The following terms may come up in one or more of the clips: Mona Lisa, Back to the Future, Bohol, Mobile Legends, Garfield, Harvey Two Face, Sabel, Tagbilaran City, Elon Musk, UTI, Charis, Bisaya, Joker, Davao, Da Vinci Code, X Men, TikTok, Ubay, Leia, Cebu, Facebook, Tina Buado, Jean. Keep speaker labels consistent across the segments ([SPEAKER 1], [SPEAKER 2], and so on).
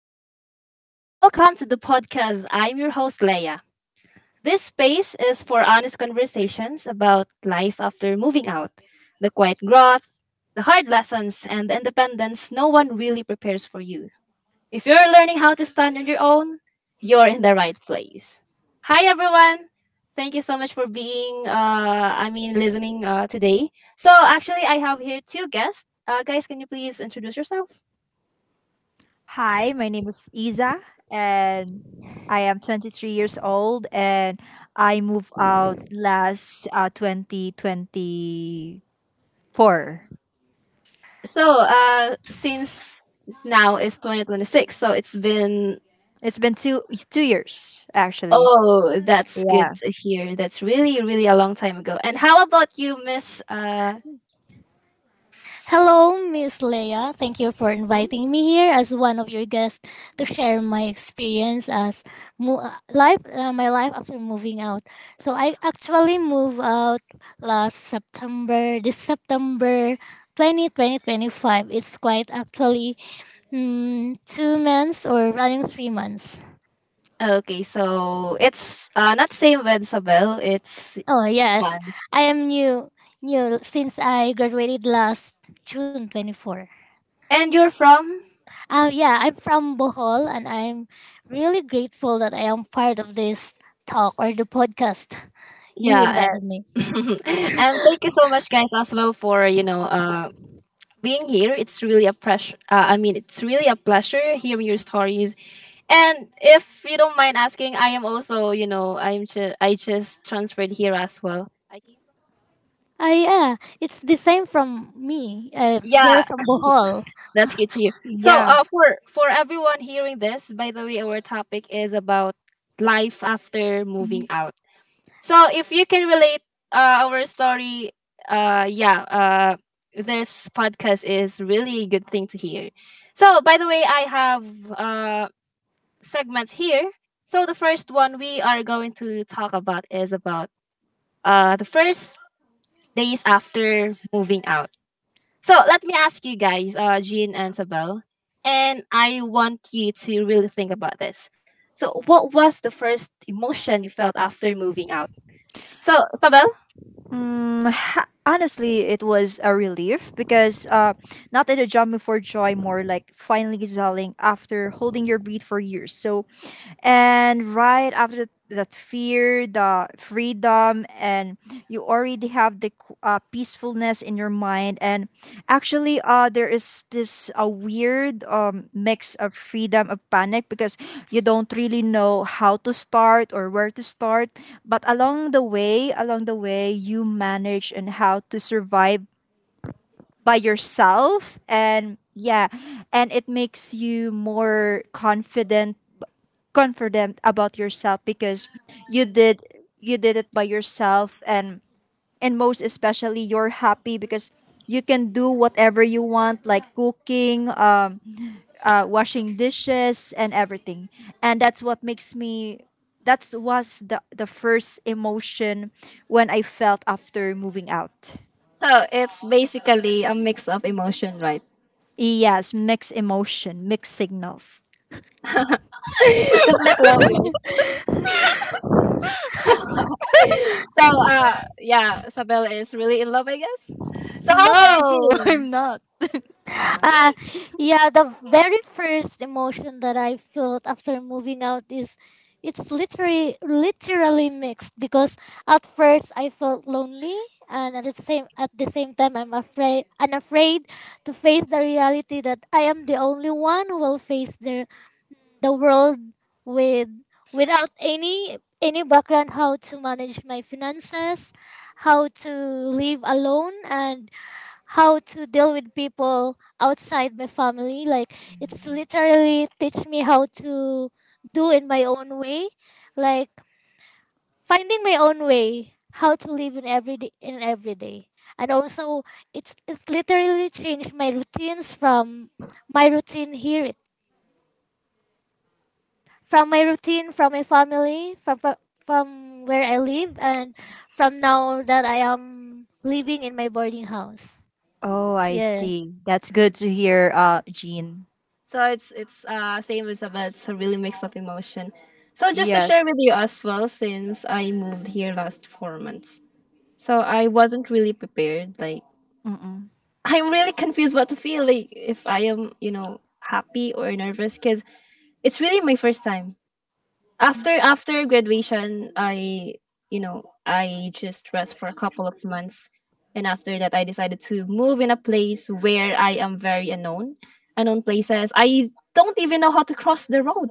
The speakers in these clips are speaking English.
[SPEAKER 1] changes you. Welcome to the podcast. I'm your host, Leia. This space is for honest conversations about life after moving out, the quiet growth, the hard lessons, and the independence no one really prepares for you. If you're learning how to stand on your own, you're in the right place. Hi, everyone. Thank you so much for listening today. So, actually, I have here two guests. Guys, can you please introduce yourself?
[SPEAKER 2] Hi, my name is Isa, and I am 23 years old, and I moved out last 2024.
[SPEAKER 1] So, since now is 2026, so it's been,
[SPEAKER 2] It's been two years actually.
[SPEAKER 1] oh, that's good
[SPEAKER 2] Yeah,
[SPEAKER 1] to hear. That's really, really a long time ago. And how about you, Miss?
[SPEAKER 3] Hello, Miss Leia. Thank you for
[SPEAKER 1] Hmm?
[SPEAKER 3] inviting me here as one of your guests to share my experience as life, my life after moving out. So I actually moved out last September, this September 20th, 2025. It's quite actually 2 months or running 3 months.
[SPEAKER 1] Okay, so it's not same with Sabel. It's,
[SPEAKER 3] Oh yes,
[SPEAKER 1] fine.
[SPEAKER 3] I am new, since I graduated last June 24.
[SPEAKER 1] And you're from?
[SPEAKER 3] Yeah, I'm from Bohol and I'm really grateful that I am part of this talk or the podcast you
[SPEAKER 1] Yeah.
[SPEAKER 3] invited me.
[SPEAKER 1] uh, and thank you so much, guys, as well for, being here. It's really a pressure. I mean, it's really a pleasure hearing your stories. And if you don't mind asking, I am also, you know, I just transferred here as well. I came.
[SPEAKER 3] Ah, yeah, it's the same from me. You're
[SPEAKER 1] Yeah,
[SPEAKER 3] from Bohol.
[SPEAKER 1] that's good to hear. So,
[SPEAKER 2] yeah.
[SPEAKER 1] for everyone hearing this, by the way, our topic is about life after moving out. So, if you can relate our story, uh, yeah, uh, this podcast is really a good thing to hear. So, by the way, I have uh segments here. So the first one we are going to talk about is about the first days after moving out. So let me ask you guys, Jean and Sabelle, and I want you to really think about this. So what was the first emotion you felt after moving out? So Sabelle?
[SPEAKER 2] Honestly, it was a relief because not in a jumping for joy, more like finally exhaling after holding your breath for years. So and right after that fear the freedom, and you already have the peacefulness in your mind, and actually there is this a weird mix of freedom of panic because you don't really know how to start or where to start, but along the way you manage and how to survive by yourself. And yeah, and it makes you more confident about yourself because you did you did it by yourself. And most especially you're happy because you can do whatever you want, like cooking, washing dishes and everything. And that's what makes me that was the first emotion when I felt after moving out.
[SPEAKER 1] So it's basically a mix of emotion, right?
[SPEAKER 2] Yes, mixed emotion, mixed signals.
[SPEAKER 1] Just like love life. so uh yeah, Sabelle is really in love, I guess. So how about you,
[SPEAKER 2] No,
[SPEAKER 1] Jean?
[SPEAKER 2] I'm not.
[SPEAKER 3] Uh, yeah, the very first emotion that I felt after moving out is it's literally mixed because at first I felt lonely, and at the same time I'm afraid to face the reality that I am the only one who will face the world with without any background, how to manage my finances, how to live alone, and how to deal with people outside my family. Like, it's literally teach me how to do in my own way, like finding my own way how to live in every day. And also, it's literally changed my routines from my routine here, from my routine, from my family, from where I live, and from now that I am living in my boarding house.
[SPEAKER 2] Oh, I
[SPEAKER 3] Yeah.
[SPEAKER 2] see, that's good to hear, Jean.
[SPEAKER 1] So it's same as, but it's a really mix of emotion. So just to share with
[SPEAKER 2] Yes.
[SPEAKER 1] you as well, since I moved here last four months, so I wasn't really prepared. Like
[SPEAKER 2] Mm-mm.
[SPEAKER 1] I'm really confused what to feel. Like if I am, you know, happy or nervous, because it's really my first time. After graduation, I, you know, I just rest for a couple of months, and after that, I decided to move in a place where I am very unknown, unknown places. I don't even know how to cross the road.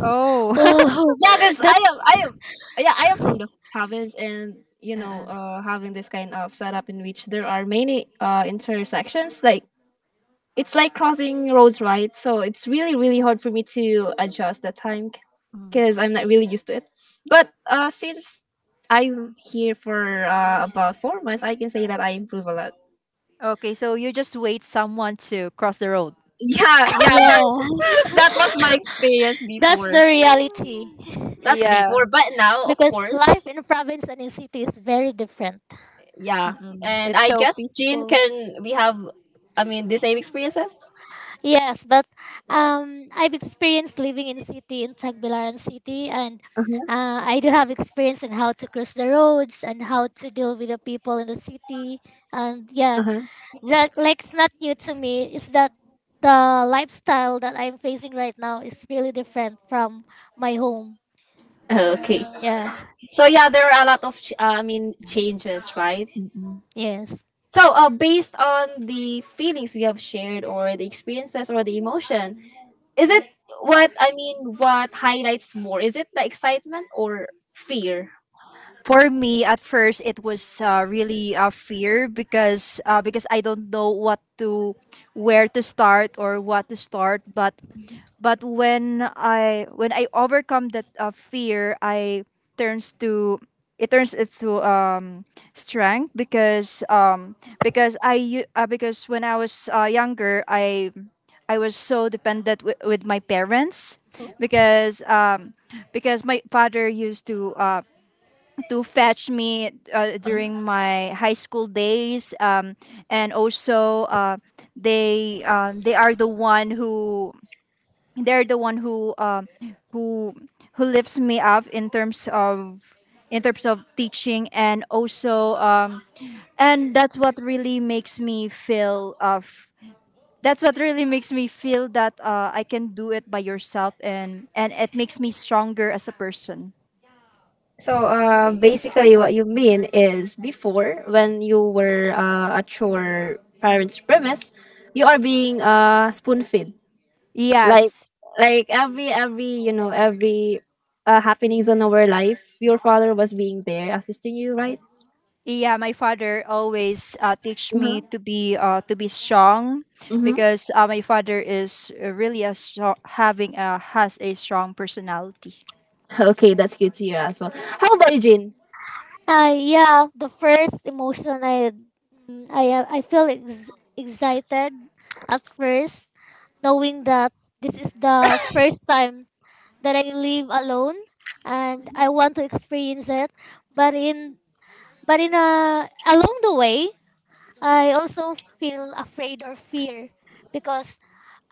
[SPEAKER 2] Oh.
[SPEAKER 3] Oh,
[SPEAKER 1] Yeah, because
[SPEAKER 3] that's
[SPEAKER 1] yeah, I am from the province, and you know,
[SPEAKER 2] Uh-uh.
[SPEAKER 1] having this kind of setup in which there are many intersections, like it's like crossing roads, right? So it's really, really hard for me to adjust the time
[SPEAKER 2] Mm.
[SPEAKER 1] because I'm not really used to it. But since I'm here for about four months, I can say that I improve a lot.
[SPEAKER 2] Okay, so you just wait someone to cross the road.
[SPEAKER 1] Yeah, yeah, that
[SPEAKER 3] yeah.
[SPEAKER 1] that was my experience
[SPEAKER 3] That's the
[SPEAKER 1] before.
[SPEAKER 3] reality.
[SPEAKER 1] That's before,
[SPEAKER 2] Yeah.
[SPEAKER 1] but now, of
[SPEAKER 3] Because
[SPEAKER 1] course.
[SPEAKER 3] life in province and in city is very different.
[SPEAKER 1] Yeah.
[SPEAKER 2] Mm-mm.
[SPEAKER 1] And
[SPEAKER 2] It's
[SPEAKER 1] I
[SPEAKER 2] so
[SPEAKER 1] guess, Jean,
[SPEAKER 2] peaceful.
[SPEAKER 1] can we have, I mean, the same experiences?
[SPEAKER 3] Yes, but I've experienced living in city in Tagbilaran City, and
[SPEAKER 1] Uh-huh.
[SPEAKER 3] I do have experience in how to cross the roads and how to deal with the people in the city. And yeah,
[SPEAKER 1] Uh-huh.
[SPEAKER 3] that like it's not new to me. It's that the lifestyle that I'm facing right now is really different from my home.
[SPEAKER 1] Okay.
[SPEAKER 3] Yeah.
[SPEAKER 1] So yeah, there are a lot of changes, right?
[SPEAKER 2] Mm-mm.
[SPEAKER 3] Yes.
[SPEAKER 1] So based on the feelings we have shared or the experiences or the emotion, is it, what I mean, what highlights more? Is it the excitement or fear?
[SPEAKER 2] For me, at first, it was really a fear because I don't know where to start or what to start. But when I overcome that fear, I turns to it turns it to strength, because because when I was younger, I was so dependent with my parents, because because my father used to fetch me during my high school days, and also they are the one who who lifts me up in terms of teaching, and also and that's what really makes me feel that I can do it by yourself, and it makes me stronger as a person.
[SPEAKER 1] So basically, what you mean is before, when you were at your parents' premise, you are being spoon fed. Like,
[SPEAKER 2] Yes.
[SPEAKER 1] like every you know, every happenings in our life, your father was being there assisting you, right?
[SPEAKER 2] Yeah, my father always teach me
[SPEAKER 1] Uh-huh.
[SPEAKER 2] to be strong
[SPEAKER 1] Mm-hmm.
[SPEAKER 2] because my father is really a strong, having a has a strong personality.
[SPEAKER 1] Okay, that's good to hear as well. How about you, Jane?
[SPEAKER 3] Yeah, the first emotion I I feel excited at first, knowing that this is the first time that I live alone, and I want to experience it. But in but in a along the way, I also feel afraid or fear because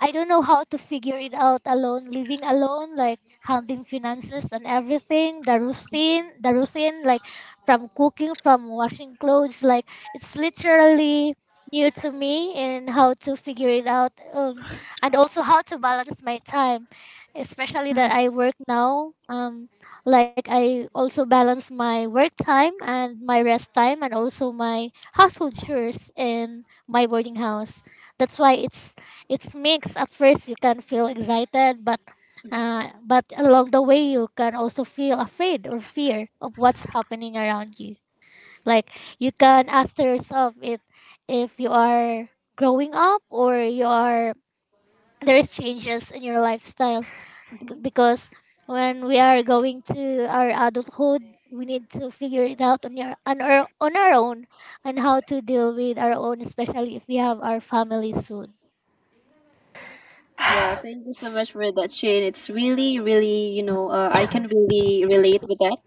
[SPEAKER 3] I don't know how to figure it out alone, living alone, like handling finances and everything, the routine, like from cooking, from washing clothes, like it's literally new to me and how to figure it out, and also how to balance my time, especially that I work now. Like I also balance my work time and my rest time, and also my household chores in my boarding house. That's why it's mixed. At first, you can feel excited, but along the way, you can also feel afraid or fear of what's happening around you. Like, you can ask to yourself if you are growing up, or you are there's changes in your lifestyle.
[SPEAKER 1] Hmm.
[SPEAKER 3] Bec- because when we are going to our adulthood, we need to figure it out on your on our own, and how to deal with our own, especially if we have our family soon.
[SPEAKER 1] Yeah, thank you so much for that, Shane. It's really, really, you know, I can really relate with that.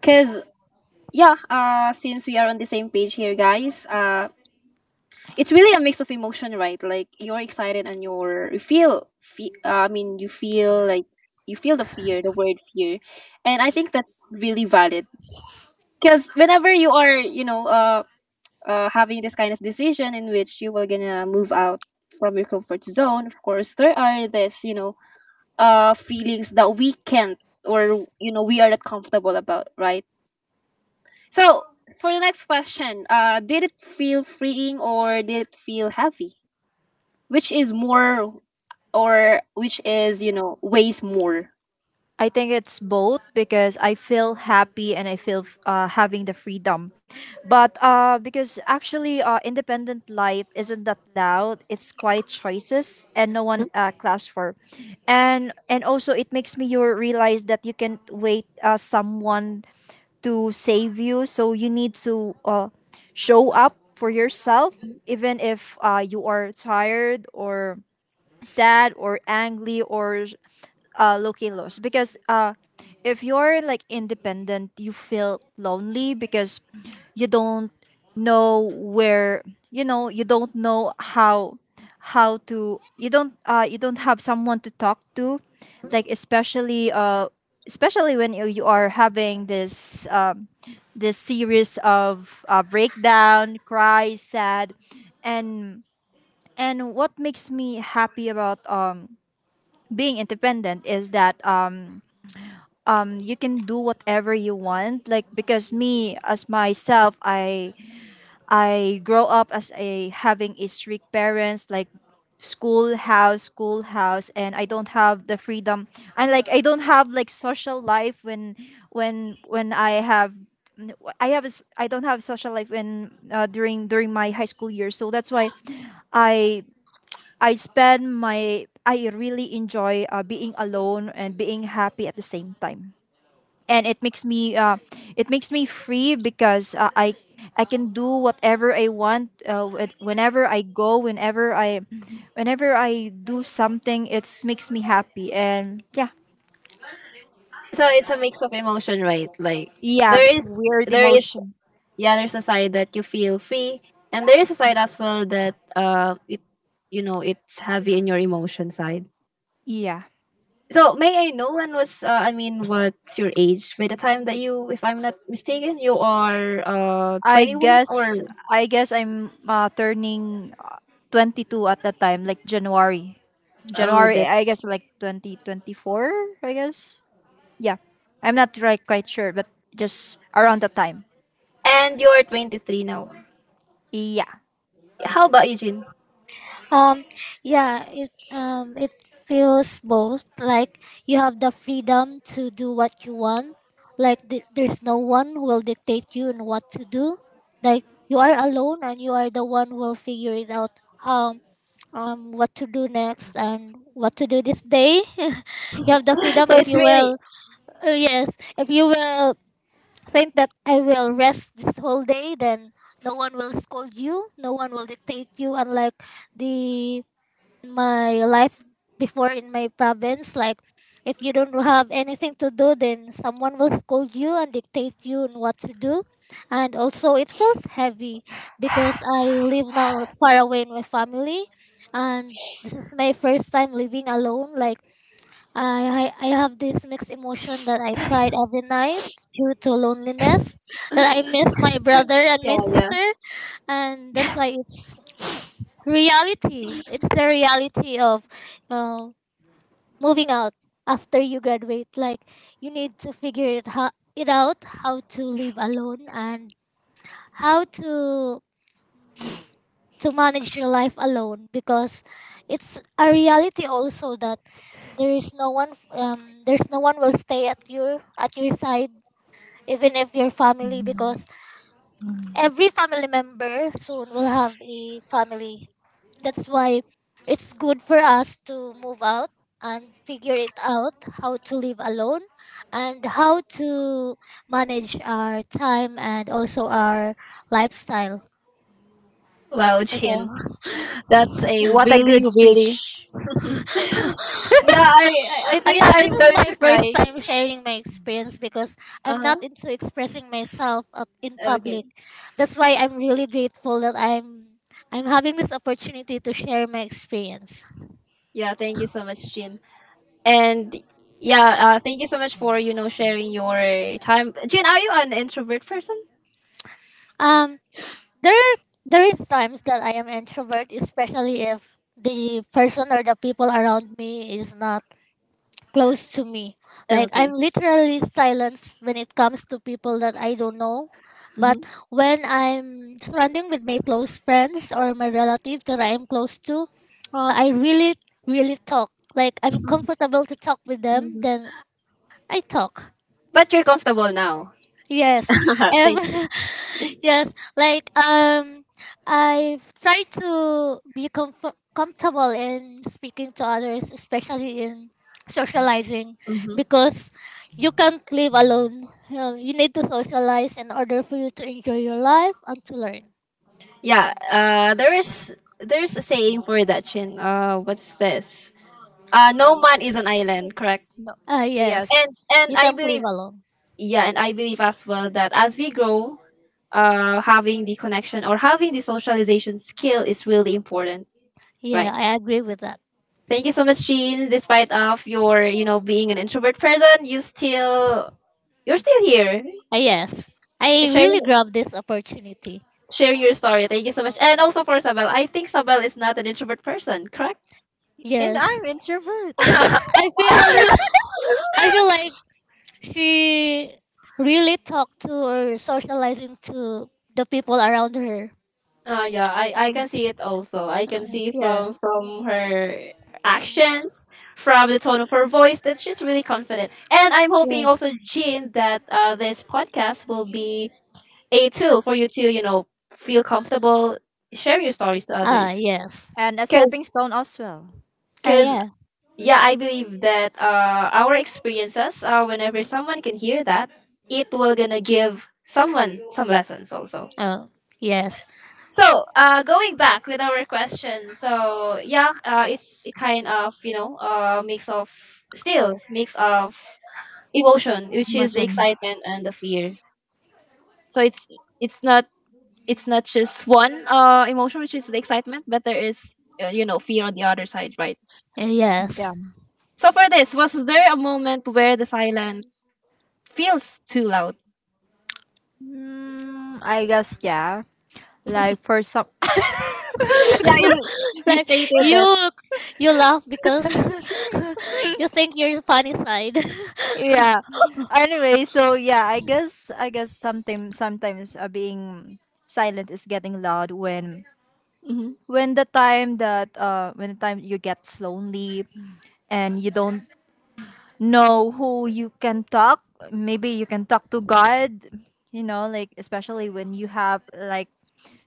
[SPEAKER 1] Because yeah, since we are on the same page here, guys, it's really a mix of emotion, right? Like you're excited and you feel, you feel like you feel the fear, the word fear, and I think that's really valid because whenever you are, having this kind of decision in which you will gonna move out from your comfort zone, of course there are this, you know, feelings that we can't, or you know, we are not comfortable about, right? So for the next question, did it feel freeing or did it feel heavy? Which is more, or which is, you know, weighs more?
[SPEAKER 2] I think it's both because I feel happy and I feel having the freedom. But Because actually, independent life isn't that loud. It's quiet choices and no one claps for. And also, it makes me you realize that you can wait someone to save you. So you need to show up for yourself,
[SPEAKER 1] Mhm.
[SPEAKER 2] even if you are tired or sad or angry or looking lost, because if you're like independent you feel lonely because you don't know where you know, you don't know how to you don't have someone to talk to, like especially when you are having this this series of breakdown, cry, sad, and and what makes me happy about being independent is that you can do whatever you want, like, because me as myself, I grow up as a having a strict parents, like schoolhouse, and I don't have the freedom, and like I don't have like social life when I have a s- I don't have social life when during my high school years, so that's why I I spend my I really enjoy being alone and being happy at the same time. And it makes me It makes me free because I can do whatever I want, whenever I go, whenever I do something it makes me happy. And yeah,
[SPEAKER 1] So it's a mix of emotion, right? Like
[SPEAKER 2] yeah, weird
[SPEAKER 1] there is
[SPEAKER 2] emotion.
[SPEAKER 1] yeah, there's a side that you feel free, and there is a side as well that it you know, it's heavy in your emotion side.
[SPEAKER 2] Yeah,
[SPEAKER 1] So may I know when was, what's your age by the time that you, if I'm not mistaken, you are
[SPEAKER 2] I
[SPEAKER 1] 21 or.
[SPEAKER 2] guess I guess I'm turning 22 at that time, like January.
[SPEAKER 1] Oh,
[SPEAKER 2] January, I guess,
[SPEAKER 1] that's.
[SPEAKER 2] like 2024, I guess. Yeah. I'm not right, quite sure, but just around that time.
[SPEAKER 1] And you're 23 now.
[SPEAKER 2] Yeah.
[SPEAKER 1] How about you, Jin?
[SPEAKER 3] Um, yeah, it feels both, like you have the freedom to do what you want. Like, there's no one who will dictate you and what to do. Like, you are alone and you are the one who will figure it out. Um, what to do next and what to do this day. You have the freedom
[SPEAKER 1] So
[SPEAKER 3] if
[SPEAKER 1] it's
[SPEAKER 3] you
[SPEAKER 1] really,
[SPEAKER 3] will. Yes, if you will think that I will rest this whole day, then no one will scold you. No one will dictate you. Unlike the in my life before in my province. Like, if you don't have anything to do, then someone will scold you and dictate you on what to do. And also, it feels heavy because I live now far away in my family, and this is my first time living alone. Like, I have this mixed emotion that I cried every night due to loneliness, that I miss my brother and my
[SPEAKER 1] yeah, yeah.
[SPEAKER 3] sister, and that's why it's reality it's the reality of uh, moving out after you graduate. Like, you need to figure it out, how to live alone, and how to manage your life alone, because it's a reality also that there is no one there's no one will stay at your side, even if your family, because every family member soon will have a family. That's why it's good for us to move out and figure it out how to live alone, and how to manage our time and also our lifestyle.
[SPEAKER 1] Wow,
[SPEAKER 3] So,
[SPEAKER 1] Jin, that's a
[SPEAKER 2] What a
[SPEAKER 1] really,
[SPEAKER 2] good
[SPEAKER 1] really.
[SPEAKER 2] speech.
[SPEAKER 1] Yeah. I think
[SPEAKER 3] yeah, this
[SPEAKER 1] I'm
[SPEAKER 3] is
[SPEAKER 1] going
[SPEAKER 3] my
[SPEAKER 1] to
[SPEAKER 3] first
[SPEAKER 1] cry.
[SPEAKER 3] time sharing my experience because
[SPEAKER 1] Uh
[SPEAKER 3] I'm not
[SPEAKER 1] huh.
[SPEAKER 3] into expressing myself up in
[SPEAKER 1] Okay.
[SPEAKER 3] public. That's why I'm really grateful that I'm having this opportunity to share my experience.
[SPEAKER 1] Yeah. Thank you so much, Jin. And yeah, thank you so much for, you know, sharing your time. Jin, are you an introvert person?
[SPEAKER 3] Um, there there is times that I am introvert, especially if the person or the people around me is not close to me. Like, I'm
[SPEAKER 1] Okay.
[SPEAKER 3] literally silenced when it comes to people that I don't know. But when I'm surrounding with my close friends or my relatives that I am close to, I really talk. Like, I'm comfortable to talk with them,
[SPEAKER 1] Hmm.
[SPEAKER 3] then I talk.
[SPEAKER 1] But you're comfortable now.
[SPEAKER 3] Yes, and
[SPEAKER 1] Thank you.
[SPEAKER 3] yes, like I've tried to be comfortable in speaking to others, especially in socializing,
[SPEAKER 1] Mm-hmm.
[SPEAKER 3] because you can't live alone. You know, you need to socialize in order for you to enjoy your life and to learn.
[SPEAKER 1] Yeah, there's a saying for that, Chin. What's this? No man is an island, correct?
[SPEAKER 2] No.
[SPEAKER 3] Ah, yes,
[SPEAKER 2] Yes.
[SPEAKER 1] And
[SPEAKER 3] you
[SPEAKER 1] I
[SPEAKER 3] can't live
[SPEAKER 1] believe,
[SPEAKER 3] alone.
[SPEAKER 1] yeah, and I believe as well that as we grow, having the connection or having the socialization skill is really important,
[SPEAKER 3] Yeah,
[SPEAKER 1] right?
[SPEAKER 3] I agree with that.
[SPEAKER 1] Thank you so much, Chin. Despite of your, you know, being an introvert person, you still, you're still here
[SPEAKER 3] Ah, yes, I
[SPEAKER 1] sharing
[SPEAKER 3] really grabbed this opportunity.
[SPEAKER 1] your story. Thank you so much, and also for Sabel. I think Sabel is not an introvert person, correct?
[SPEAKER 2] And
[SPEAKER 3] Yes.
[SPEAKER 2] I'm introvert.
[SPEAKER 3] Mm. I feel I feel like she really talked to or socializing to the people around her.
[SPEAKER 1] Yeah, I
[SPEAKER 3] Mm.
[SPEAKER 1] can see it also. I can see from
[SPEAKER 3] Yes.
[SPEAKER 1] her actions, from the tone of her voice that she's really confident. And I'm hoping
[SPEAKER 3] Yes.
[SPEAKER 1] also, Jean, that this podcast will be a tool for
[SPEAKER 2] Yes.
[SPEAKER 1] you to, you know, feel comfortable sharing your stories to
[SPEAKER 3] Ah,
[SPEAKER 1] others.
[SPEAKER 3] yes.
[SPEAKER 2] And a
[SPEAKER 1] Because,
[SPEAKER 2] stepping stone as well.
[SPEAKER 3] Ah,
[SPEAKER 1] Cause cause
[SPEAKER 3] yeah.
[SPEAKER 1] yeah, I believe that our experiences, whenever someone can hear that, it will gonna give someone some lessons also.
[SPEAKER 3] Oh, yes.
[SPEAKER 1] So going back with our question, so yeah, it's a kind of, you know, mix of, still mix of emotion, which is the
[SPEAKER 2] Imagine.
[SPEAKER 1] excitement and the fear. So it's not, it's not just one emotion, which is the excitement, but there is, you know, fear on the other side, right?
[SPEAKER 2] Yeah.
[SPEAKER 3] Yes.
[SPEAKER 1] So for this, was there a moment where the silence feels too loud?
[SPEAKER 2] Mm, I guess, yeah. Like for some.
[SPEAKER 1] Yeah, you
[SPEAKER 3] Like,
[SPEAKER 1] stated that.
[SPEAKER 3] you, you laugh because you think your funny side.
[SPEAKER 2] Yeah, anyway, so yeah, I guess sometimes being silent is getting loud
[SPEAKER 1] Mhm.
[SPEAKER 2] when the time you get lonely and you don't know who you can talk. Maybe you can talk to God, you know, like especially when you have like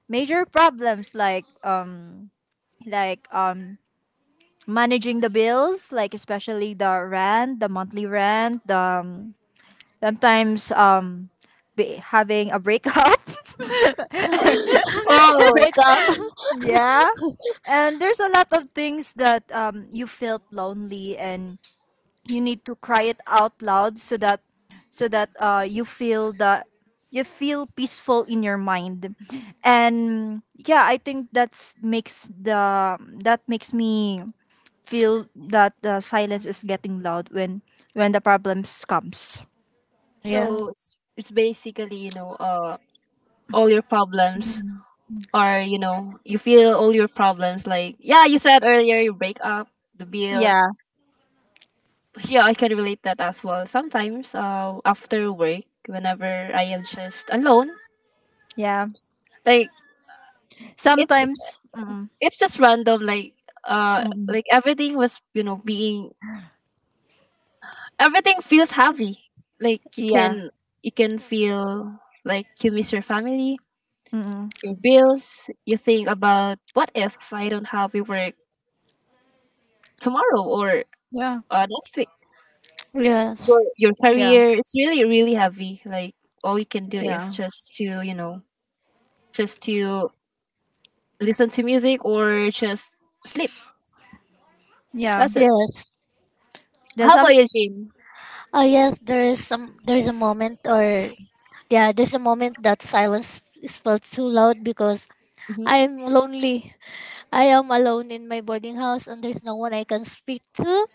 [SPEAKER 2] major problems, like, like um managing the bills, like especially the rent, the monthly rent, the um, sometimes, be having a breakup.
[SPEAKER 1] Oh,
[SPEAKER 3] Break up.
[SPEAKER 2] Yeah, and there's a lot of things that you felt lonely and you need to cry it out loud so that you feel that you feel peaceful in your mind. And yeah, I think that makes me feel that the silence is getting loud when the problems comes.
[SPEAKER 3] Yeah.
[SPEAKER 1] so it's basically, you know, all your problems, or you know, you feel all your problems, like yeah, you said earlier, you break up, the
[SPEAKER 2] Yeah,
[SPEAKER 1] bills. Yeah, I can relate that as well. Sometimes after work, whenever I am just alone,
[SPEAKER 2] yeah,
[SPEAKER 1] like it's
[SPEAKER 2] sometimes, mm,
[SPEAKER 1] it's just random,
[SPEAKER 2] mm,
[SPEAKER 1] like everything was, you know, being, everything feels heavy. Like you
[SPEAKER 2] yeah.
[SPEAKER 1] can, you can feel like you miss your family,
[SPEAKER 2] Mm-mm.
[SPEAKER 1] your bills, you think about what if I don't have to work tomorrow or
[SPEAKER 2] Yeah.
[SPEAKER 1] next week,
[SPEAKER 3] Yes.
[SPEAKER 1] your
[SPEAKER 2] Yeah.
[SPEAKER 1] career, it's really, really heavy. Like all you can do is
[SPEAKER 2] Yeah.
[SPEAKER 1] just to, you know, just to listen to music or just sleep,
[SPEAKER 2] Yeah.
[SPEAKER 1] that's it.
[SPEAKER 3] Yes.
[SPEAKER 2] There's
[SPEAKER 1] How
[SPEAKER 2] some
[SPEAKER 1] about you, Jim?
[SPEAKER 3] Oh, yes. There is some. There is a moment, or yeah, there's a moment that silence is felt too loud because
[SPEAKER 1] Hmm.
[SPEAKER 3] I'm lonely. I am alone in my boarding house and there's no one I can speak to.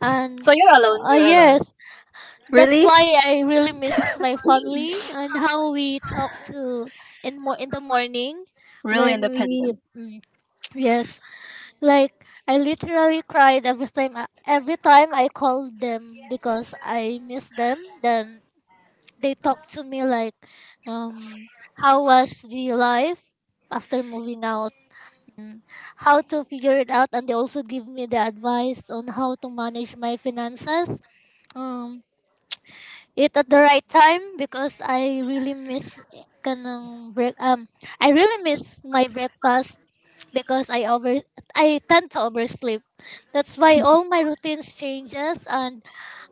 [SPEAKER 3] And
[SPEAKER 1] So you're alone, you're alone.
[SPEAKER 3] yes, that's
[SPEAKER 2] really.
[SPEAKER 3] why I really miss my family and how we talk to in the morning
[SPEAKER 1] Really
[SPEAKER 3] when we
[SPEAKER 1] independent.
[SPEAKER 3] yes, like I literally cried every time I called them because I miss them. Then they talk to me like um how was the life after moving out, how to figure it out, and they also give me the advice on how to manage my finances um it at the right time, because I really miss kanang break, I really miss my breakfast because I tend to oversleep. That's why all my routines changes, and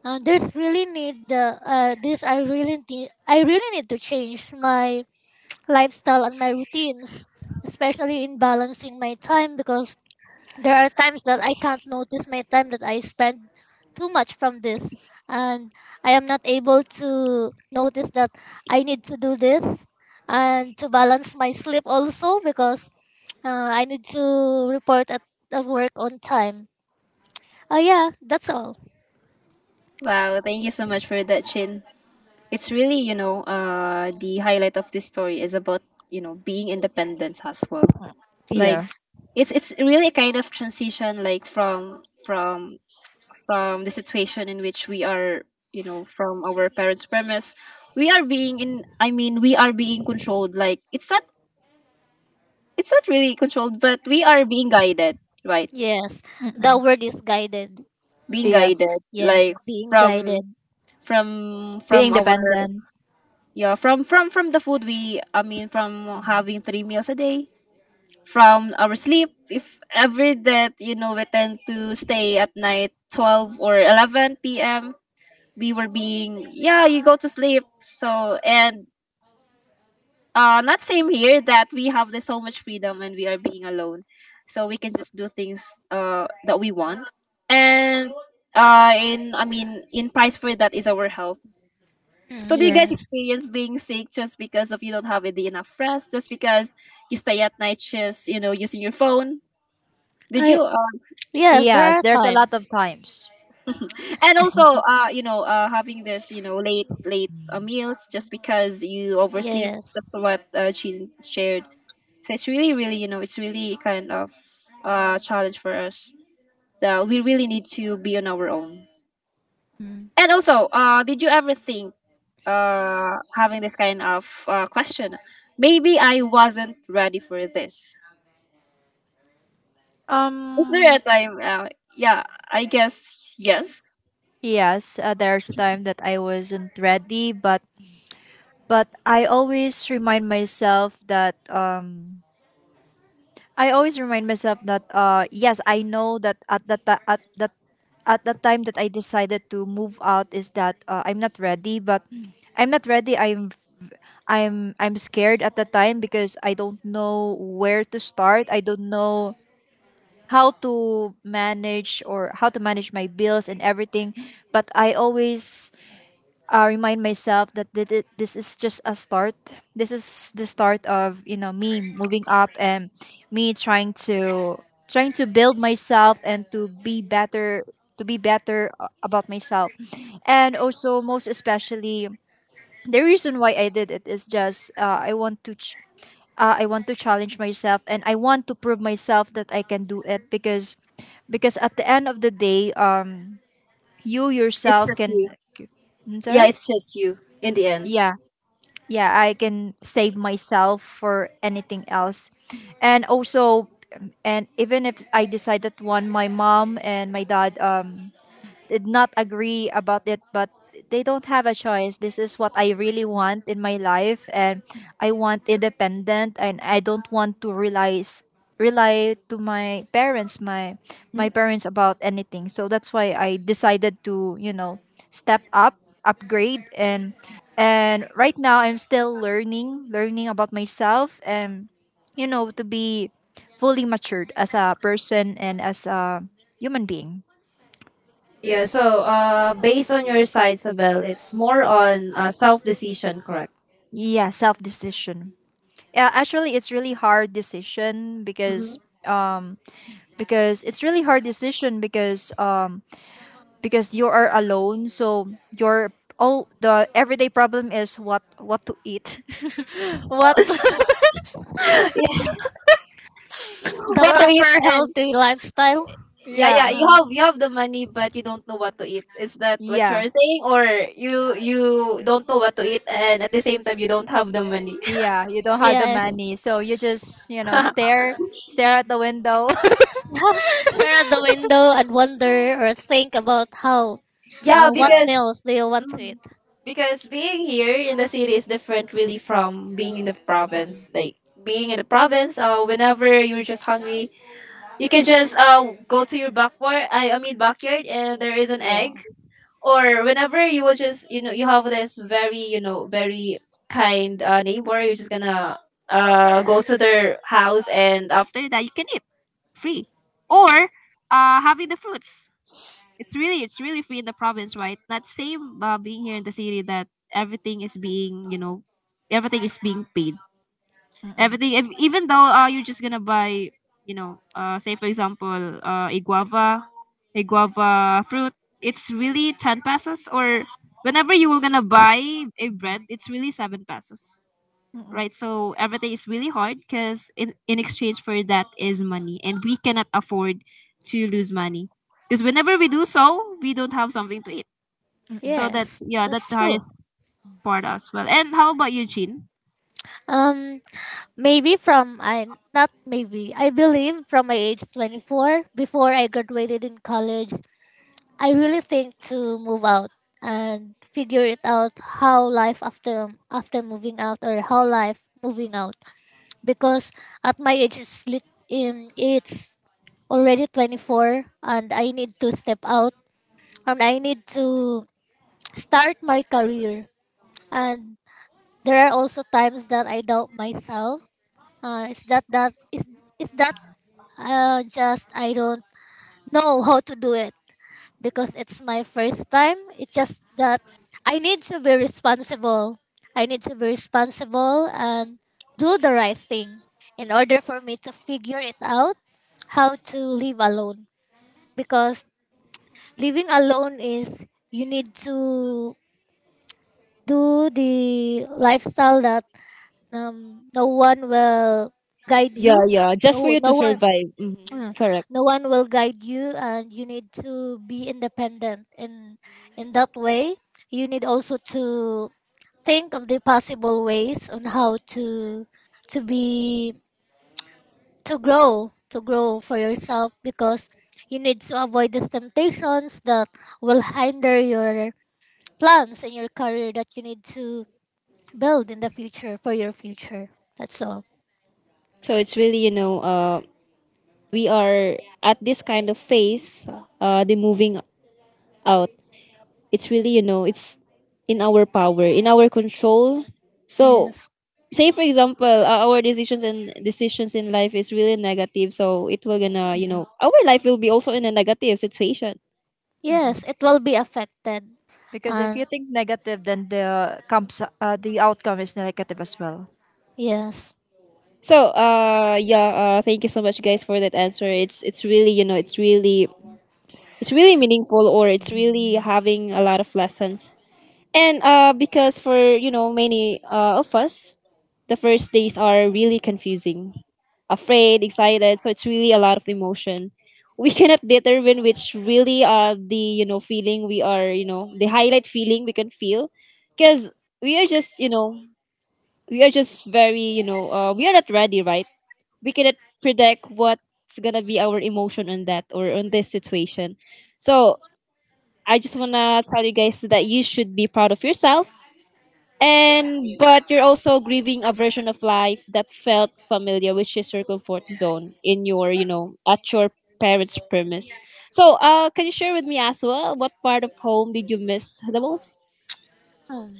[SPEAKER 3] there's really need I really need to change my lifestyle and my routines, especially in balancing my time, because there are times that I can't notice my time that I spend too much from this, and I am not able to notice that I need to do this, and to balance my sleep also because I need to report at work on time. Oh yeah, that's all.
[SPEAKER 1] Wow, thank you so much for that, Jim. It's really, you know, the highlight of this story is about, you know, being independent as well, like
[SPEAKER 2] Yeah.
[SPEAKER 3] Yes.
[SPEAKER 1] it's really a kind of transition, like from from the situation in which we are, you know, from our parents' premise, we are being in, I mean, we are being controlled. Like it's not, it's not really controlled, but we are being guided, right?
[SPEAKER 3] Yes. The
[SPEAKER 2] Mm-mm.
[SPEAKER 3] word is guided.
[SPEAKER 1] Being
[SPEAKER 2] Yes.
[SPEAKER 1] guided,
[SPEAKER 3] Yes,
[SPEAKER 1] like
[SPEAKER 3] being
[SPEAKER 1] from
[SPEAKER 3] guided.
[SPEAKER 1] from
[SPEAKER 2] Being
[SPEAKER 1] our,
[SPEAKER 2] dependent.
[SPEAKER 1] yeah, from the food we, I mean from having three meals a day, from our sleep, if every that, we tend to stay at night 12 or 11 p.m, we were being, yeah, you go to sleep. So, and not same here, that we have this so much freedom when we are being alone, so we can just do things that we want. And in, I mean, in price for that is our health.
[SPEAKER 3] Mm,
[SPEAKER 1] So do you guys
[SPEAKER 3] yes.
[SPEAKER 1] experience being sick just because of you don't have the enough rest, just because you stay at night just using your phone? Did you
[SPEAKER 3] I yes, there
[SPEAKER 2] Yes.
[SPEAKER 3] are
[SPEAKER 2] There's a lot of
[SPEAKER 3] times.
[SPEAKER 2] times.
[SPEAKER 1] and also having this, late meals, just because you oversleep,
[SPEAKER 3] Yes.
[SPEAKER 1] just what, she shared. So it's really, it's really kind of challenge for us, that we really need to be on our own.
[SPEAKER 2] Mm.
[SPEAKER 1] And also, did you ever think, having this kind of question, maybe I wasn't ready for this? Is there a
[SPEAKER 2] Um.
[SPEAKER 1] time, yeah, I guess yes.
[SPEAKER 2] Yes. There's a time that I wasn't ready, but I always remind myself that. I always remind myself that, yes, I know that at the time that I decided to move out is that I'm not ready, but I'm not ready. I'm scared at the time because I don't know where to start. I don't know how to manage my bills and everything. But I always remind myself that this is just a start. This is the start of, you know, me moving up, and me trying to trying to build myself and to be better about myself, and also most especially the reason why I did it is just, I want to challenge myself and I want to prove myself that I can do it, because at the end of the day, you
[SPEAKER 1] It's
[SPEAKER 2] yourself
[SPEAKER 1] just you.
[SPEAKER 2] can. I'm
[SPEAKER 1] Yeah,
[SPEAKER 2] sorry.
[SPEAKER 1] it's just you in the end.
[SPEAKER 2] Yeah, yeah, I can save myself for anything else, and also, and even if I decide that one, my mom and my dad did not agree about it, but they don't have a choice. This is what I really want in my life, and I want independent, and I don't want to rely to my parents, my parents about anything. So that's why I decided to, you know, step up, upgrade, and right now I'm still learning, about myself, and you know, to be fully matured as a person and as a human being.
[SPEAKER 1] Yeah, so based on your side, Sabel, it's more on self decision, correct?
[SPEAKER 2] Yeah, self decision. Yeah, actually, it's really hard decision
[SPEAKER 1] Mhm.
[SPEAKER 2] um because it's really hard decision because you are alone. So your all the everyday problem is what to eat, what
[SPEAKER 1] Yeah,
[SPEAKER 3] The
[SPEAKER 1] what to
[SPEAKER 2] what.
[SPEAKER 1] eat.
[SPEAKER 3] proper
[SPEAKER 1] And
[SPEAKER 3] healthy lifestyle.
[SPEAKER 1] yeah,
[SPEAKER 2] Yeah,
[SPEAKER 1] yeah, you
[SPEAKER 3] Uh,
[SPEAKER 1] have, you have the money, but you don't know what to eat. Is that what
[SPEAKER 2] yeah.
[SPEAKER 1] you're saying, or you don't know what to eat, and at the same time you don't have the money?
[SPEAKER 2] Yeah, you don't have the
[SPEAKER 3] yes.
[SPEAKER 2] money, so you just, you know, stare at the window.
[SPEAKER 3] Stare out the window and wonder or think about how
[SPEAKER 1] Yeah,
[SPEAKER 3] what
[SPEAKER 2] Yeah.
[SPEAKER 1] because,
[SPEAKER 3] meals do you want to
[SPEAKER 1] mm,
[SPEAKER 3] eat.
[SPEAKER 1] because being here in the city is different really from being in the province. Like, being in the province, whenever you're just hungry, you can just go to your backyard. I mean backyard, and there is an
[SPEAKER 3] Yeah.
[SPEAKER 1] egg. Or whenever you will just, you have this very, very kind neighbor, you're just gonna go to their house, and after that you can eat free. Or having the fruits. It's really free in the province, right? Not same, being here in the city, that everything is being, everything is being paid,
[SPEAKER 2] Mm-mm.
[SPEAKER 1] everything, if, even though, you're just gonna buy, say for example, a guava fruit, it's really 10 pesos. Or whenever you were gonna buy a bread, it's really 7 pesos,
[SPEAKER 2] Mm-mm.
[SPEAKER 1] right? So everything is really hard, because in exchange for that is money, and we cannot afford to lose money, because whenever we do so, we don't have something to eat. So that's,
[SPEAKER 3] Yes,
[SPEAKER 1] yeah, that's the
[SPEAKER 3] that's true.
[SPEAKER 1] hardest part as well. And how about you, Jean?
[SPEAKER 3] um Maybe from I not maybe I believe from my age 24, before I graduated in college, I really think to move out and figure it out how life after after moving out, or how life moving out, because at my age, it's already 24, and I need to step out, and I need to start my career. And there are also times that I doubt myself, uh, is that that is is that just I don't know how to do it because it's my first time. It's just that I need to be responsible. I need to be responsible and do the right thing in order for me to figure it out how to live alone. Because living alone is you need to do the lifestyle that no one will guide
[SPEAKER 1] Yeah,
[SPEAKER 3] you.
[SPEAKER 1] yeah, just for
[SPEAKER 3] No,
[SPEAKER 1] you to survive. Mhm.
[SPEAKER 3] uh,
[SPEAKER 1] Correct.
[SPEAKER 3] no one will guide you, and you need to be independent in that way. You need also to think of the possible ways on how to be to grow for yourself, because you need to avoid the temptations that will hinder your plans and your career that you need to build in the future for your future. That's all.
[SPEAKER 1] So it's really, we are at this kind of phase, the moving out. It's really, it's in our power, in our control. So
[SPEAKER 3] Yes,
[SPEAKER 1] say for example, our decisions and decisions in life is really negative, so it will gonna,
[SPEAKER 2] Mm-mm.
[SPEAKER 1] our life will be also in a negative situation.
[SPEAKER 3] yes,
[SPEAKER 2] Mm-mm.
[SPEAKER 3] it will be affected.
[SPEAKER 2] Because if you
[SPEAKER 3] And
[SPEAKER 2] think negative, then the outcome is negative as well.
[SPEAKER 3] yes.
[SPEAKER 1] So yeah, thank you so much, guys, for that answer. It's really, it's really meaningful, or it's really having a lot of lessons. And because for, many of us, the first days are really confusing, afraid, excited. So it's really a lot of emotion. We cannot determine which really the, feeling we are, the highlight feeling we can feel, because we are just, we are just very, we are not ready, right. We cannot predict what's gonna be our emotion on that or on this situation. So I just wanna tell you guys that you should be proud of yourself, and but you're also grieving a version of life that felt familiar, which is your comfort zone in your, at your parents' premise. So, can you share with me as well what part of home did you miss the most?
[SPEAKER 3] Um,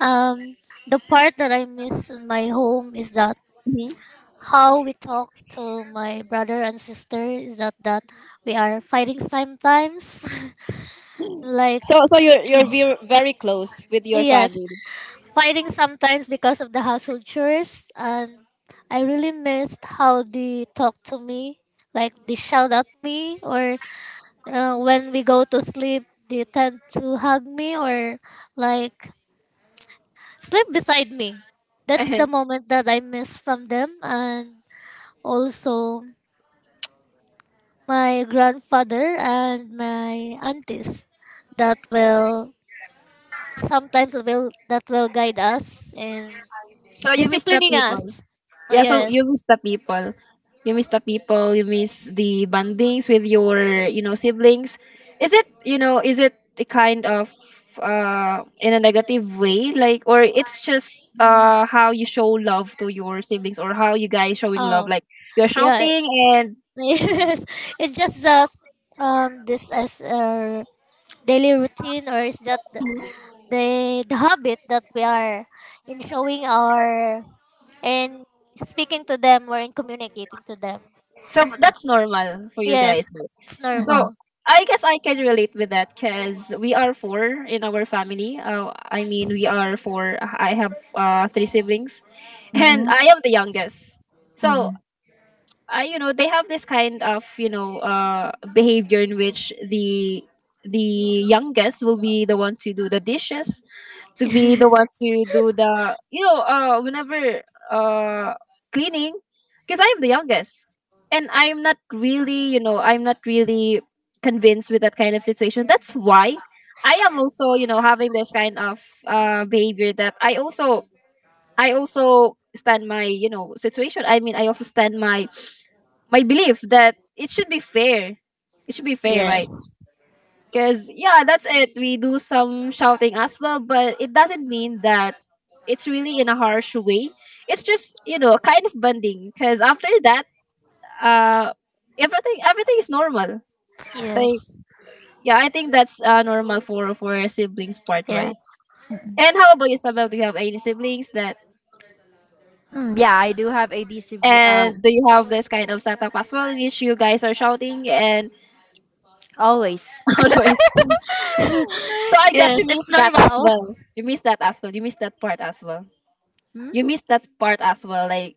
[SPEAKER 3] Um, the part that I miss in my home is that
[SPEAKER 1] Hmm.
[SPEAKER 3] how we talk to my brother and sister is that we are fighting sometimes, like,
[SPEAKER 1] So, so you're ve- very close with your
[SPEAKER 3] yes,
[SPEAKER 1] family.
[SPEAKER 3] fighting sometimes because of the household chores, and I really missed how they talk to me, like they shout at me, or when we go to sleep, they tend to hug me or like sleep beside me. That's the
[SPEAKER 1] And
[SPEAKER 3] moment that I miss from them, and also my grandfather and my aunties that will guide us in
[SPEAKER 1] so you miss the
[SPEAKER 3] disciplining
[SPEAKER 1] people.
[SPEAKER 3] us. Oh,
[SPEAKER 1] Yeah, so you
[SPEAKER 3] yes.
[SPEAKER 1] miss the people. You miss the people, you miss the bondings with your, siblings. Is it, is it a kind of in a negative way, like, or it's just
[SPEAKER 2] Mm-mm.
[SPEAKER 1] how you show love to your siblings, or how you guys showing love,
[SPEAKER 3] Um
[SPEAKER 1] like, you're
[SPEAKER 3] yeah.
[SPEAKER 1] shouting, and
[SPEAKER 3] Yes. It's just that this as our daily routine, or is that the, the habit that we are in, showing our and speaking to them, or in communicating to them.
[SPEAKER 1] so that's normal for you guys?
[SPEAKER 3] Yes, it's
[SPEAKER 1] So
[SPEAKER 2] Mm-mm.
[SPEAKER 3] normal.
[SPEAKER 1] I guess I can relate with that, because we are four in our family. I mean, we are four. I have three siblings. And
[SPEAKER 2] Mm-mm.
[SPEAKER 1] I am the youngest. So I, they have this kind of, behavior in which the youngest will be the one to do the dishes, to be the one to do the, whenever uh cleaning, because I am the youngest, and I'm not really, I'm not really convinced with that kind of situation. That's why I am also, having this kind of behavior, that I also, I also stand my, situation. I mean, I also stand my my belief that it should be fair. It should be fair, right?
[SPEAKER 3] Yes.
[SPEAKER 1] Because yeah, that's it. We do some shouting as well, but it doesn't mean that it's really in a harsh way. It's just, kind of bonding. Because after that, uh, everything is normal. Like,
[SPEAKER 3] Yes.
[SPEAKER 1] yeah, I think that's normal for siblings part,
[SPEAKER 3] Yeah.
[SPEAKER 1] right? And how about you, Samuel? Do you have any siblings that—
[SPEAKER 2] Yeah, I do have adhesive,
[SPEAKER 1] and do you have this kind of setup as well, in which you guys are shouting and
[SPEAKER 2] always.
[SPEAKER 1] all the way? So I guess
[SPEAKER 3] Yes.
[SPEAKER 1] you
[SPEAKER 3] It's
[SPEAKER 1] missed that as
[SPEAKER 3] normal.
[SPEAKER 1] well. You missed that as well. You missed that part as well.
[SPEAKER 2] Hmm?
[SPEAKER 1] You missed that part as well. Like,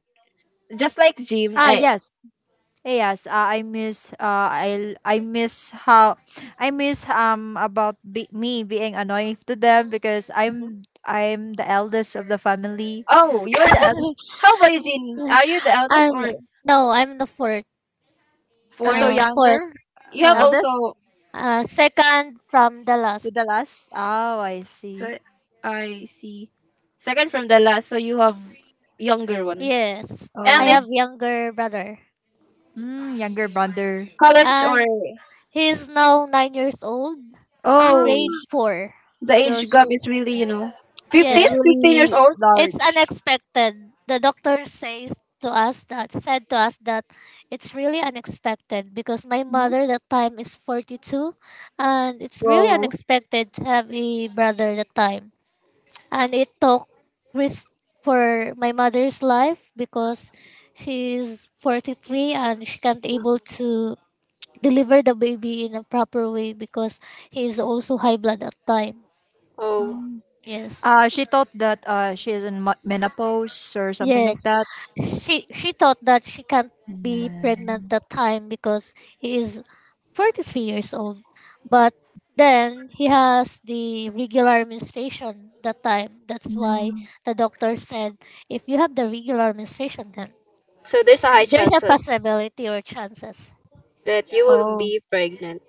[SPEAKER 1] just like Jim,
[SPEAKER 2] Ah,
[SPEAKER 1] I—
[SPEAKER 2] yes. Eh, yes. I miss how I miss, me being annoying to them because I'm the eldest of the family.
[SPEAKER 1] oh, you're the eldest. How about you, Jean? Are you the eldest
[SPEAKER 3] I'm
[SPEAKER 1] or
[SPEAKER 3] no. I'm the fourth.
[SPEAKER 2] So
[SPEAKER 1] fourth?
[SPEAKER 3] Fourth.
[SPEAKER 2] younger,
[SPEAKER 1] You have
[SPEAKER 3] Uh,
[SPEAKER 1] also.
[SPEAKER 2] eldest
[SPEAKER 3] Second from the
[SPEAKER 2] to
[SPEAKER 3] last.
[SPEAKER 2] the last. Oh, I see.
[SPEAKER 1] So I see. Second from the last, so you have younger one,
[SPEAKER 3] Yes. I
[SPEAKER 1] and
[SPEAKER 2] Oh,
[SPEAKER 3] have
[SPEAKER 1] it's
[SPEAKER 3] younger brother,
[SPEAKER 2] mm, younger brother.
[SPEAKER 1] college or—
[SPEAKER 3] and he's now 9 years old,
[SPEAKER 1] um,
[SPEAKER 2] Oh,
[SPEAKER 3] grade
[SPEAKER 2] sh-
[SPEAKER 3] four.
[SPEAKER 1] the
[SPEAKER 2] so
[SPEAKER 1] age gap
[SPEAKER 2] she
[SPEAKER 1] is really, fifteen,
[SPEAKER 2] is
[SPEAKER 3] Yes.
[SPEAKER 1] fifteen years
[SPEAKER 2] really
[SPEAKER 1] old.
[SPEAKER 3] It's
[SPEAKER 2] large.
[SPEAKER 3] unexpected. The doctor says to us that said to us that it's really unexpected because my
[SPEAKER 1] Mhm.
[SPEAKER 3] mother that time is 42, and it's really
[SPEAKER 1] Whoa.
[SPEAKER 3] unexpected to have a brother that time, and it took risk for my mother's life because she's 43 and she can't able to deliver the baby in a proper way because he is also high blood at time.
[SPEAKER 1] Oh.
[SPEAKER 2] Mm.
[SPEAKER 3] Yes,
[SPEAKER 2] She thought that she is menopause or something
[SPEAKER 3] yes,
[SPEAKER 2] like that.
[SPEAKER 3] she thought that she can't be pregnant
[SPEAKER 2] Mm.
[SPEAKER 3] that time because he is 43 years old, but then he has the regular menstruation that time. That's why
[SPEAKER 2] Mm.
[SPEAKER 3] the doctor said, if you have the regular menstruation, then.
[SPEAKER 1] So there's a high
[SPEAKER 3] There's a
[SPEAKER 1] chances
[SPEAKER 3] possibility or chances.
[SPEAKER 1] that you will
[SPEAKER 2] Oh,
[SPEAKER 1] be pregnant.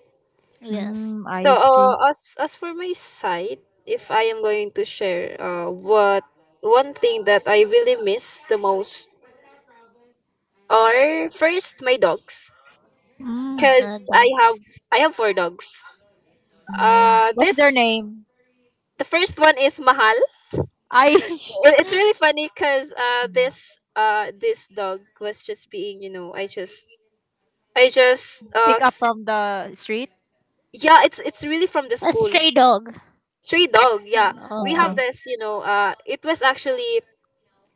[SPEAKER 3] Yes.
[SPEAKER 2] mm,
[SPEAKER 1] So
[SPEAKER 2] I see.
[SPEAKER 1] as for my side, if I am going to share what one thing that I really miss the most, are first my dogs.
[SPEAKER 2] Mm.
[SPEAKER 1] 'Cause I have,
[SPEAKER 3] Dogs.
[SPEAKER 1] I have four dogs.
[SPEAKER 2] Mm. What's their
[SPEAKER 1] This,
[SPEAKER 2] name?
[SPEAKER 1] the first one is Mahal.
[SPEAKER 2] I
[SPEAKER 1] It, it's really funny, because this, this dog was just being, I just, I just
[SPEAKER 2] pick up
[SPEAKER 1] s-
[SPEAKER 2] from the street.
[SPEAKER 1] yeah, it's really from the
[SPEAKER 3] A
[SPEAKER 1] school.
[SPEAKER 3] stray dog.
[SPEAKER 1] Stray dog, yeah. We have
[SPEAKER 2] Uh-uh.
[SPEAKER 3] Okay.
[SPEAKER 1] this, it was actually,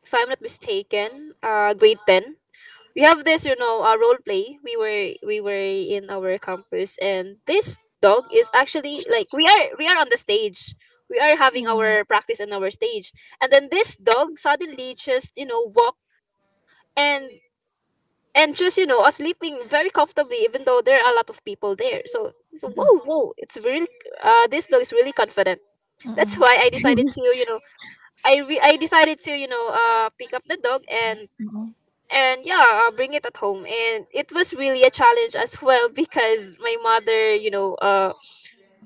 [SPEAKER 1] if I'm not mistaken, grade 10. We have this, role play. We were, we were in our campus, and this dog is actually like, we are, we are on the stage. We are having
[SPEAKER 2] Mm-mm,
[SPEAKER 1] our practice on our stage. And then this dog suddenly just, walk, and and just, are sleeping very comfortably, even though there are a lot of people there. So, so
[SPEAKER 2] mm-mm,
[SPEAKER 1] whoa, whoa, it's really this dog is really confident. That's
[SPEAKER 2] mm-mm,
[SPEAKER 1] why I decided to, I re- I decided to, pick up the dog,
[SPEAKER 2] mm-mm.
[SPEAKER 1] and yeah, bring it at home. And it was really a challenge as well, because my mother,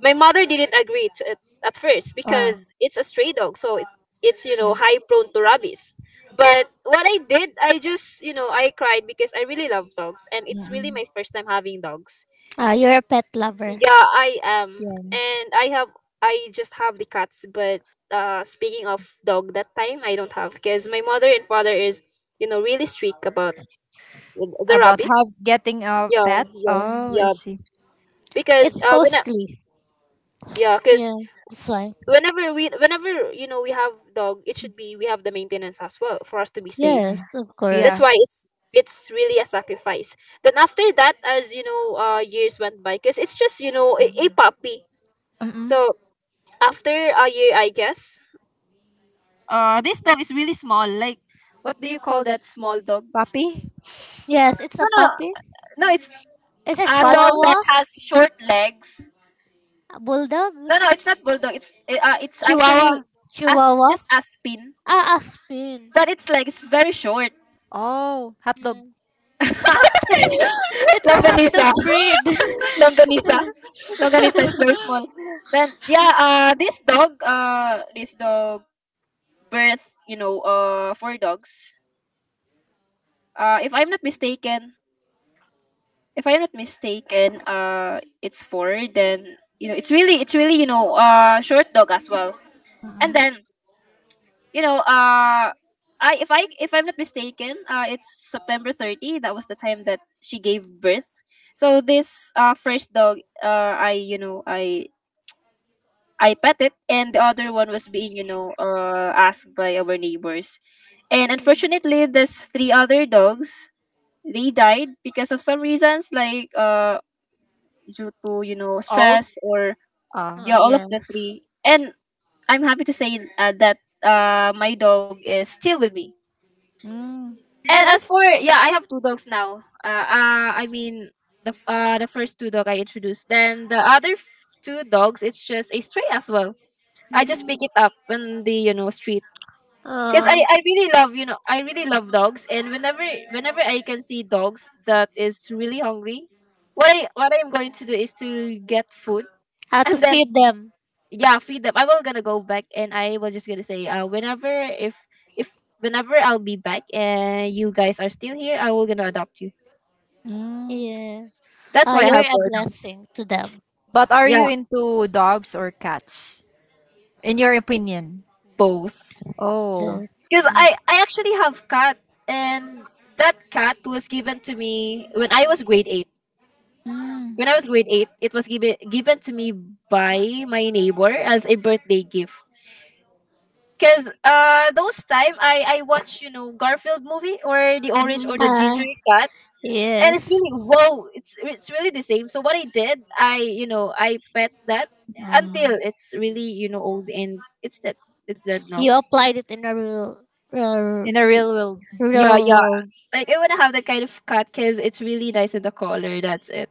[SPEAKER 1] my mother didn't agree to it at first,
[SPEAKER 2] Ah,
[SPEAKER 1] because it's a stray dog, so it, it's,
[SPEAKER 2] mm,
[SPEAKER 1] high prone to rabies. But what I did, I just, I cried, because I really love dogs, and it's really my
[SPEAKER 2] mm,
[SPEAKER 1] first time having dogs.
[SPEAKER 3] Ah, you're a pet lover.
[SPEAKER 1] Yeah, I am.
[SPEAKER 2] yeah.
[SPEAKER 1] And I have— I just have the cats. But speaking of dog, that time I don't have, because my mother and father is, really strict about the
[SPEAKER 2] About how
[SPEAKER 1] rabbits.
[SPEAKER 2] getting a
[SPEAKER 1] Yeah,
[SPEAKER 2] pet?
[SPEAKER 1] yeah,
[SPEAKER 3] Mm.
[SPEAKER 2] Oh, I
[SPEAKER 1] yeah.
[SPEAKER 2] see.
[SPEAKER 1] Because
[SPEAKER 3] It's
[SPEAKER 1] when I—
[SPEAKER 3] costly.
[SPEAKER 1] yeah, 'cuz
[SPEAKER 3] Yeah. That's why.
[SPEAKER 1] whenever we, whenever, we have dog, it should be we have the maintenance as well for us to be
[SPEAKER 3] Yes,
[SPEAKER 2] Mm-mm.
[SPEAKER 1] safe.
[SPEAKER 3] of
[SPEAKER 1] That's
[SPEAKER 2] Yeah.
[SPEAKER 3] course.
[SPEAKER 1] why it's really a sacrifice. Then after that, as you know, years went by, 'cuz it's just, a puppy.
[SPEAKER 2] Mm-mm.
[SPEAKER 1] So after a year, I guess, this dog is really small. Like, what do you call that small dog?
[SPEAKER 2] Puppy?
[SPEAKER 3] Yes, it's
[SPEAKER 1] No,
[SPEAKER 3] a
[SPEAKER 1] no, no.
[SPEAKER 3] puppy.
[SPEAKER 1] No, it's
[SPEAKER 3] It's a
[SPEAKER 1] a dog
[SPEAKER 2] Paddle?
[SPEAKER 1] that
[SPEAKER 3] chihuahua.
[SPEAKER 1] has short legs.
[SPEAKER 3] A bulldog.
[SPEAKER 1] No, no, it's not bulldog. It's eh, it's actually
[SPEAKER 2] Chihuahua.
[SPEAKER 1] as
[SPEAKER 3] Chihuahua.
[SPEAKER 1] just aspin,
[SPEAKER 3] Ah, a spin.
[SPEAKER 1] but it's like, it's very short.
[SPEAKER 2] Oh, hot dog.
[SPEAKER 3] Mm. It's a hot dog
[SPEAKER 1] Longanisa,
[SPEAKER 3] breed.
[SPEAKER 1] longanisa, longanisa. It's very small. Then yeah, this dog birth, four dogs. If I'm not mistaken, if I'm not mistaken, it's four. Then, it's really, short dog as well. And
[SPEAKER 2] Mm-mm.
[SPEAKER 1] then, you know, uh, I, if I, if I'm not mistaken, it's September 30. That was the time that she gave birth. So this first dog, I, I pet it, and the other one was being, asked by our neighbors. And
[SPEAKER 3] Mm.
[SPEAKER 1] unfortunately, there's three other dogs. They died because of some reasons like due to
[SPEAKER 2] Old.
[SPEAKER 1] stress or
[SPEAKER 2] Ah.
[SPEAKER 3] Oh,
[SPEAKER 1] yeah, all of the
[SPEAKER 3] yes.
[SPEAKER 1] three. And I'm happy to say that my dog is still with me.
[SPEAKER 2] Mm.
[SPEAKER 1] And as for, yeah, I have two dogs now. The first two dog I introduced, then the other two dogs, it's just a stray as well. I just pick
[SPEAKER 2] Mm.
[SPEAKER 1] it up on the street because I,
[SPEAKER 3] Uh,
[SPEAKER 1] I really love, dogs. And whenever, I can see dogs that is really hungry, what I'm going to do is to get food.
[SPEAKER 3] how to
[SPEAKER 1] And then,
[SPEAKER 3] feed them.
[SPEAKER 1] yeah, feed them. I will gonna go back, and I was just gonna say whenever, if whenever I'll be back and you guys are still here, I will gonna adopt you.
[SPEAKER 2] Mm.
[SPEAKER 3] Yeah.
[SPEAKER 1] That's
[SPEAKER 3] Ah,
[SPEAKER 1] why I
[SPEAKER 3] you're
[SPEAKER 1] have
[SPEAKER 3] a
[SPEAKER 1] four dogs.
[SPEAKER 3] blessing to them.
[SPEAKER 2] But are
[SPEAKER 1] Yeah,
[SPEAKER 2] you into dogs or cats? In your opinion?
[SPEAKER 1] both.
[SPEAKER 2] Oh.
[SPEAKER 1] Because
[SPEAKER 2] Mm.
[SPEAKER 1] I actually have cat. And that cat was given to me when I was grade 8. It was given to me by my neighbor as a birthday gift, because those time I watched, Garfield movie, or the orange or
[SPEAKER 2] Mm.
[SPEAKER 1] the
[SPEAKER 3] Uh,
[SPEAKER 1] ginger cat. And it's really,
[SPEAKER 3] yes.
[SPEAKER 1] whoa, it's really the same. So what I did, I, I pet that until
[SPEAKER 2] Mm.
[SPEAKER 1] it's really, old and it's dead. It's dead now.
[SPEAKER 3] You applied it in a real, real,
[SPEAKER 2] In a real world.
[SPEAKER 1] Yeah,
[SPEAKER 3] real world.
[SPEAKER 1] like I want to have that kind of cat because it's really nice in the color. That's it.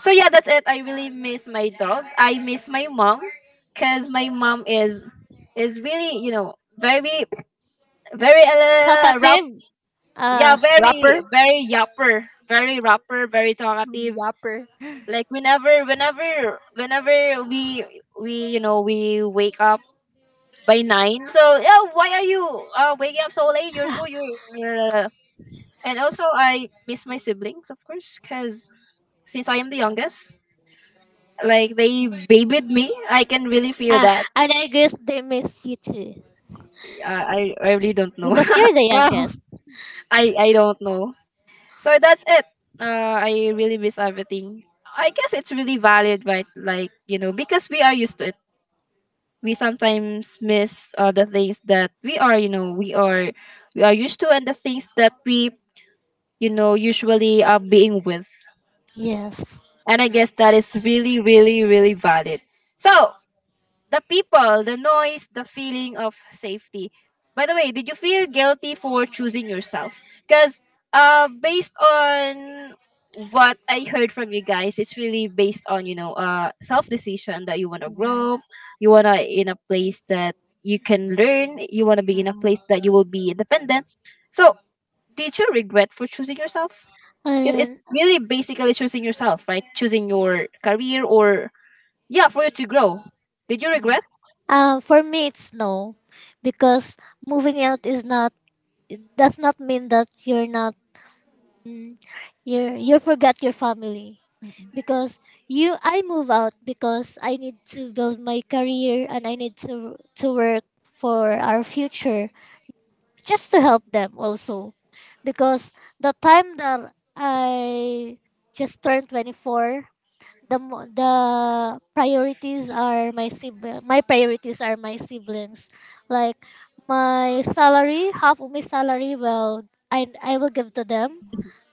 [SPEAKER 1] So yeah, that's it. I really miss my dog. I miss my mom, because my mom is, really, very, very rap.
[SPEAKER 3] Talkative.
[SPEAKER 1] Yeah,
[SPEAKER 3] Uh,
[SPEAKER 1] very,
[SPEAKER 2] Rapper?
[SPEAKER 1] very yapper, very rapper, very talkative.
[SPEAKER 2] Rapper.
[SPEAKER 1] Like whenever we, we wake up by 9. So yeah, why are you waking up so late? You're full, you're uh, and also I miss my siblings, of course, because since I am the youngest, like they babied me, I can really feel
[SPEAKER 3] ah,
[SPEAKER 1] that.
[SPEAKER 3] and I guess they miss you too
[SPEAKER 1] I really don't know.
[SPEAKER 3] because you're the
[SPEAKER 2] Oh.
[SPEAKER 3] youngest.
[SPEAKER 1] I don't know. So that's it. I really miss everything. I guess it's really valid, right? Like, because we are used to it, we sometimes miss the things that we are, we are used to, and the things that we, usually are being with.
[SPEAKER 3] Yes.
[SPEAKER 1] And I guess that is really, really, really valid. So the people, the noise, the feeling of safety. By the way, did you feel guilty for choosing yourself? Because based on what I heard from you guys, it's really based on self decision that you want to
[SPEAKER 2] Mm-mm.
[SPEAKER 1] grow, you wanna in a place that you can learn, you wanna be in a
[SPEAKER 2] Mm-mm.
[SPEAKER 1] place that you will be independent. So, did you regret for choosing yourself? Because
[SPEAKER 3] And
[SPEAKER 1] it's really basically choosing yourself, right? Choosing your career or, yeah, for you to grow. Did you
[SPEAKER 2] Mm.
[SPEAKER 1] regret?
[SPEAKER 2] S-
[SPEAKER 3] for me, it's no, because moving out is not. It does not mean that you're not. mm, you forgot your family.
[SPEAKER 2] mm-mm.
[SPEAKER 3] Because you I move out because I need to build my career and I need to work for our future, just to help them also, because the time that I just turned 24, the priorities are my sibling. My priorities are my siblings. Like my salary, half of my salary, well, I will give to them.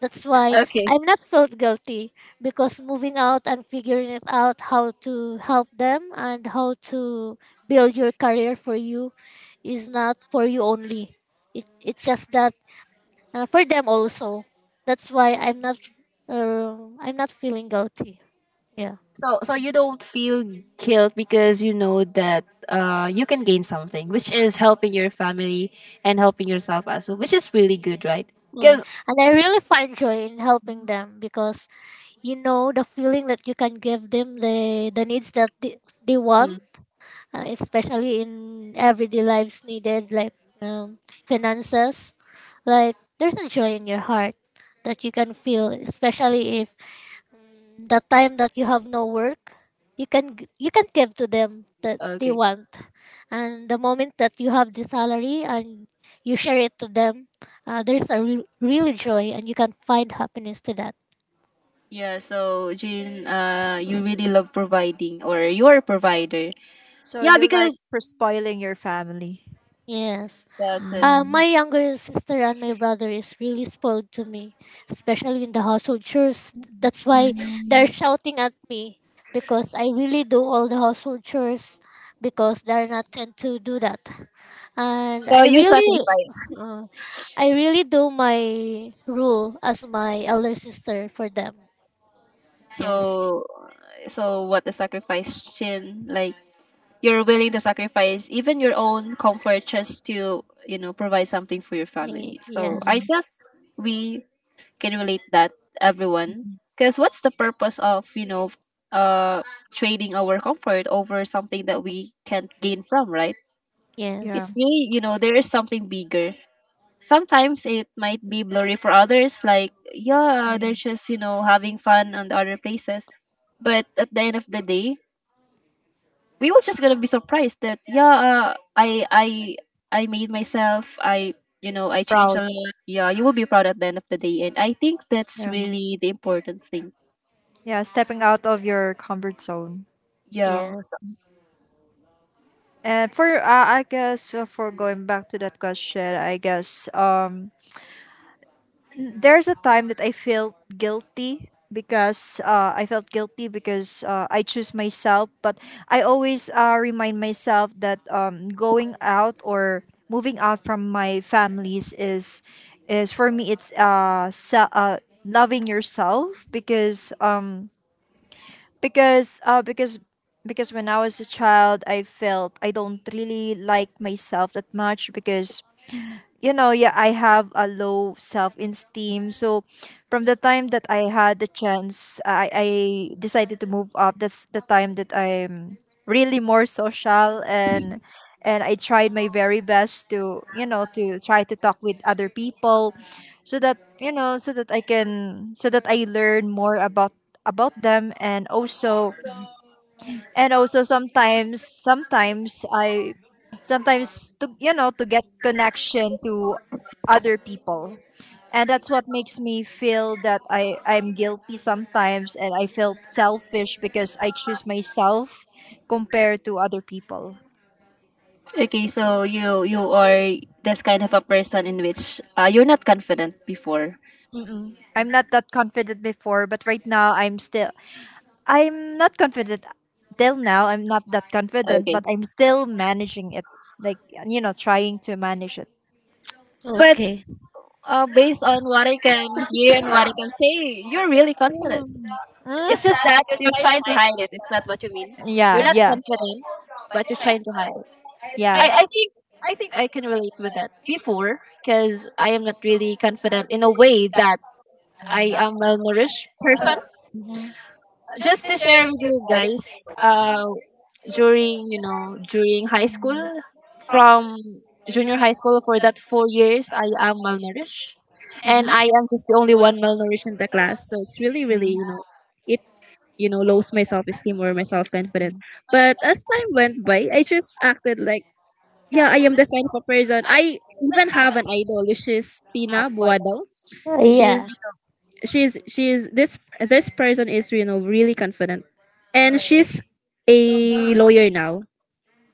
[SPEAKER 3] That's why
[SPEAKER 1] Okay.
[SPEAKER 3] I'm not felt guilty, because moving out and figuring it out how to help them and how to build your career for you is not for you only. It's just that for them also. That's why I'm not feeling guilty. Yeah.
[SPEAKER 1] So, you don't feel guilt because you know that you can gain something, which is helping your family and helping yourself as well, which is really good, right?
[SPEAKER 3] Mm.
[SPEAKER 1] Because
[SPEAKER 3] And I really find joy in helping them because you know the feeling that you can give them the needs that they want, especially in everyday lives needed like finances. Like there's a joy in your heart that you can feel, especially if the time that you have no work, you can give to them that
[SPEAKER 1] okay,
[SPEAKER 3] they want. And the moment that you have the salary and you share it to them, there's a real, real joy, and you can find happiness to that.
[SPEAKER 1] yeah. So Jane, you really love providing, or you are a provider.
[SPEAKER 2] So
[SPEAKER 1] Yeah,
[SPEAKER 2] you like
[SPEAKER 1] because
[SPEAKER 2] for spoiling your family?
[SPEAKER 3] Yes,
[SPEAKER 1] that's it.
[SPEAKER 2] Mm.
[SPEAKER 3] my younger sister and my brother is really spoiled to me, especially in the household chores. That's
[SPEAKER 2] Mm.
[SPEAKER 3] why they're
[SPEAKER 2] Mm-mm.
[SPEAKER 3] shouting at me, because I really do all the household chores, because they're not tend to do that. And
[SPEAKER 1] So you sacrifice.
[SPEAKER 3] uh, I really do my rule as my elder sister for them. Yes,
[SPEAKER 1] So, what the sacrifice, Jane? Like you're willing to sacrifice even your own comfort just to, provide something for your family, so I
[SPEAKER 3] Yes,
[SPEAKER 2] Mm-mm.
[SPEAKER 1] guess we can relate that, everyone. Because what's the purpose of uh trading our comfort over something that we can gain from, right?
[SPEAKER 2] Yeah.
[SPEAKER 1] It's
[SPEAKER 3] yes,
[SPEAKER 1] really, there is something bigger. Sometimes it might be blurry for others, like, yeah, they're just, having fun on the other places. But at the end of the day, we were just gonna be surprised that yeah, i i I made myself. I, I changed
[SPEAKER 2] Proud.
[SPEAKER 1] a lot. Yeah, you will be proud at the end of the day, and I think that's
[SPEAKER 2] Yeah.
[SPEAKER 1] really the important thing.
[SPEAKER 2] Yeah, stepping out of your comfort zone.
[SPEAKER 1] Yeah.
[SPEAKER 3] yes.
[SPEAKER 2] And for I guess for going back to that question, I guess there's a time that I felt guilty because I felt guilty because I choose myself, but I always remind myself that going out or moving out from my families is for me it's loving yourself because because uh because because when I was a child I felt I don't really like myself that much because yeah, I have a low self esteem. So from the time that I had the chance, I decided to move up. That's the time that I'm really more social, and I tried my very best to, to try to talk with other people, so that, so that I learn more about them, and also and also sometimes sometimes i sometimes to, to get connection to other people. And that's what makes me feel that I'm guilty sometimes, and I felt selfish because I choose myself compared to other people.
[SPEAKER 1] Okay, so you are this kind of a person in which, you're not confident before.
[SPEAKER 2] Mm-mm. I'm not that confident before, but right now I'm not confident. Till now I'm not that confident,
[SPEAKER 1] Okay,
[SPEAKER 2] but I'm still managing it. Like, trying to manage it.
[SPEAKER 1] but
[SPEAKER 3] Okay.
[SPEAKER 1] based on what I can hear and what I can say, you're really confident. It's
[SPEAKER 2] Mm.
[SPEAKER 1] just that you're trying to hide it, is that what you mean? You're
[SPEAKER 2] Yeah,
[SPEAKER 1] not
[SPEAKER 2] yeah,
[SPEAKER 1] confident, but you're trying to hide it.
[SPEAKER 2] yeah.
[SPEAKER 1] I, I think I think I can relate with that before, because I am not really confident in a way that I am malnourished person.
[SPEAKER 2] Mhm.
[SPEAKER 1] Just to share with you guys, during, high school, from junior high school for that 4 years, I am malnourished, and I am just the only one malnourished in the class. So it's really, really,
[SPEAKER 2] Mm.
[SPEAKER 1] it, lows my self esteem or my self confidence. But as time went by, I just acted like, yeah, I am this kind of a person. I even have an idol. She's Tina Buado.
[SPEAKER 2] Mm.
[SPEAKER 1] She's
[SPEAKER 3] Yeah.
[SPEAKER 1] she's this, person is, really confident, and she's a lawyer now.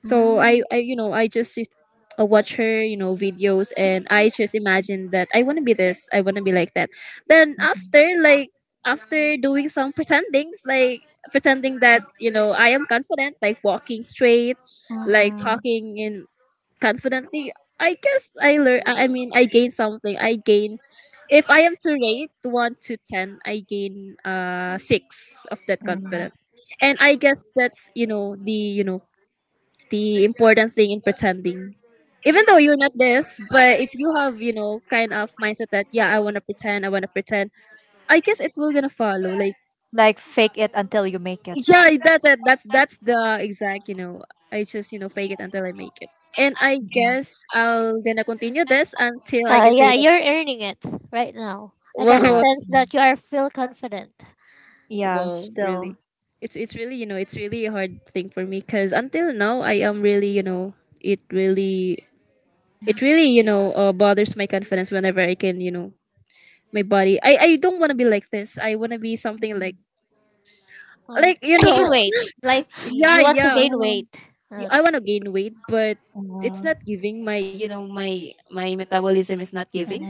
[SPEAKER 1] So I, I just watch her, videos, and I just imagine that I want to be this, I want to be like that. Then after, like, after doing some pretendings, like pretending that, I am confident, like walking straight, like
[SPEAKER 2] Mm-mm.
[SPEAKER 1] talking in confidently. I guess I learn, I mean I gain something. I gain, if I am to rate 1 to 10, I gain 6 of that
[SPEAKER 2] Mm.
[SPEAKER 1] confidence. And I guess that's, the important thing in pretending. Even though you're not this, but if you have, kind of mindset that yeah, I want to pretend, I guess it will gonna follow, like
[SPEAKER 2] Like, fake it until you make it.
[SPEAKER 1] yeah, that's it. That's the exact, I just, fake it until I make it. And I
[SPEAKER 2] Mm-mm.
[SPEAKER 1] guess I'll gonna continue this until I can say
[SPEAKER 3] Yeah.
[SPEAKER 1] that.
[SPEAKER 3] You're earning it right now. I can
[SPEAKER 2] Yeah,
[SPEAKER 1] Whoa.
[SPEAKER 3] sense that you are feel confident.
[SPEAKER 2] yeah, still.
[SPEAKER 1] Really, it's really, it's really a hard thing for me, because until now I am really, it really, bothers my confidence whenever I can, my body, I don't want to be like this. I want to be something like,
[SPEAKER 2] Yeah.
[SPEAKER 3] Uh,
[SPEAKER 1] like you
[SPEAKER 3] Gain
[SPEAKER 1] know
[SPEAKER 3] weight. Like
[SPEAKER 1] yeah,
[SPEAKER 3] you want to
[SPEAKER 1] yeah,
[SPEAKER 3] gain weight.
[SPEAKER 2] Mm.
[SPEAKER 3] Uh,
[SPEAKER 1] I want to gain weight, but it's
[SPEAKER 2] Mm-mm.
[SPEAKER 1] not giving. My, my metabolism is not giving.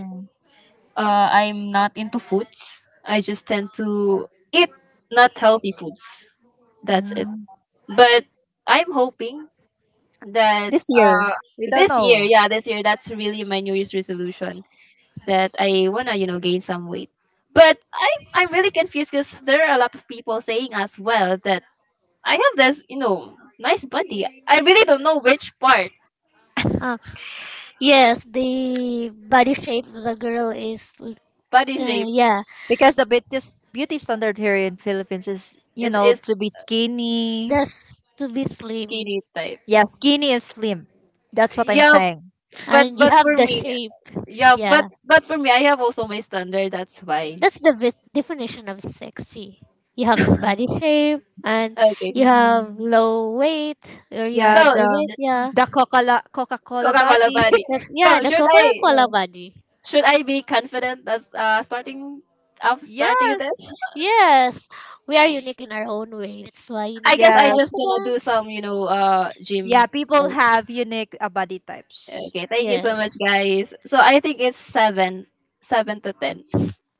[SPEAKER 1] I'm not into foods. I just tend to eat not healthy foods. That's it.
[SPEAKER 2] Mm.
[SPEAKER 1] But I'm hoping that,
[SPEAKER 2] This year, we don't
[SPEAKER 1] this year,
[SPEAKER 2] know.
[SPEAKER 1] yeah, this year, that's really my New Year's resolution, that I wanna, gain some weight. But I'm really confused, because there are a lot of people saying as well that I have this, nice body. I really don't know which part
[SPEAKER 3] uh, yes. The body shape of the girl is.
[SPEAKER 1] body shape
[SPEAKER 3] Yeah.
[SPEAKER 2] Because the beauty standard here in Philippines is,
[SPEAKER 1] is,
[SPEAKER 2] to be skinny.
[SPEAKER 3] That's to be slim.
[SPEAKER 1] skinny type.
[SPEAKER 2] Yeah, skinny and slim. That's what I'm
[SPEAKER 1] Yeah,
[SPEAKER 2] saying.
[SPEAKER 1] but,
[SPEAKER 3] And you have
[SPEAKER 1] for
[SPEAKER 3] the
[SPEAKER 1] me,
[SPEAKER 3] shape.
[SPEAKER 1] yeah, but,
[SPEAKER 3] Yeah,
[SPEAKER 1] for me, I have also my standard. That's why.
[SPEAKER 3] that's the definition of sexy. You have the
[SPEAKER 2] Mm-mm.
[SPEAKER 3] body shape, and
[SPEAKER 1] Okay,
[SPEAKER 3] you have
[SPEAKER 2] Mm-mm.
[SPEAKER 3] low weight, or you are
[SPEAKER 2] Yeah,
[SPEAKER 1] so
[SPEAKER 2] the
[SPEAKER 3] underweight. Yeah,
[SPEAKER 2] Coca Cola
[SPEAKER 1] Coca Cola
[SPEAKER 2] body.
[SPEAKER 1] body.
[SPEAKER 3] the yeah,
[SPEAKER 1] So
[SPEAKER 3] the
[SPEAKER 1] should I,
[SPEAKER 3] Coca-Cola body.
[SPEAKER 1] be confident as starting, of starting this?
[SPEAKER 2] Yes.
[SPEAKER 3] Yes, we are unique in our own way. That's why you
[SPEAKER 1] I
[SPEAKER 3] need to
[SPEAKER 1] guess
[SPEAKER 3] be
[SPEAKER 1] I just
[SPEAKER 2] Yes.
[SPEAKER 1] gonna do
[SPEAKER 3] confident.
[SPEAKER 1] some, gym.
[SPEAKER 2] Yeah, people
[SPEAKER 1] Like,
[SPEAKER 2] have unique body types.
[SPEAKER 1] okay, thank you so much,
[SPEAKER 3] Yes.
[SPEAKER 1] guys. So I think it's seven, seven to ten.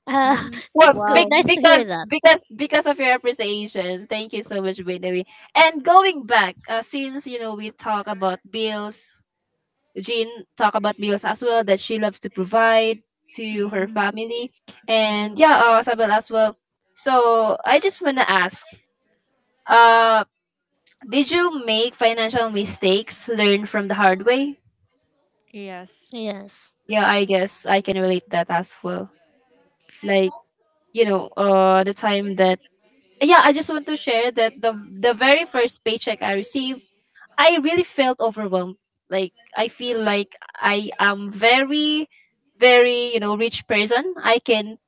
[SPEAKER 3] uh,
[SPEAKER 2] Mm,
[SPEAKER 1] For
[SPEAKER 3] that's good.
[SPEAKER 2] wow.
[SPEAKER 3] Nice to hear that.
[SPEAKER 1] because of your appreciation. Thank you so much, by the way. And going back, since, we talk about bills, Jean talk about bills as well that she loves to provide to her
[SPEAKER 2] Mm-mm,
[SPEAKER 1] family, and
[SPEAKER 2] mm-mm.
[SPEAKER 1] yeah, Sabel as well. So I just wanna ask, uh, did you make financial mistakes learn from the hard way?
[SPEAKER 2] Yes.
[SPEAKER 3] Yes,
[SPEAKER 1] Yeah, I guess I can relate that as well. Like, the time that, yeah, I just want to share that the very first paycheck I received, I really felt overwhelmed. Like I feel like I am very, very, rich person. I can,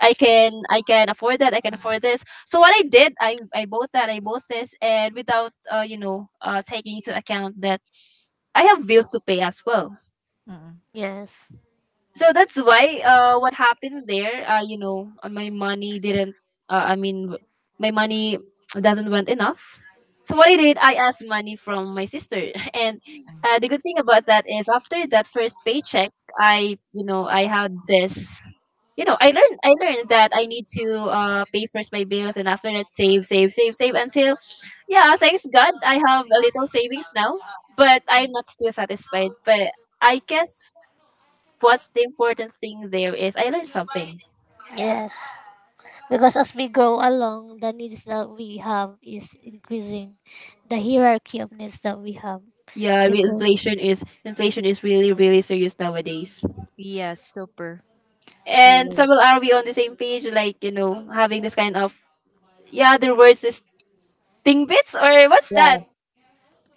[SPEAKER 1] I can afford that. I can afford this. So what I did, I bought that. I bought this, and without taking into account that I have bills to pay as well.
[SPEAKER 3] yes,
[SPEAKER 1] So that's why what happened there, my money didn't, uh, i mean w- my money doesn't went enough. So what I did, I asked money from my sister and the good thing about that is after that first paycheck, I, I had this, I learned that I need to, pay first my bills, and after that save, save, save, save until, yeah, thanks god I have a little savings now. But I'm not still satisfied, but I guess what's the important thing there is I learned something.
[SPEAKER 3] yes. Because as we grow along, the needs that we have is increasing, the hierarchy of needs that we have.
[SPEAKER 1] Yeah,
[SPEAKER 3] Because
[SPEAKER 1] inflation is, really really serious nowadays.
[SPEAKER 2] Yes, super.
[SPEAKER 1] And
[SPEAKER 2] Mm.
[SPEAKER 1] Samuel, are we on the same page? Like, having this kind of, yeah, other words is thing bits or what's that?
[SPEAKER 2] Yeah,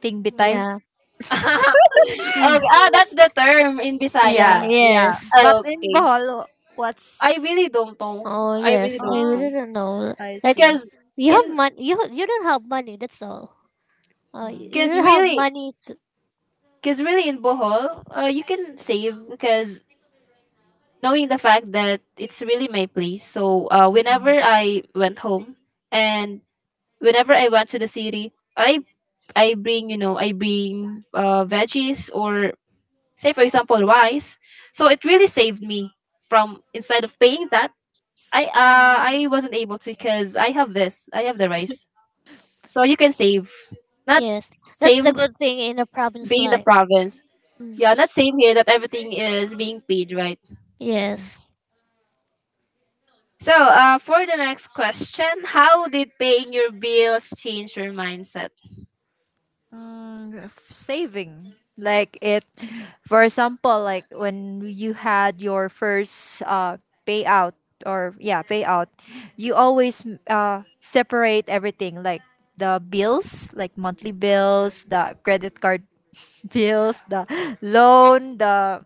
[SPEAKER 2] Ting Bitay.
[SPEAKER 3] yeah,
[SPEAKER 1] Okay, ah, that's the term in
[SPEAKER 3] Eh,
[SPEAKER 2] Yeah,
[SPEAKER 1] Bisaya.
[SPEAKER 2] yeah.
[SPEAKER 3] yes,
[SPEAKER 2] But in
[SPEAKER 1] Okay,
[SPEAKER 2] Bohol,
[SPEAKER 1] I
[SPEAKER 2] what's...
[SPEAKER 1] really don't know.
[SPEAKER 3] oh
[SPEAKER 1] I
[SPEAKER 3] yes,
[SPEAKER 1] really don't
[SPEAKER 3] I
[SPEAKER 2] Oh,
[SPEAKER 1] know.
[SPEAKER 3] didn't know.
[SPEAKER 2] I
[SPEAKER 3] Like
[SPEAKER 2] see.
[SPEAKER 1] Cause
[SPEAKER 3] you have
[SPEAKER 1] in,
[SPEAKER 3] money, you don't have money. That's all. Uh, you
[SPEAKER 2] Mm.
[SPEAKER 3] you
[SPEAKER 1] cause
[SPEAKER 3] don't have
[SPEAKER 1] really
[SPEAKER 3] money to.
[SPEAKER 1] cause really in Bohol, you can save, because knowing the fact that it's really my place. So whenever I went home and whenever I went to the city, I bring, I bring veggies or, say for example, rice. So it really saved me from, instead of paying that,
[SPEAKER 3] Mm,
[SPEAKER 1] I wasn't able to because I have the rice. So you can save, not
[SPEAKER 3] yes, that's the
[SPEAKER 1] same,
[SPEAKER 3] good thing in a province
[SPEAKER 1] being the
[SPEAKER 3] life.
[SPEAKER 1] province.
[SPEAKER 3] Mm,
[SPEAKER 1] Yeah, not same here that everything is being paid, right.
[SPEAKER 2] Mm-mm.
[SPEAKER 3] yes.
[SPEAKER 1] So, for the next question, how did paying your bills change your mindset?
[SPEAKER 2] Mm. Saving, like it, for example, like when you had your first payout, or yeah, payout, you always separate everything, like the bills, like monthly bills, the credit card bills, the loan, the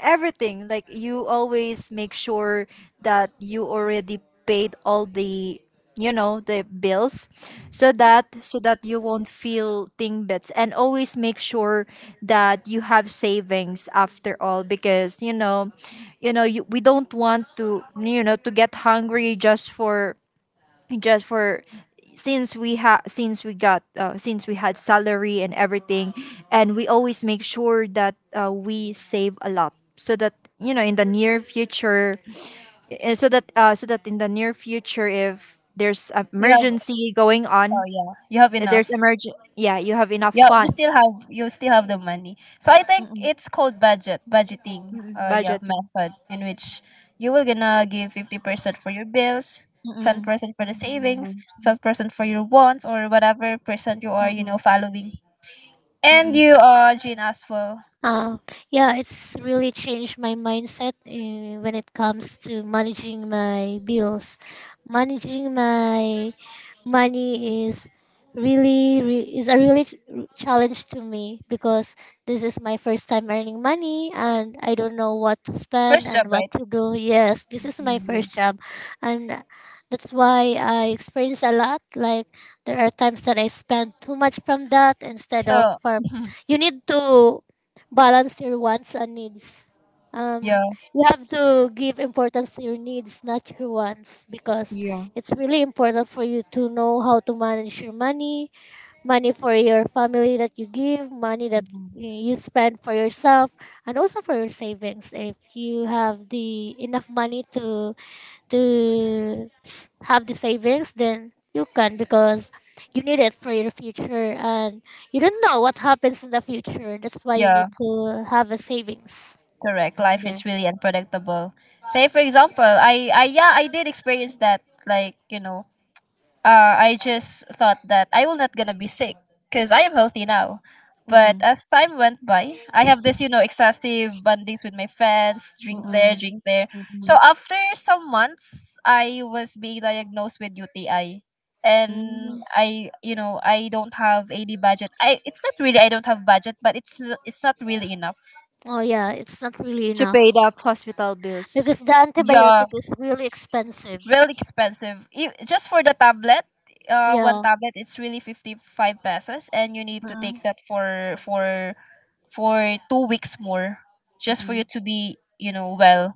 [SPEAKER 2] everything. Like, you always make sure that you already paid all the, the bills, so that, you won't feel thing bits. And always make sure that you have savings after all, because, we don't want to, to get hungry just for, just for since we had since we got, since we had salary and everything, and we always make sure that, we save a lot, so that, in the near future, and so that, so that in the near future, if there's a
[SPEAKER 1] You have,
[SPEAKER 2] emergency going
[SPEAKER 1] oh
[SPEAKER 2] on,
[SPEAKER 1] yeah, you have
[SPEAKER 2] if there's
[SPEAKER 1] enough.
[SPEAKER 2] emergent yeah, you have enough
[SPEAKER 1] Yeah,
[SPEAKER 2] funds.
[SPEAKER 1] you still have the money. So I think
[SPEAKER 2] Mm-mm.
[SPEAKER 1] it's called budgeting.
[SPEAKER 2] Mm-mm,
[SPEAKER 1] Yeah,
[SPEAKER 2] budgeting.
[SPEAKER 1] method in which you will gonna give 50% for your bills, ten
[SPEAKER 2] Mm-mm.
[SPEAKER 1] percent for the savings,
[SPEAKER 2] Mm-mm,
[SPEAKER 1] 10% for your wants or whatever percent you are,
[SPEAKER 2] mm-mm,
[SPEAKER 1] following. And
[SPEAKER 2] mm-mm,
[SPEAKER 1] you, are Jean as well,
[SPEAKER 3] Uh, yeah, it's really changed my mindset when it comes to managing my bills. Managing my money is a really challenge to me, because this is my first time earning money, and I don't know what to spend
[SPEAKER 1] first job,
[SPEAKER 3] and what
[SPEAKER 1] right?
[SPEAKER 3] to do. Yes, this is my
[SPEAKER 2] mm.
[SPEAKER 3] first job, and that's why I experience a lot. Like there are times that I spend too much from that instead of
[SPEAKER 1] So
[SPEAKER 3] from. You need to balance your wants and needs. Um,
[SPEAKER 1] yeah,
[SPEAKER 3] you have to give importance to your needs, not your wants, because
[SPEAKER 2] Yeah, yeah.
[SPEAKER 3] it's really important for you to know how to manage your money, money for your family that you give, money that
[SPEAKER 2] Mm-mm,
[SPEAKER 3] you spend for yourself, and also for your savings. If you have the enough money to have the savings, then you can, because you need it for your future, and you don't know what happens in the future. That's why you
[SPEAKER 1] yeah.
[SPEAKER 3] need to have a savings.
[SPEAKER 1] Correct. Life
[SPEAKER 3] Yeah.
[SPEAKER 1] is really unpredictable. Say for example, I yeah, I did experience that. Like, I just thought that I will not gonna be sick because I am healthy now. But
[SPEAKER 2] mm-mm,
[SPEAKER 1] as time went by, I have this excessive bondings with my friends, drink
[SPEAKER 2] mm-mm,
[SPEAKER 1] there, drink there. So
[SPEAKER 2] mm-mm,
[SPEAKER 1] after some months, I was being diagnosed with UTI, and
[SPEAKER 2] mm-mm,
[SPEAKER 1] I you know I don't have any budget. I It's not really. I don't have budget, but it's not really enough.
[SPEAKER 3] Oh yeah, it's not really
[SPEAKER 2] to pay
[SPEAKER 3] enough
[SPEAKER 2] the hospital
[SPEAKER 3] because
[SPEAKER 2] bills.
[SPEAKER 3] the
[SPEAKER 1] Yeah,
[SPEAKER 3] antibiotic is really expensive.
[SPEAKER 1] really expensive. Just for the tablet, one
[SPEAKER 3] Yeah.
[SPEAKER 1] tablet it's really 55 pesos, and you need to take
[SPEAKER 2] Mm-mm,
[SPEAKER 1] that for 2 weeks more, just for you
[SPEAKER 2] mm-mm,
[SPEAKER 1] to be well.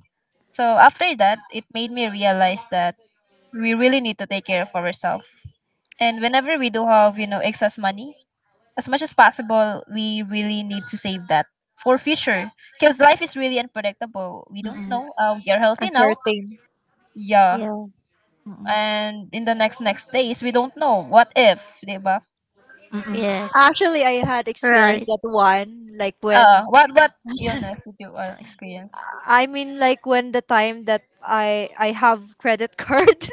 [SPEAKER 1] So after that, it made me realize that we really need to take care of ourselves. And whenever we do have excess money, as much as possible, we really need to save that for future because life is really unpredictable. We don't
[SPEAKER 2] mm-mm.
[SPEAKER 1] know. We are healthy now.
[SPEAKER 2] Uncertain.
[SPEAKER 1] Yeah,
[SPEAKER 3] Yeah.
[SPEAKER 2] Mm-mm,
[SPEAKER 1] and in the next days we don't know what if 'di ba.
[SPEAKER 2] mm-mm.
[SPEAKER 3] Yes.
[SPEAKER 2] Actually, I had experienced
[SPEAKER 3] Right.
[SPEAKER 2] that one, like
[SPEAKER 1] uh
[SPEAKER 2] when...
[SPEAKER 1] what what illness did you experience?
[SPEAKER 2] I mean, like when the time that I have credit card.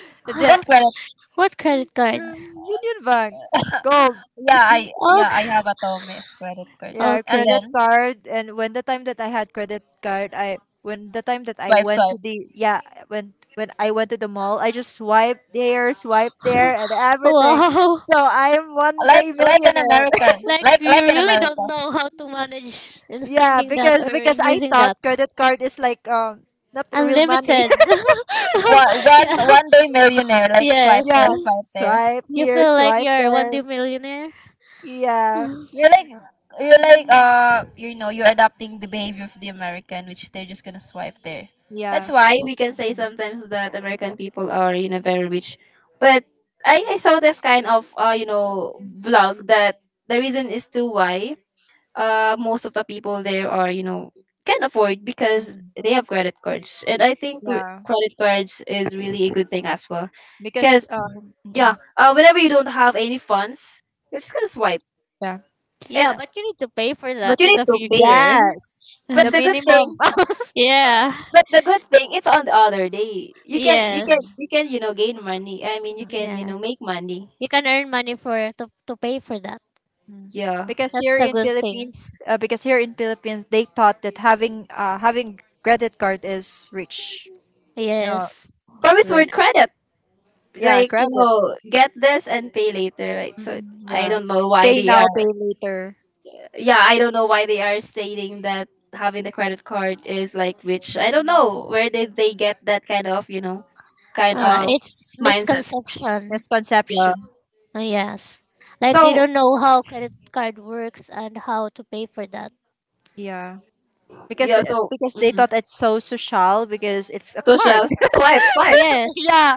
[SPEAKER 2] The
[SPEAKER 1] What credit
[SPEAKER 3] What credit card?
[SPEAKER 2] Union Bank, gold.
[SPEAKER 1] yeah i
[SPEAKER 3] Oh,
[SPEAKER 1] yeah i have a Tommy's credit card,
[SPEAKER 2] Yeah,
[SPEAKER 1] and
[SPEAKER 2] credit
[SPEAKER 3] okay.
[SPEAKER 1] then
[SPEAKER 2] card. And when the time that I had credit card, I when the time that I
[SPEAKER 1] swipe,
[SPEAKER 2] went to
[SPEAKER 1] swipe.
[SPEAKER 2] the yeah when I went to the mall, I just swiped here, swiped there, and everything.
[SPEAKER 3] Wow.
[SPEAKER 2] So I'm one
[SPEAKER 1] like
[SPEAKER 2] day
[SPEAKER 1] like an
[SPEAKER 2] millionaire.
[SPEAKER 1] american,
[SPEAKER 3] Like
[SPEAKER 1] like
[SPEAKER 3] you
[SPEAKER 1] like an
[SPEAKER 3] really don't
[SPEAKER 1] american,
[SPEAKER 3] know how to manage in
[SPEAKER 2] Yeah,
[SPEAKER 3] spending that or
[SPEAKER 2] because
[SPEAKER 3] in
[SPEAKER 2] I
[SPEAKER 3] using
[SPEAKER 2] thought
[SPEAKER 3] that.
[SPEAKER 2] credit card is like, not real money.
[SPEAKER 3] Unlimited.
[SPEAKER 1] one one
[SPEAKER 3] Yeah,
[SPEAKER 1] one day millionaire, like swipe
[SPEAKER 2] Yeah,
[SPEAKER 3] yes.
[SPEAKER 1] there, swipe there.
[SPEAKER 2] swipe
[SPEAKER 3] You
[SPEAKER 2] here,
[SPEAKER 3] feel like
[SPEAKER 2] swipe
[SPEAKER 3] you're a one
[SPEAKER 2] there.
[SPEAKER 3] day millionaire.
[SPEAKER 2] Yeah,
[SPEAKER 1] You're like you're like you know you're adopting the behavior of the American, which they're just gonna swipe there. That's
[SPEAKER 2] yeah.
[SPEAKER 1] why we can say sometimes that American people are very rich, but I saw this kind of vlog that the reason is to why most of the people there are can afford because
[SPEAKER 2] Mm-mm.
[SPEAKER 1] they have credit cards, and I think
[SPEAKER 2] Yeah.
[SPEAKER 1] credit cards is really a good thing as well,
[SPEAKER 2] Because,
[SPEAKER 1] because yeah,
[SPEAKER 2] mm-mm.
[SPEAKER 1] whenever you don't have any funds, you're just gonna swipe.
[SPEAKER 2] Yeah.
[SPEAKER 3] Yeah,
[SPEAKER 1] And
[SPEAKER 3] but you need to pay for that
[SPEAKER 1] But you
[SPEAKER 3] in
[SPEAKER 1] need
[SPEAKER 3] the
[SPEAKER 1] to pay.
[SPEAKER 3] future.
[SPEAKER 2] Yes, the
[SPEAKER 1] But the good
[SPEAKER 2] minimum.
[SPEAKER 1] thing,
[SPEAKER 3] Yeah.
[SPEAKER 1] but the good thing, it's on the other day.
[SPEAKER 3] Yes.
[SPEAKER 2] Mm,
[SPEAKER 1] You can, gain money. I mean, you can,
[SPEAKER 2] mm-mm.
[SPEAKER 3] Yeah.
[SPEAKER 1] make money.
[SPEAKER 3] You can earn money for to pay for that.
[SPEAKER 2] Mm.
[SPEAKER 1] Yeah,
[SPEAKER 2] Because
[SPEAKER 3] That's
[SPEAKER 2] here
[SPEAKER 3] the
[SPEAKER 2] in
[SPEAKER 3] good thing.
[SPEAKER 2] Philippines, they thought that having credit card is rich. No,
[SPEAKER 3] Yes.
[SPEAKER 1] promise
[SPEAKER 2] like,
[SPEAKER 1] word credit,
[SPEAKER 2] yeah,
[SPEAKER 1] like,
[SPEAKER 2] credit.
[SPEAKER 1] get this and pay later, right? So
[SPEAKER 2] Mm,
[SPEAKER 1] I
[SPEAKER 2] yeah,
[SPEAKER 1] don't know why
[SPEAKER 2] pay
[SPEAKER 1] they
[SPEAKER 2] now, pay
[SPEAKER 1] are.
[SPEAKER 2] later.
[SPEAKER 1] Yeah, I don't know why they are stating that having the credit card is like rich. I don't know where did they get that kind
[SPEAKER 2] Eh,
[SPEAKER 1] of
[SPEAKER 3] It's
[SPEAKER 1] mindset.
[SPEAKER 3] misconception.
[SPEAKER 1] Yeah.
[SPEAKER 2] misconception.
[SPEAKER 3] Yes. Like they
[SPEAKER 1] So
[SPEAKER 3] don't know how credit card works and how to pay for that.
[SPEAKER 2] Yeah, because
[SPEAKER 1] yeah. So.
[SPEAKER 2] they
[SPEAKER 1] Mhm.
[SPEAKER 2] thought it's so social because it's a card.
[SPEAKER 1] Social swipe, swipe.
[SPEAKER 3] Yes.
[SPEAKER 2] Yeah.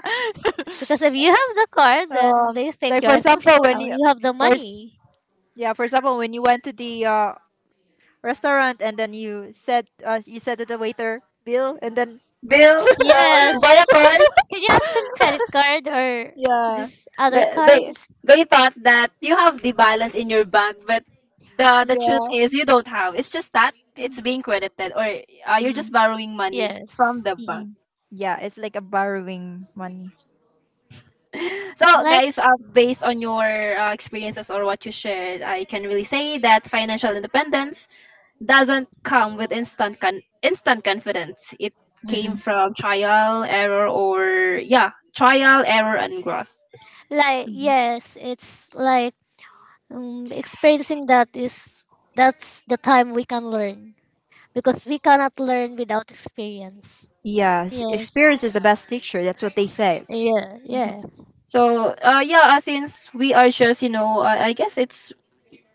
[SPEAKER 3] Because if you have the card, then
[SPEAKER 2] Um,
[SPEAKER 3] they think
[SPEAKER 2] like,
[SPEAKER 3] you
[SPEAKER 2] for
[SPEAKER 3] are social.
[SPEAKER 2] example, when you
[SPEAKER 3] You have the
[SPEAKER 2] first
[SPEAKER 3] money.
[SPEAKER 2] yeah, for example, when you went to the restaurant, and then you said, you said to the waiter bill, and then
[SPEAKER 1] Bill,
[SPEAKER 3] Yes.
[SPEAKER 1] via card.
[SPEAKER 3] Did you accept credit card or
[SPEAKER 2] yeah.
[SPEAKER 3] this other
[SPEAKER 1] They, they
[SPEAKER 3] cards?
[SPEAKER 1] they thought that you have the balance in your bank, but the truth
[SPEAKER 2] Yeah.
[SPEAKER 1] is you don't have. It's just that it's
[SPEAKER 2] Mm-mm.
[SPEAKER 1] being credited, or you're just borrowing money from
[SPEAKER 3] Yes.
[SPEAKER 1] the bank.
[SPEAKER 2] Mm-mm. Yeah, it's like a borrowing money.
[SPEAKER 1] So
[SPEAKER 3] Like
[SPEAKER 1] guys, based on your experiences or what you shared, I can really say that financial independence doesn't come with instant instant confidence. It came
[SPEAKER 2] Mm-mm.
[SPEAKER 1] from trial, error, and growth.
[SPEAKER 3] like
[SPEAKER 2] Mm-mm.
[SPEAKER 3] yes, it's like experiencing that is that's the time we can learn, because we cannot learn without experience.
[SPEAKER 2] Yes,
[SPEAKER 3] Yes.
[SPEAKER 2] experience is the best teacher. That's what they say.
[SPEAKER 3] Yeah, yeah.
[SPEAKER 1] So yeah, since we are just I guess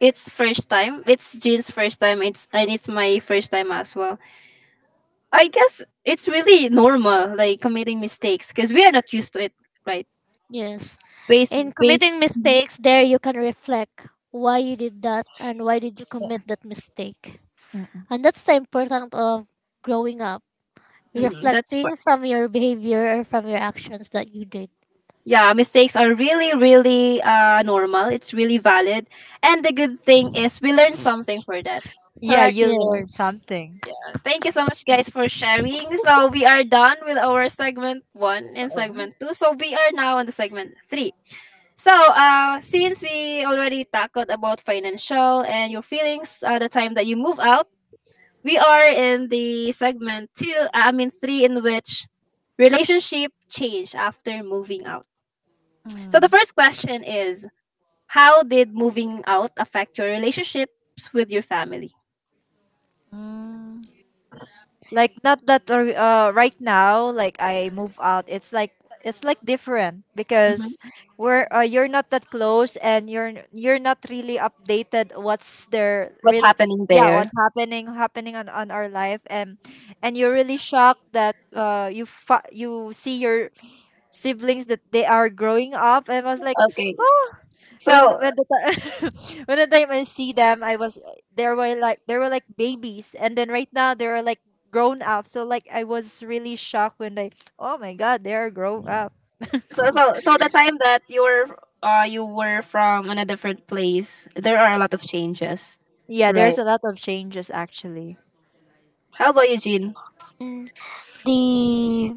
[SPEAKER 1] it's first time. It's Jean's first time. It's and it's my first time as well. I guess it's really normal like committing mistakes because we are not used to it, right?
[SPEAKER 3] Yes.
[SPEAKER 1] Base
[SPEAKER 3] In
[SPEAKER 1] base.
[SPEAKER 3] committing mistakes there you can reflect why you did that and why did you commit that mistake.
[SPEAKER 2] Mm.
[SPEAKER 3] And that's the important of growing up,
[SPEAKER 1] Mhm, that's part.
[SPEAKER 3] reflecting from your behavior or from your actions that you did.
[SPEAKER 1] Yeah, mistakes are really really normal. It's really valid, and the good thing is we learn something for that.
[SPEAKER 2] Yeah,
[SPEAKER 1] Correct.
[SPEAKER 2] you learn
[SPEAKER 3] Yes.
[SPEAKER 2] something.
[SPEAKER 1] Thank you so much, guys, for sharing. So, we are done with our segment one and segment two. So, we are now on the segment three. So, since we already tackled about financial and your feelings, the time that you move out, we are in the segment two, I mean, three, in which relationship change after moving out. So, the
[SPEAKER 2] Mm.
[SPEAKER 1] first question is, how did moving out affect your relationships with your family?
[SPEAKER 2] Mm. Like, not that right now, like, I move out, it's like different,
[SPEAKER 1] Mhm.
[SPEAKER 2] because we're you're not that close, and you're not really updated what's there
[SPEAKER 1] What's
[SPEAKER 2] really.
[SPEAKER 1] happening
[SPEAKER 2] Yeah,
[SPEAKER 1] there?
[SPEAKER 2] what's happening on our life. And you're really shocked that, you see your siblings that they are growing up and was like,
[SPEAKER 1] Okay.
[SPEAKER 2] oh.
[SPEAKER 1] So,
[SPEAKER 2] When the time When the time I see them, I was, there were, like, babies, and then right now they are like grown up. So like I was really shocked when they, oh my god, they are grown up.
[SPEAKER 1] so the time that you were from in a different place, there are a lot of changes,
[SPEAKER 2] Yeah,
[SPEAKER 1] right?
[SPEAKER 2] there's a lot of changes, actually.
[SPEAKER 1] How about you, Jean?
[SPEAKER 3] Mm, The